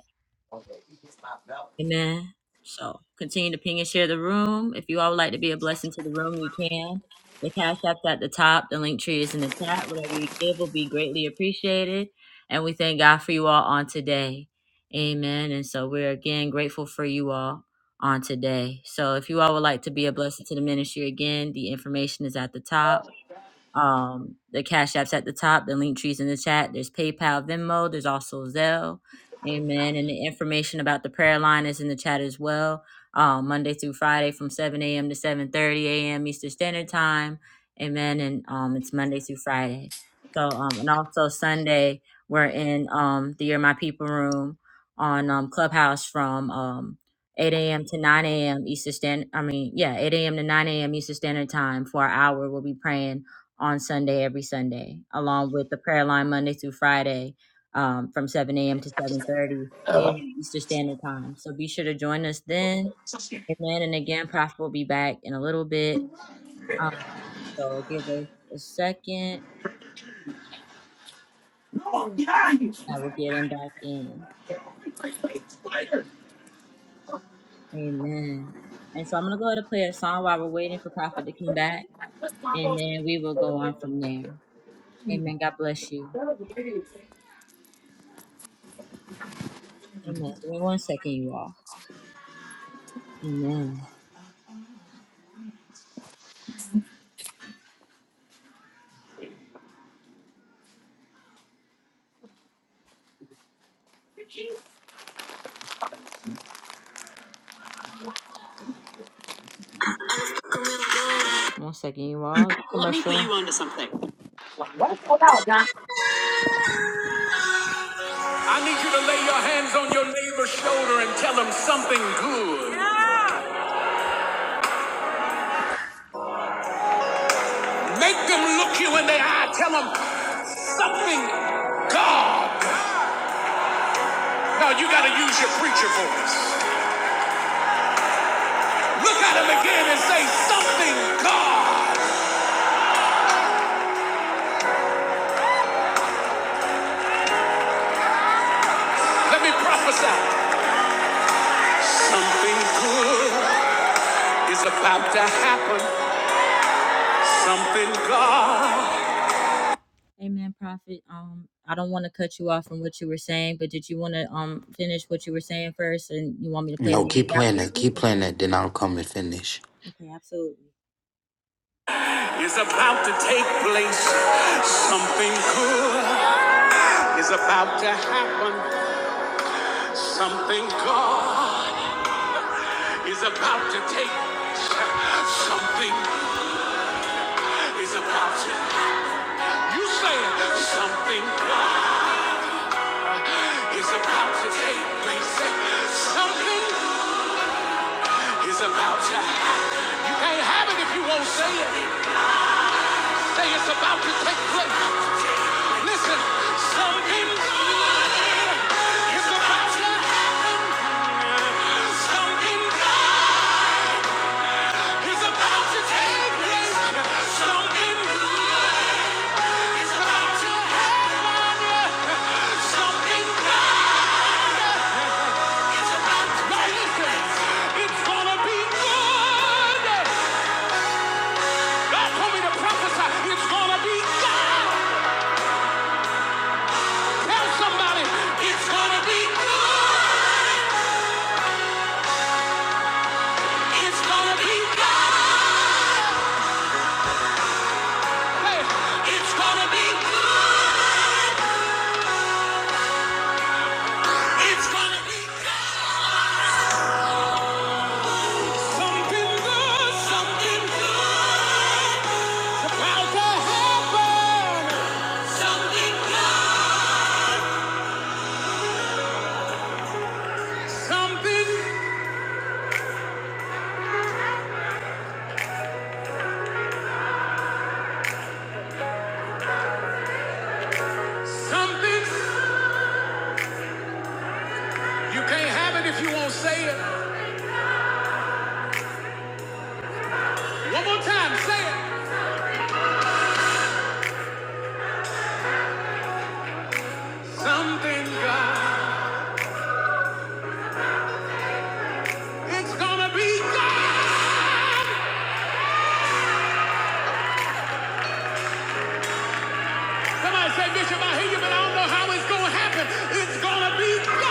Amen. So continue to ping and share the room. If you all would like to be a blessing to the room, you can. The cash app's at the top. The link tree is in the chat. Whatever you give will be greatly appreciated. And we thank God for you all on today. Amen. And so we're again grateful for you all on today. So if you all would like to be a blessing to the ministry again, the information is at the top. Um, the Cash App's at the top, the link trees in the chat. There's PayPal, Venmo. There's also Zelle. Amen. And the information about the prayer line is in the chat as well. Um, Monday through Friday from 7 a.m. to 7:30 a.m. Eastern Standard Time. Amen. And um, it's Monday through Friday. So um, and also Sunday we're in um the Year My People room on um Clubhouse from um 8 a.m. to 9 a.m. Eastern Standard. I mean, yeah, 8 a.m. to 9 a.m. Eastern Standard Time for an hour. We'll be praying on Sunday every Sunday, along with the prayer line Monday through Friday um, from 7 a.m. to 7:30 a.m. Eastern Standard Time. So be sure to join us then. Amen. And again, Prophet will be back in a little bit. Um, so give us a second. I will get him back in. Amen. And so I'm gonna go ahead and play a song while we're waiting for Prophet to come back, and of then we will go on from there. Amen. God bless you. the TV Amen. Give me one second, you all. Amen. too. One second, you all. Let me put you onto something. What? Hold on. I need you to lay your hands on your neighbor's shoulder and tell them something good. Make them look you in the eye. Tell them something God. Now you got to use your preacher voice. Look at them again and say something God. Let me prophesy. Something good is about to happen. Something God Amen, Prophet. Um, I don't want to cut you off from what you were saying, but did you want to um finish what you were saying first, and you want me to play the no, music keep playing after? that, keep playing that. Then I'll come and finish. Okay, absolutely. It's about to take place. Something good is about to happen. Something God is about to take. Something is about to. You say it. Something God is about to take place. Something is about to You can't have it if you won't say it. Say it's about to take place. Listen, something good is about to happen. Something good is about to take place. Something good is about to happen. Something good is about to now listen, it's gonna be good. God told me to prophesy. It's gonna be God. Tell somebody it's gonna be good. It's gonna be good. Hey, it's gonna be good. It's gonna be good. Something good, something good. About to happen. Something good. Something, something. You can't have it if you won't say it. One more time, say it. Something good. It's gonna be God! Somebody say, Bishop, I hear you, but I don't know how it's gonna happen. It's gonna be God!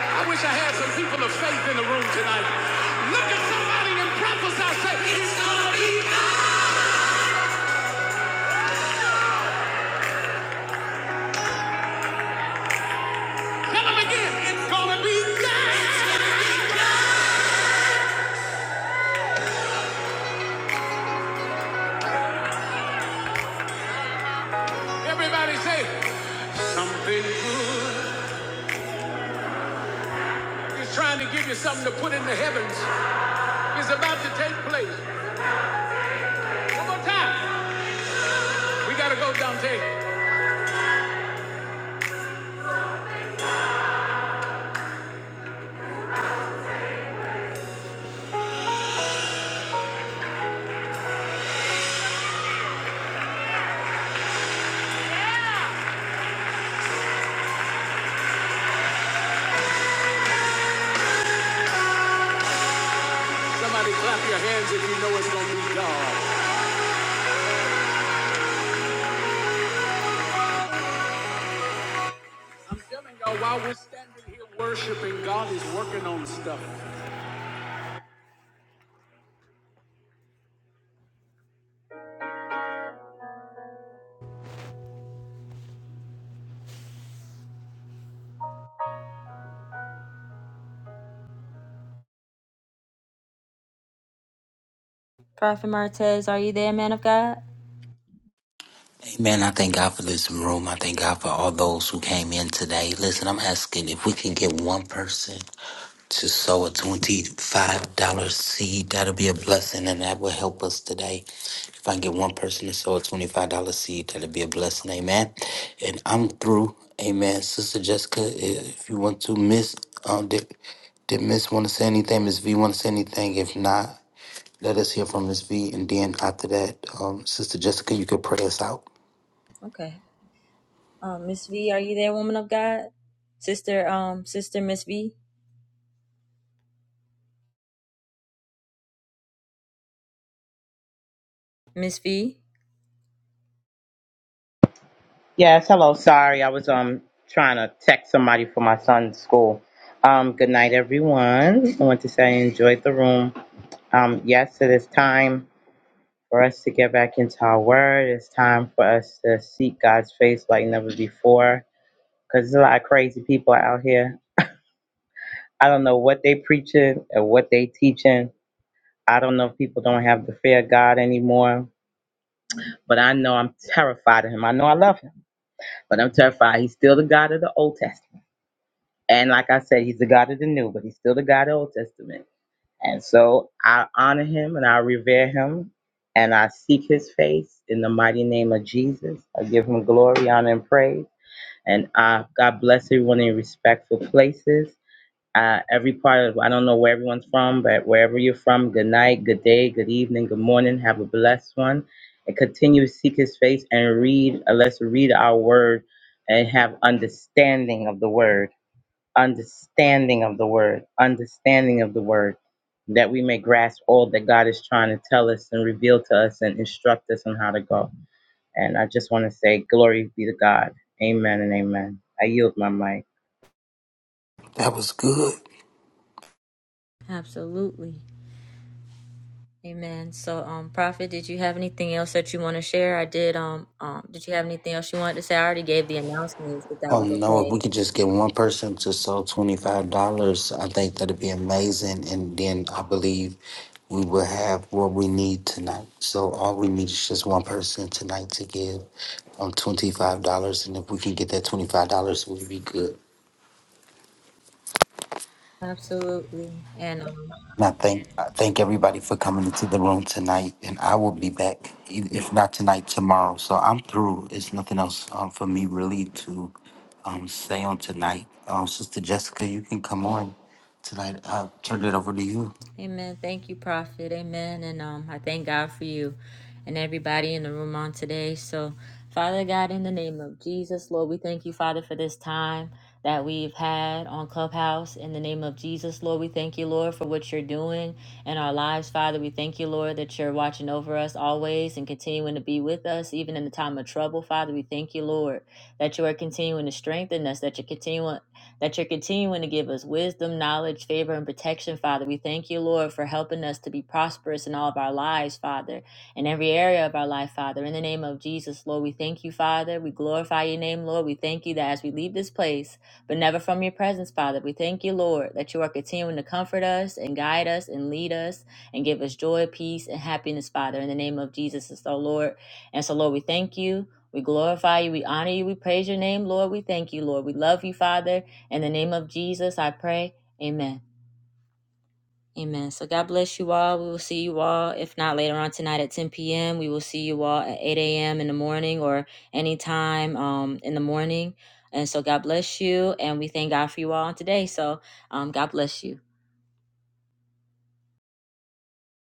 I wish I had some people of faith in the room tonight. Look at somebody and prophesy, say, it's gonna be God! Tell them again, it's gonna be God! Everybody say, something good is trying to give you something to put in the heavens. It's about to take place. One more time. We gotta go, Dante. Somebody clap your hands if you know it's gonna be God. I'm telling y'all, while we're standing here worshiping, God is working on stuff. Prophet Martez, are you there, man of God? Amen. I thank God for this room. I thank God for all those who came in today. Listen, I'm asking if we can get one person. to sow a $25 seed. That'll be a blessing and that will help us today. If I can get one person to sow a $25 seed, that'll be a blessing. Amen. And I'm through. Amen. Sister Jessica, if you want to miss, um, did, did Miss want to say anything? Miss V want to say anything? If not, let us hear from Miss V. And then after that, um, Sister Jessica, you could pray us out. Okay. Um, Miss V, are you there, woman of God? Sister, um, sister Miss V? Miss V? Yes, hello. Sorry, I was um trying to text somebody for my son's school. Um, good night, everyone. I want to say I enjoyed the room. Um, yes, it is time for us to get back into our word. It's time for us to seek God's face like never before. Cause there's a lot of crazy people out here. I don't know what they preaching and what they teaching. I don't know if people don't have the fear of God anymore. But I know I'm terrified of him. I know I love him, but I'm terrified. He's still the God of the Old Testament. And like I said, he's the God of the New, but he's still the God of the Old Testament. And so I honor him and I revere him and I seek his face in the mighty name of Jesus. I give him glory, honor, and praise. And uh, God bless everyone in respectful places. Uh, every part of, I don't know where everyone's from, but wherever you're from, good night, good day, good evening, good morning. Have a blessed one. And continue to seek his face and read, uh, let's read our word and have understanding of the word understanding of the word, understanding of the word, that we may grasp all that God is trying to tell us and reveal to us and instruct us on how to go. And I just want to say, glory be to God. Amen and amen. I yield my mic. That was good. Absolutely. Amen. So, um, Prophet, did you have anything else that you want to share? I did. Um, um, did you have anything else you wanted to say? I already gave the announcements, if that Oh was no, if okay. we could just get one person to sell $25, I think that'd be amazing. And then I believe we will have what we need tonight. So all we need is just one person tonight to give um $25. And if we can get that $25, we'll be good. Absolutely. And um, And I thank I thank everybody for coming into the room tonight, and I will be back e- if not tonight, tomorrow. So I'm through. It's nothing else um, for me really to um, say on tonight. Um, Sister Jessica, you can come on tonight. I turned it over to you. Amen. Thank you, Prophet. Amen. And um, I thank God for you and everybody in the room on today. So, Father God, in the name of Jesus, Lord, we thank you, Father, for this time that we've had on Clubhouse. In the name of Jesus, Lord, we thank you, Lord, for what you're doing in our lives, Father. We thank you, Lord, that you're watching over us always and continuing to be with us, even in the time of trouble, Father. We thank you, Lord, that you are continuing to strengthen us, that you're continuing that you're continuing to give us wisdom, knowledge, favor, and protection, Father. We thank you, Lord, for helping us to be prosperous in all of our lives, Father, in every area of our life, Father. In the name of Jesus, Lord, we thank you, Father. We glorify your name, Lord. We thank you that as we leave this place, but never from your presence, Father, we thank you, Lord, that you are continuing to comfort us and guide us and lead us and give us joy, peace, and happiness, Father. In the name of Jesus, and so, Lord. And so, Lord, we thank you. We glorify you. We honor you. We praise your name, Lord. We thank you, Lord. We love you, Father. In the name of Jesus, I pray. Amen. Amen. So God bless you all. We will see you all, if not later on tonight at 10 p.m. We will see you all at 8 a.m. in the morning or anytime um, in the morning. And so God bless you. And we thank God for you all today. So um, God bless you.